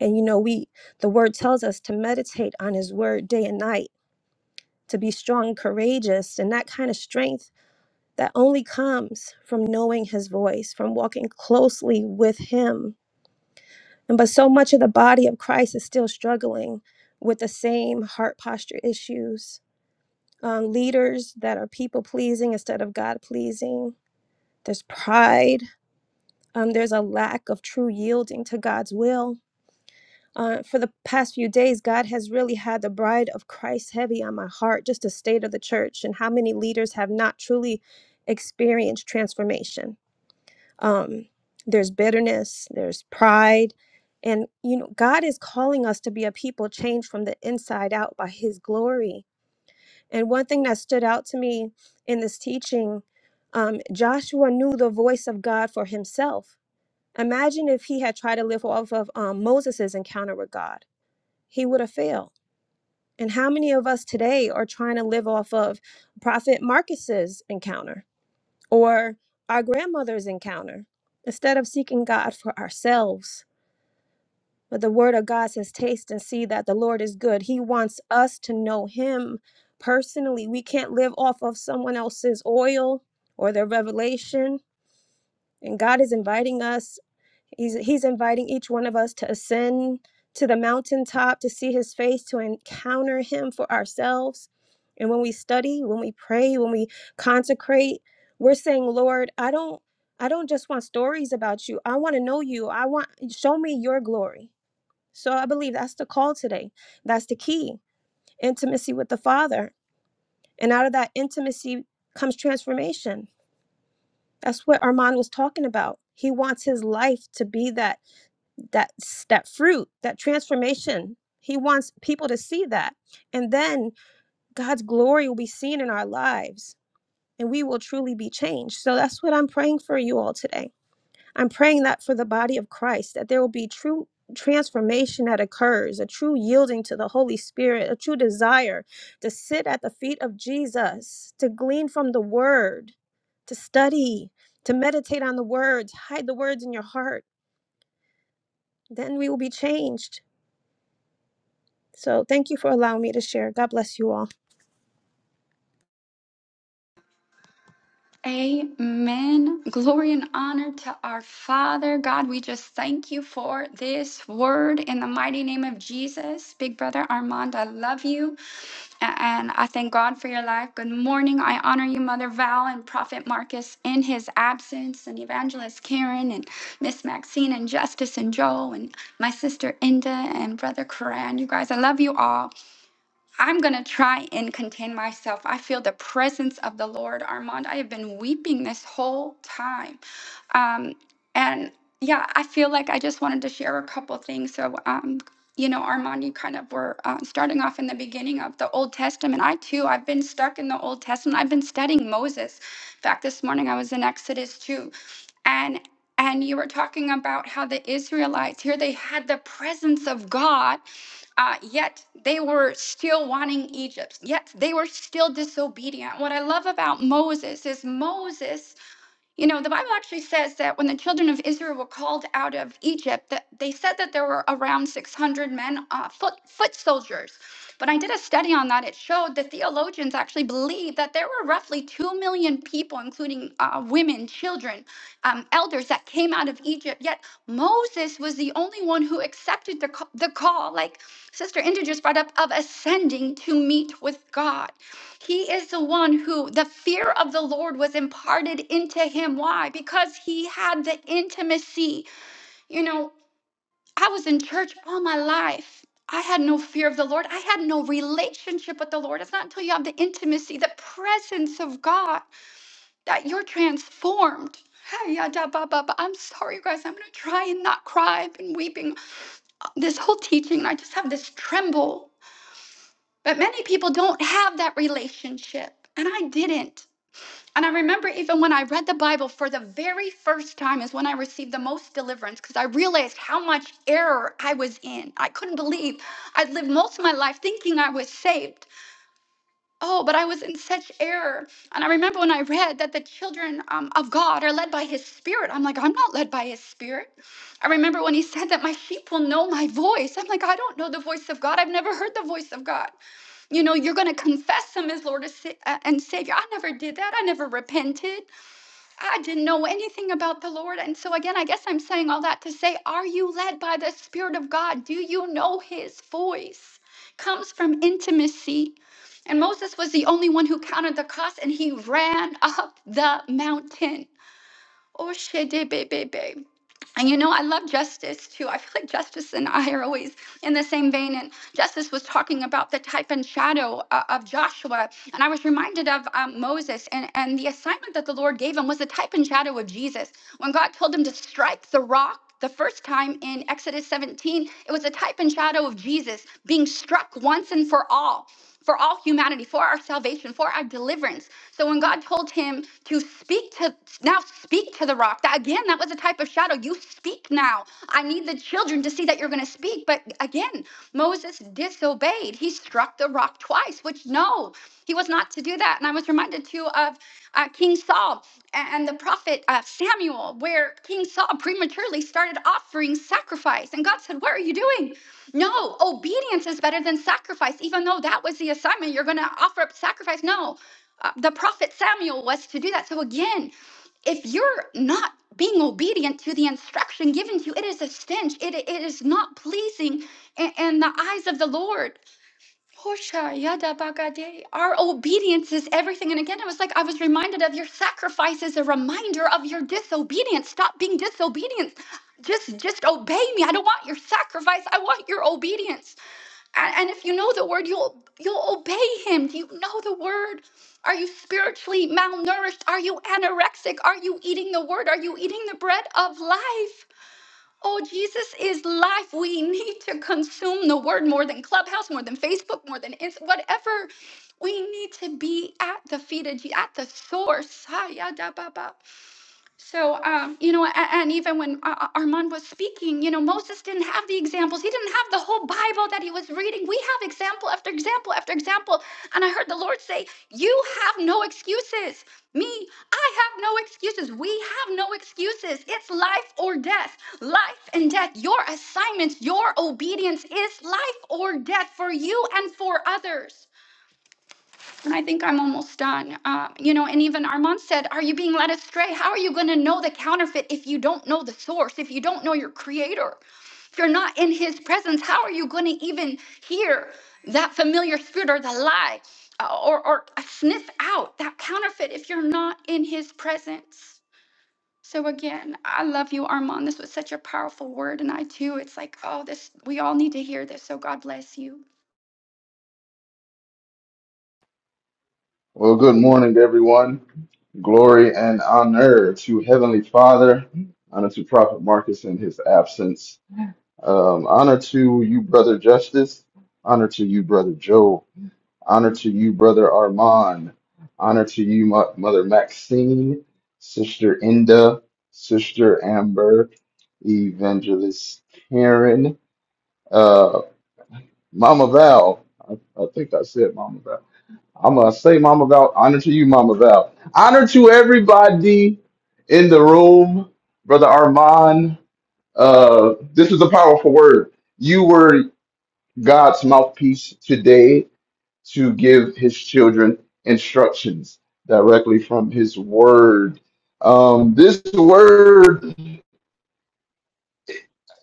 Speaker 10: and you know we the word tells us to meditate on his word day and night to be strong and courageous and that kind of strength that only comes from knowing his voice from walking closely with him and but so much of the body of christ is still struggling with the same heart posture issues um, leaders that are people pleasing instead of God pleasing. There's pride. Um, there's a lack of true yielding to God's will. Uh, for the past few days, God has really had the bride of Christ heavy on my heart, just the state of the church and how many leaders have not truly experienced transformation. Um, there's bitterness, there's pride. And, you know, God is calling us to be a people changed from the inside out by his glory And one thing that stood out to me in this teaching, um, Joshua knew the voice of God for himself. Imagine if he had tried to live off of um, Moses' encounter with God, he would have failed. And how many of us today are trying to live off of Prophet Marcus's encounter or our grandmother's encounter instead of seeking God for ourselves? But the word of God says, Taste and see that the Lord is good. He wants us to know Him personally. We can't live off of someone else's oil or their revelation. And God is inviting us, He's, he's inviting each one of us to ascend to the mountaintop, to see His face, to encounter Him for ourselves. And when we study, when we pray, when we consecrate, we're saying, Lord, I don't. I don't just want stories about you. I want to know you. I want show me your glory. So I believe that's the call today. That's the key intimacy with the Father. And out of that intimacy comes transformation. That's what Armand was talking about. He wants his life to be that that that fruit, that transformation. He wants people to see that. And then God's glory will be seen in our lives and we will truly be changed. So that's what I'm praying for you all today I'm praying that for the body of Christ, that there will be true transformation that occurs, a true yielding to the Holy Spirit, a true desire to sit at the feet of Jesus, to glean from the word, to study, to meditate on the words, hide the words in your heart. Then we will be changed. So thank you for allowing me to share. God bless you all.
Speaker 11: Amen. Glory and honor to our Father. God, we just thank you for this word in the mighty name of Jesus. Big brother Armand, I love you. A- And I thank God for your life. Good morning. I honor you, Mother Val and Prophet Marcus in his absence, and Evangelist Karen and Miss Maxine and Justice and Joel and my sister Inda and Brother Koran. You guys, I love you all. I'm going to try and contain myself. I feel the presence of the Lord, Armand. I have been weeping this whole time. Um, and yeah, I feel like I just wanted to share a couple things. So, um, you know, Armand, you kind of were uh, starting off in the beginning of the Old Testament. I too, I've been stuck in the Old Testament. I've been studying Moses. In fact, this morning I was in Exodus 2. And and you were talking about how the Israelites here they had the presence of God uh, yet they were still wanting Egypt. Yet they were still disobedient. What I love about Moses is Moses you know, the Bible actually says that when the children of Israel were called out of Egypt, that they said that there were around 600 men, uh, foot, foot soldiers. But I did a study on that. It showed that theologians actually believe that there were roughly 2 million people, including uh, women, children, um, elders, that came out of Egypt. Yet Moses was the only one who accepted the, ca- the call, like Sister Inda just brought up, of ascending to meet with God. He is the one who the fear of the Lord was imparted into him. Why? Because he had the intimacy. You know, I was in church all my life. I had no fear of the Lord. I had no relationship with the Lord. It's not until you have the intimacy, the presence of God, that you're transformed. Hi, ya, da, ba, ba, ba. I'm sorry, you guys. I'm going to try and not cry. I've been weeping this whole teaching. I just have this tremble. But many people don't have that relationship. And I didn't. And I remember even when I read the Bible for the very first time is when I received the most deliverance because I realized how much error I was in. I couldn't believe I'd lived most of my life thinking I was saved. Oh, but I was in such error. And I remember when I read that the children um, of God are led by his spirit. I'm like, I'm not led by his spirit. I remember when he said that my sheep will know my voice. I'm like, I don't know the voice of God. I've never heard the voice of God. You know, you're going to confess him as Lord and uh, and Savior. I never did that. I never repented. I didn't know anything about the Lord. And so, again, I guess I'm saying all that to say, are you led by the Spirit of God? Do you know His voice? Comes from intimacy. And Moses was the only one who counted the cost and he ran up the mountain. Oh, shedebebebe. And you know, I love Justice too. I feel like Justice and I are always in the same vein. And Justice was talking about the type and shadow uh, of Joshua. And I was reminded of um, Moses and, and the assignment that the Lord gave him was the type and shadow of Jesus. When God told him to strike the rock, the first time in Exodus 17, it was a type and shadow of Jesus being struck once and for all for all humanity, for our salvation, for our deliverance. So when God told him to speak to now speak to the rock, that again, that was a type of shadow. You speak now. I need the children to see that you're going to speak. But again, Moses disobeyed. He struck the rock twice, which no, he was not to do that. And I was reminded too of uh, King Saul and the prophet uh, Samuel, where King Saul prematurely started offering sacrifice. And God said, What are you doing? No, obedience is better than sacrifice, even though that was the assignment. You're going to offer up sacrifice. No, uh, the prophet Samuel was to do that. So, again, if you're not being obedient to the instruction given to you, it is a stench. It, it is not pleasing in, in the eyes of the Lord. Our obedience is everything. And again, I was like, I was reminded of your sacrifice is a reminder of your disobedience. Stop being disobedient just just obey me i don't want your sacrifice i want your obedience and, and if you know the word, you'll you'll obey him. Do you know the word? Are you spiritually malnourished? Are you anorexic? Are you eating the word? Are you eating the bread of life? Oh, Jesus is life. We need to consume the word more than Clubhouse, more than Facebook, more than Inst- whatever. We need to be at the feet of Jesus, at the source. Ha, ya, da, ba, ba. So, um, you know, and, and even when uh, uh, Armand was speaking, you know, Moses didn't have the examples. He didn't have the whole Bible that he was reading. We have example after example after example. And I heard the Lord say, You have no excuses. Me, I have no excuses. We have no excuses. It's life or death, life and death. Your assignments, your obedience is life or death for you and for others. And I think I'm almost done. Um, you know, and even Armand said, Are you being led astray? How are you going to know the counterfeit if you don't know the source, if you don't know your creator? If you're not in his presence, how are you going to even hear that familiar spirit or the lie uh, or, or sniff out that counterfeit if you're not in his presence? So again, I love you, Armand. This was such a powerful word. And I too, it's like, oh, this, we all need to hear this. So God bless you.
Speaker 6: Well, good morning, everyone. Glory and honor to Heavenly Father. Honor to Prophet Marcus in his absence. Um, honor to you, Brother Justice. Honor to you, Brother Joe. Honor to you, Brother Armand. Honor to you, Mo- Mother Maxine, Sister Inda, Sister Amber, Evangelist Karen, uh, Mama Val. I, I think I said Mama Val. I'm gonna say Mama Val, honor to you, Mama Val. Honor to everybody in the room, Brother Armand. Uh, this is a powerful word. You were God's mouthpiece today to give his children instructions directly from his word. Um, this word,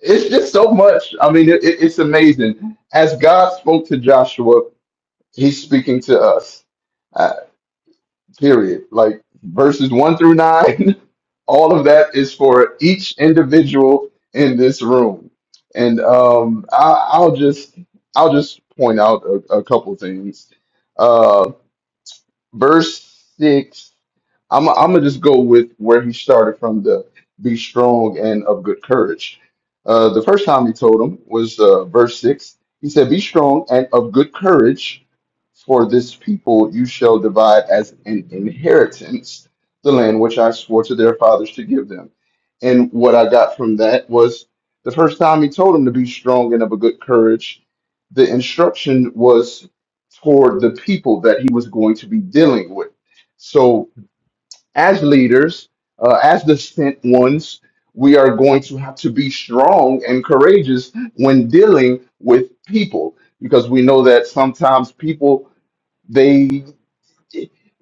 Speaker 6: it's just so much. I mean, it, it- it's amazing. As God spoke to Joshua, he's speaking to us. Uh, period. Like verses one through nine, [laughs] all of that is for each individual in this room. And um, I, I'll just I'll just point out a, a couple things. Uh, verse six. I'm I'm gonna just go with where he started from the be strong and of good courage. Uh, the first time he told him was uh, verse six. He said, "Be strong and of good courage, for this people you shall divide as an inheritance the land which I swore to their fathers to give them." And what I got from that was the first time he told him to be strong and of a good courage. The instruction was toward the people that he was going to be dealing with. So, as leaders, uh, as the sent ones, we are going to have to be strong and courageous when dealing with people because we know that sometimes people they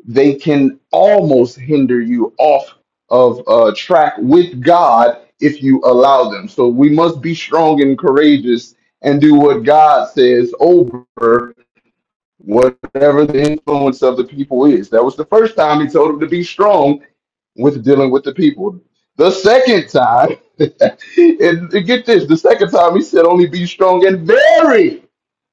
Speaker 6: they can almost hinder you off of uh, track with God if you allow them. So we must be strong and courageous and do what God says over whatever the influence of the people is. That was the first time he told him to be strong with dealing with the people. The second time, [laughs] and, and get this, the second time he said only be strong and very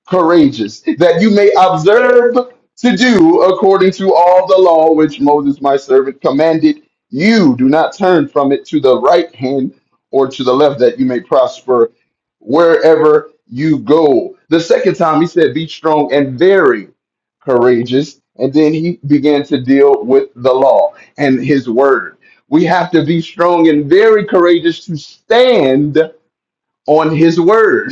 Speaker 6: courageous, that you may observe to do according to all the law which Moses my servant commanded you. Do not turn from it to the right hand or to the left, that you may prosper wherever you go. The second time he said, Be strong and very courageous. And then he began to deal with the law and his word. We have to be strong and very courageous to stand on his word.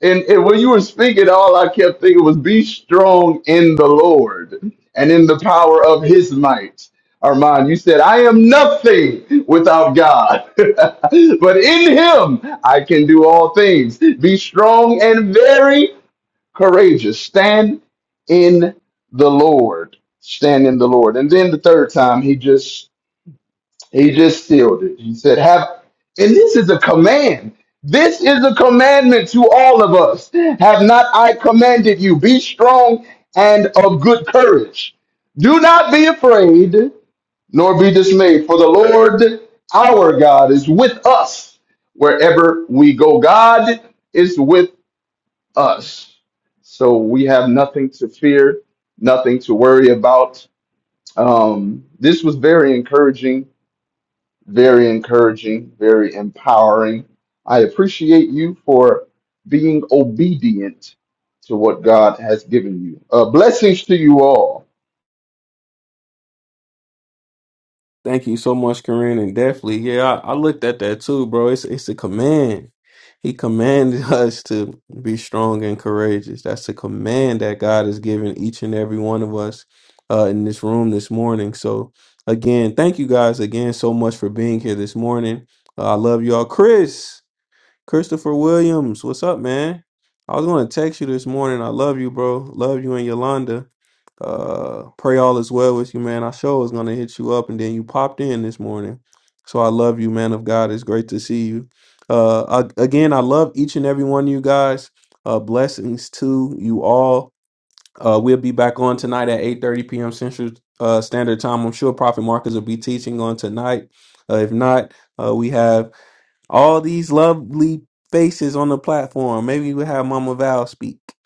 Speaker 6: And, and when you were speaking, all I kept thinking was be strong in the Lord and in the power of his might. Armand, you said, I am nothing without God, [laughs] but in him I can do all things. Be strong and very courageous. Stand in the Lord. Stand in the Lord. And then the third time, he just he just sealed it. He said, Have, and this is a command. This is a commandment to all of us. Have not I commanded you? Be strong and of good courage. Do not be afraid, nor be dismayed, for the Lord our God is with us wherever we go. God is with us. So we have nothing to fear, nothing to worry about. Um, this was very encouraging very encouraging, very empowering. I appreciate you for being obedient to what God has given you. Uh, blessings to you all.
Speaker 2: Thank you so much, Corinne, and definitely, yeah, I, I looked at that too, bro. It's it's a command. He commanded [laughs] us to be strong and courageous. That's a command that God has given each and every one of us uh, in this room this morning. So again, thank you guys again so much for being here this morning. Uh, I love y'all, Chris. Christopher Williams, what's up, man? I was going to text you this morning. I love you, bro. Love you and Yolanda. Uh, pray all is well with you, man. I sure was going to hit you up, and then you popped in this morning. So I love you, man of God. It's great to see you. Uh, I, again, I love each and every one of you guys. Uh, blessings to you all. Uh, we'll be back on tonight at 8.30 p.m. Central uh, Standard Time. I'm sure Prophet Marcus will be teaching on tonight. Uh, if not, uh, we have all these lovely faces on the platform. Maybe we'll have Mama Val speak. [laughs]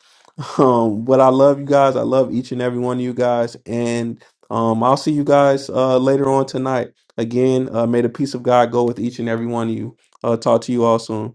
Speaker 2: Um, but I love you guys. I love each and every one of you guys. And um, I'll see you guys uh, later on tonight. Again, uh, may the peace of God go with each and every one of you. Uh, talk to you all soon.